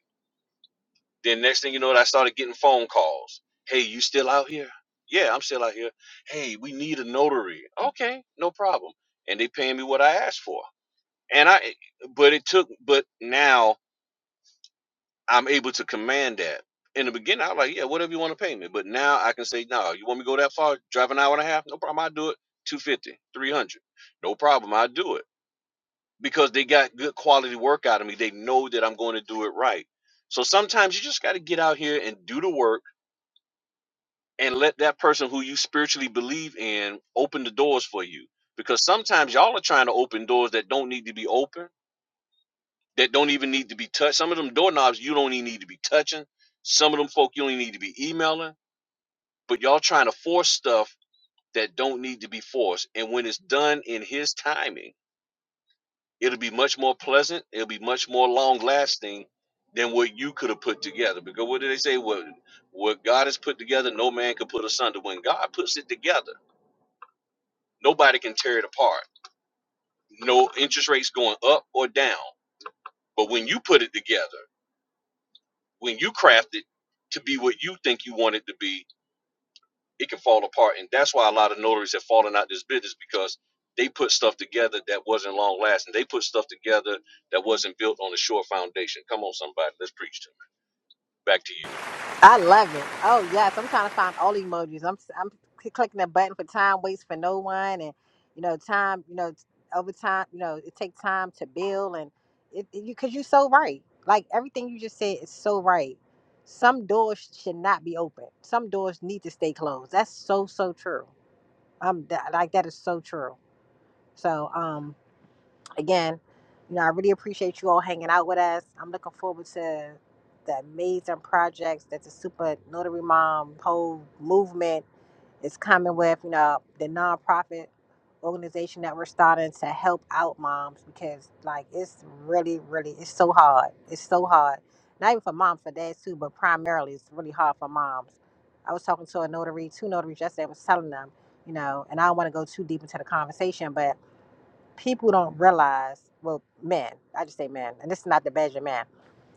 C: then next thing you know, I started getting phone calls. Hey, you still out here? Yeah, I'm still out here. Hey, we need a notary. Okay, no problem. And they paying me what I asked for. And I, but it took, but now I'm able to command that. In the beginning, I was like, yeah, whatever you want to pay me. But now I can say, no, you want me to go that far? Drive an hour and a half? No problem. I'll do it. Two fifty, three hundred, No problem. I'll do it because they got good quality work out of me. They know that I'm going to do it right. So sometimes you just got to get out here and do the work and let that person who you spiritually believe in open the doors for you. Because sometimes y'all are trying to open doors that don't need to be open that don't even need to be touched. Some of them doorknobs you don't even need to be touching. Some of them folk you don't even need to be emailing. But y'all trying to force stuff that don't need to be forced. And when it's done in his timing, it'll be much more pleasant. It'll be much more long lasting than what you could have put together. Because what do they say? What what God has put together, no man can put asunder. When God puts it together, nobody can tear it apart. No interest rates going up or down. But when you put it together, when you craft it to be what you think you want it to be, it can fall apart. And that's why a lot of notaries have fallen out of this business because they put stuff together that wasn't long lasting. They put stuff together that wasn't built on a sure foundation. Come on, somebody, let's preach to me. Back to you.
A: I love it. Oh yes, I'm trying to find all the emojis. I'm I'm cl- clicking the button for time waits for no one, and you know time, you know t- over time, you know it takes time to build, and it, it- you because you're so right. Like everything you just said is so right. Some doors should not be open. Some doors need to stay closed. That's so so true. Um, that, like that is so true. So um. again, you know, I really appreciate you all hanging out with us. I'm looking forward to the amazing projects that the Super Notary Mom whole movement is coming with, you know, the nonprofit organization that we're starting to help out moms because like it's really, really it's so hard. It's so hard. Not even for moms, for dads too, but primarily it's really hard for moms. I was talking to a notary, two notaries yesterday, I was telling them, you know, and I don't want to go too deep into the conversation, but people don't realize well men i just say men and this is not the badger man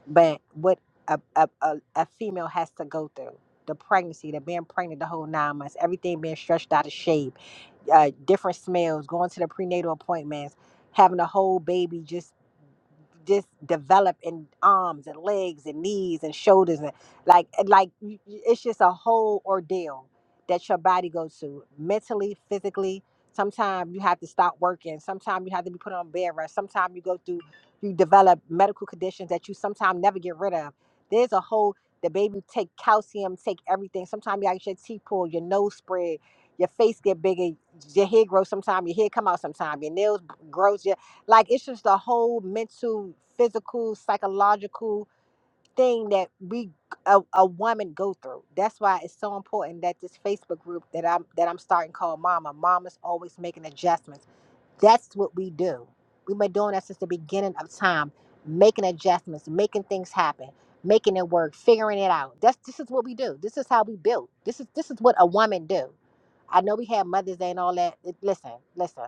A: but what a, a, a, a female has to go through the pregnancy the being pregnant the whole nine months everything being stretched out of shape uh, different smells, going to the prenatal appointments, having a whole baby just just develop in arms and legs and knees and shoulders and like like y- y- it's just a whole ordeal that your body goes through mentally, physically. Sometimes you have to stop working. Sometimes you have to be put on bed rest. Sometimes you go through you develop medical conditions that you sometimes never get rid of. There's a whole the baby take calcium, take everything. Sometimes you actually your teeth pulled, your nose spread your face get bigger, your hair grows sometime, your hair come out sometime, your nails grows. Your, like it's just the whole mental, physical, psychological thing that we a, a woman go through. That's why it's so important that this Facebook group that I'm that I'm starting called Mama. Mama's always making adjustments. That's what we do. We've been doing that since the beginning of time, making adjustments, making things happen, making it work, figuring it out. That's this is what we do. This is how we build. This is this is what a woman do. I know we have Mother's Day and all that. It- Listen, listen.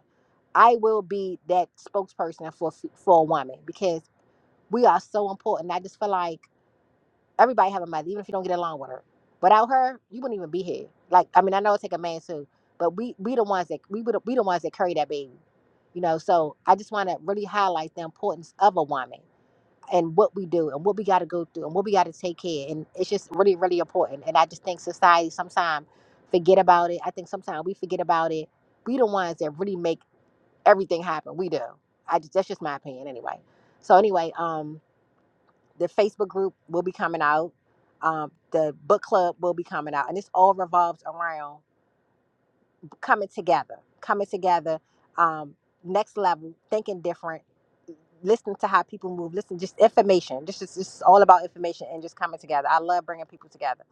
A: I will be that spokesperson for f- for a woman because we are so important. I just feel like everybody have a mother, even if you don't get along with her. Without her, you wouldn't even be here. Like, I mean, I know it take a man too, but we we the ones that we would we the ones that carry that baby, you know. So I just want to really highlight the importance of a woman and what we do and what we got to go through and what we got to take care and it's just really really important and i just think society sometimes forget about it i think sometimes we forget about it we the ones that really make everything happen we do i just that's just my opinion anyway so anyway um the facebook group will be coming out um the book club will be coming out and this all revolves around coming together, coming together, um, next level, thinking different, listening to how people move, listen, just information. This is this is all about information and just coming together. I love bringing people together.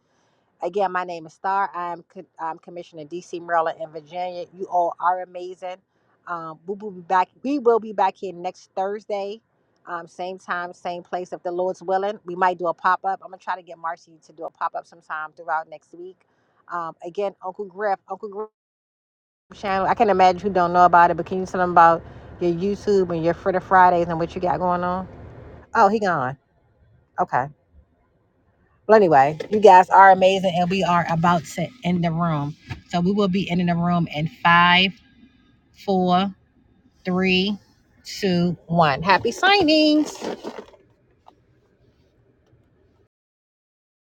A: Again, my name is Star. I'm, co- I'm Commissioner DC, Maryland, and Virginia. You all are amazing. Um, we will be back. We will be back here next Thursday, um, same time, same place. If the Lord's willing, we might do a pop up. I'm gonna try to get Marcy to do a pop up sometime throughout next week. Um, again, Uncle Griff, Uncle Griff. Channel, I can not imagine you don't know about it, but can you tell them about your YouTube and your Fritter Fridays and what you got going on? Oh, he gone. Okay. Well, anyway, you guys are amazing, and we are about to end the room. So we will be ending the room in five, four, three, two, one. Happy signings.